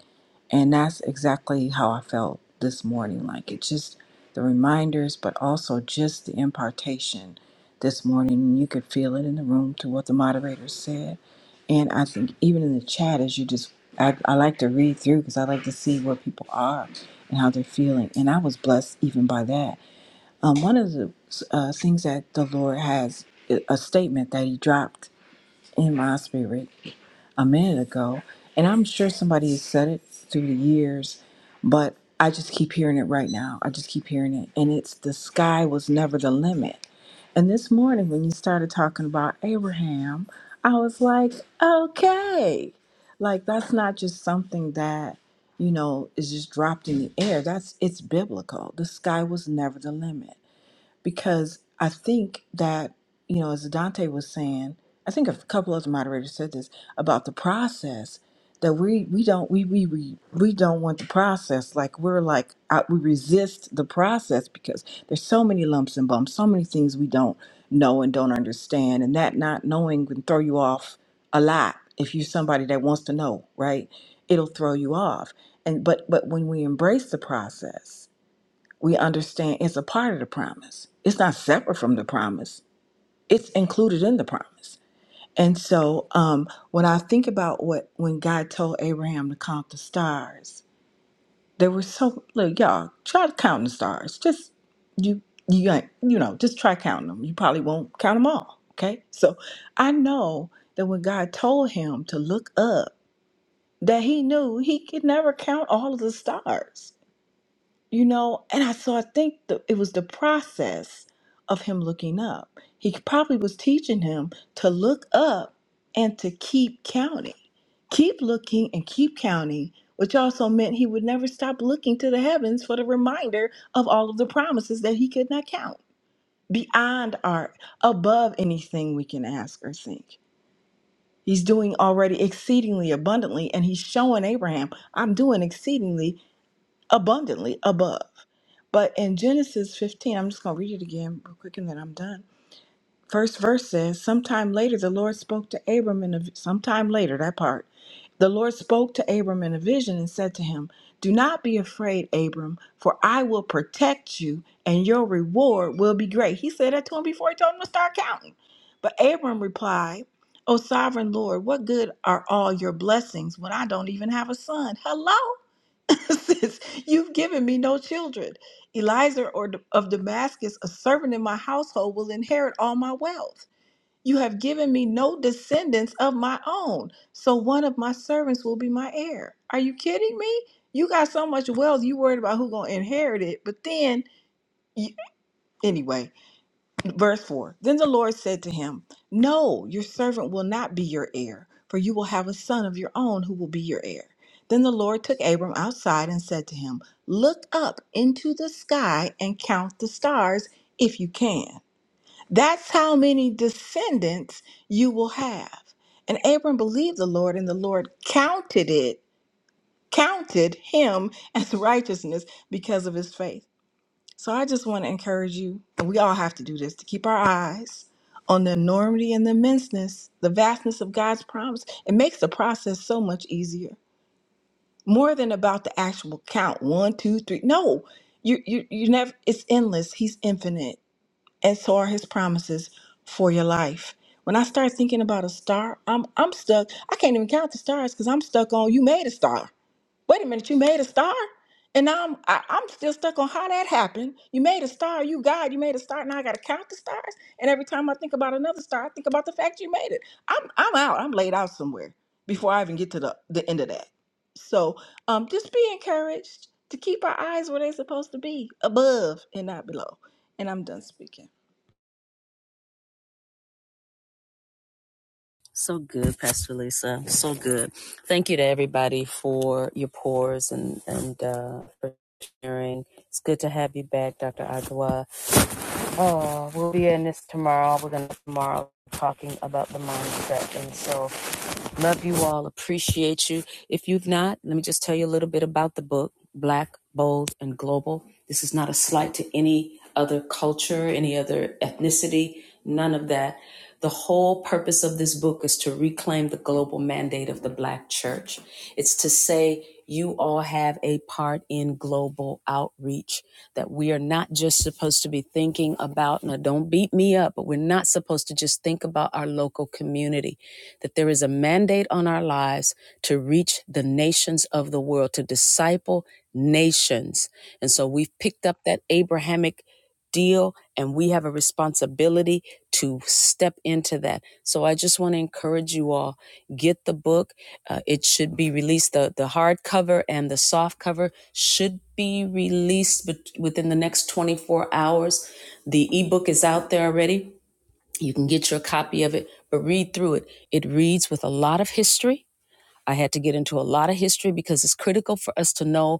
And that's exactly how I felt this morning. Like it just the reminders, but also just the impartation this morning. You could feel it in the room to what the moderator said. And I think even in the chat, as you just, I, I like to read through because I like to see where people are and how they're feeling. And I was blessed even by that. Um, one of the uh, things that the Lord has, a statement that He dropped in my spirit a minute ago, and I'm sure somebody has said it through the years, but I just keep hearing it right now. I just keep hearing it. And it's the sky was never the limit. And this morning, when you started talking about Abraham, I was like, okay, like that's not just something that, you know, is just dropped in the air. That's it's biblical. The sky was never the limit because I think that, you know, as Dante was saying, I think a couple other moderators said this about the process that we we don't we we we, we don't want the process like we're like I, we resist the process because there's so many lumps and bumps, so many things we don't know and don't understand, and that not knowing can throw you off a lot if you're somebody that wants to know, right? It'll throw you off, and but but when we embrace the process we understand it's a part of the promise. It's not separate from the promise. It's included in the promise. And so um, when I think about what when God told Abraham to count the stars, there were so look, y'all, try to count the stars. Just you you ain't you know, just try counting them. You probably won't count them all. Okay. So I know that when God told him to look up, that he knew he could never count all of the stars you know and i so i think the, it was the process of him looking up he probably was teaching him to look up and to keep counting keep looking and keep counting which also meant he would never stop looking to the heavens for the reminder of all of the promises that he could not count beyond art above anything we can ask or think he's doing already exceedingly abundantly and he's showing abraham i'm doing exceedingly abundantly above but in Genesis 15, I'm just going to read it again real quick and then I'm done. First verse says, Sometime later, the Lord spoke to Abram in a, sometime later, that part. The Lord spoke to Abram in a vision and said to him, Do not be afraid, Abram, for I will protect you and your reward will be great. He said that to him before he told him to start counting. But Abram replied, O sovereign Lord, what good are all your blessings when I don't even have a son? Hello? since you've given me no children. Eliza or D- of Damascus, a servant in my household, will inherit all my wealth. You have given me no descendants of my own, so one of my servants will be my heir. Are you kidding me? You got so much wealth, you worried about who gonna inherit it. But then, you, anyway, Verse 4 Then the Lord said to him, No, your servant will not be your heir, for you will have a son of your own who will be your heir. Then the Lord took Abram outside and said to him, Look up into the sky and count the stars if you can. That's how many descendants you will have. And Abram believed the Lord, and the Lord counted it, counted him as righteousness because of his faith. So I just want to encourage you, and we all have to do this, to keep our eyes on the enormity and the immenseness, the vastness of God's promise. It makes the process so much easier. More than about the actual count one, two, three. No, you you you never. It's endless. He's infinite, and so are His promises for your life. When I start thinking about a star, I'm I'm stuck. I can't even count the stars because I'm stuck on you made a star wait a minute, you made a star? And now I'm I, I'm still stuck on how that happened. You made a star, you God, you made a star. Now I gotta count the stars. And every time I think about another star, I think about the fact you made it. I'm I'm out. I'm laid out somewhere before I even get to the, the end of that. So um just be encouraged to keep our eyes where they're supposed to be, above and not below. And I'm done speaking. So good, Pastor Lisa. So good. Thank you to everybody for your pours and and uh, for sharing. It's good to have you back, Dr. Agua. Oh, we'll be in this tomorrow. We're gonna tomorrow talking about the mindset, and so Love you all. Appreciate you. If you've not, let me just tell you a little bit about the book, Black, Bold, and Global. This is not a slight to any other culture, any other ethnicity, none of that. The whole purpose of this book is to reclaim the global mandate of the Black church. It's to say you all have a part in global outreach, that we are not just supposed to be thinking about, now don't beat me up, but we're not supposed to just think about our local local community, that there is a mandate on our lives to reach the nations of the world, to disciple nations. And so we've picked up that Abrahamic deal and we have a responsibility to step into that. So I just want to encourage you all get the book. Uh, it should be released the the hardcover and the soft cover should be released within the next 24 hours. The ebook is out there already you can get your copy of it, but read through it. It reads with a lot of history. I had to get into a lot of history because it's critical for us to know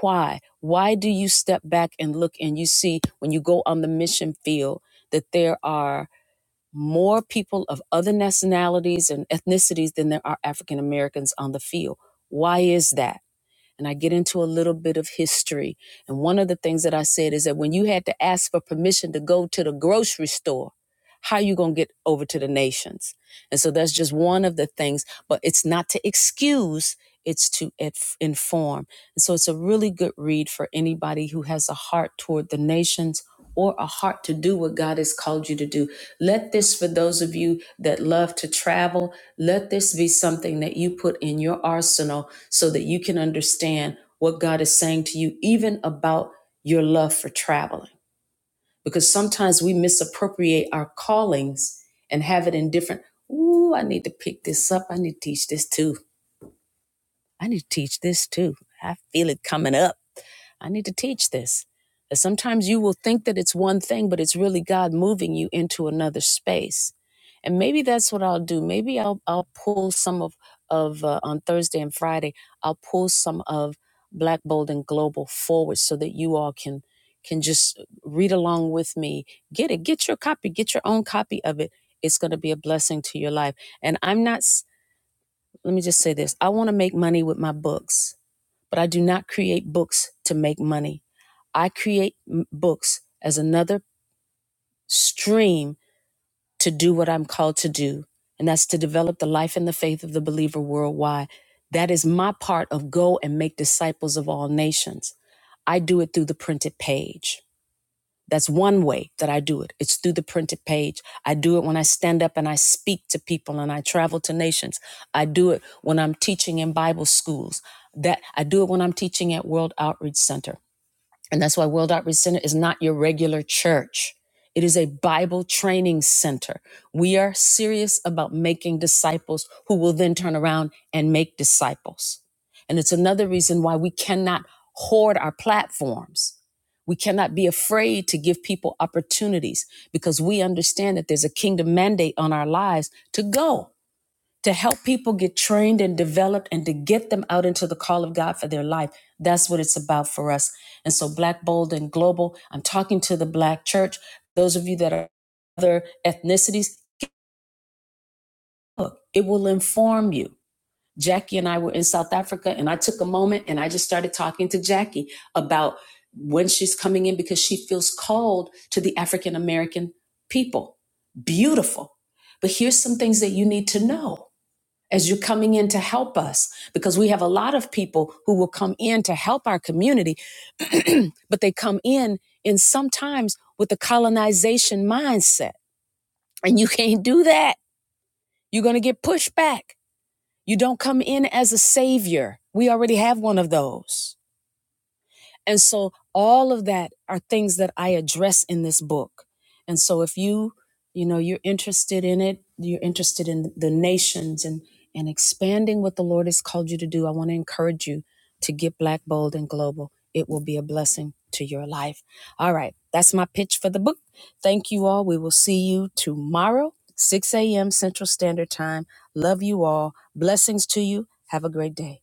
why. Why do you step back and look and you see when you go on the mission field that there are more people of other nationalities and ethnicities than there are African Americans on the field? Why is that? and I get into a little bit of history. And one of the things that I said is that when you had to ask for permission to go to the grocery store, how are you going to get over to the nations? And so that's just one of the things, but it's not to excuse, it's to inform. And so it's a really good read for anybody who has a heart toward the nations or a heart to do what God has called you to do. Let this, for those of you that love to travel, let this be something that you put in your arsenal so that you can understand what God is saying to you, even about your love for traveling. Because sometimes we misappropriate our callings and have it in different, ooh, I need to pick this up. I need to teach this too. I need to teach this too. I feel it coming up. I need to teach this. That sometimes you will think that it's one thing, but it's really God moving you into another space. And maybe that's what I'll do. Maybe I'll I'll pull some of of uh, on Thursday and Friday. I'll pull some of Black Bold and Global forward so that you all can can just read along with me. Get it. Get your copy. Get your own copy of it. It's going to be a blessing to your life. And I'm not. s- Let me just say this. I want to make money with my books, but I do not create books to make money. I create books as another stream to do what I'm called to do, and that's to develop the life and the faith of the believer worldwide. That is my part of go and make disciples of all nations. I do it through the printed page. That's one way that I do it. It's through the printed page. I do it when I stand up and I speak to people and I travel to nations. I do it when I'm teaching in Bible schools. That I do it when I'm teaching at World Outreach Center. And that's why World Outreach Center is not your regular church. It is a Bible training center. We are serious about making disciples who will then turn around and make disciples. And it's another reason why we cannot hoard our platforms. We cannot be afraid to give people opportunities because we understand that there's a kingdom mandate on our lives to go to help people get trained and developed and to get them out into the call of God for their life. That's what it's about for us. And so, Black Bold and Global, I'm talking to the Black church. Those of you that are other ethnicities, look, it will inform you. Jackie and I were in South Africa, and I took a moment and I just started talking to Jackie about when she's coming in because she feels called to the African American people. Beautiful. But here's some things that you need to know as you're coming in to help us because we have a lot of people who will come in to help our community but they come in and sometimes with the colonization mindset and you can't do that you're going to get pushed back. you don't come in as a savior we already have one of those and so all of that are things that I address in this book. And so if you, you know, you're interested in it, you're interested in the nations and and expanding what the Lord has called you to do, I want to encourage you to get black bold and global. It will be a blessing to your life. All right, that's my pitch for the book. Thank you all. We will see you tomorrow, 6 a.m. Central Standard Time. Love you all. Blessings to you. Have a great day.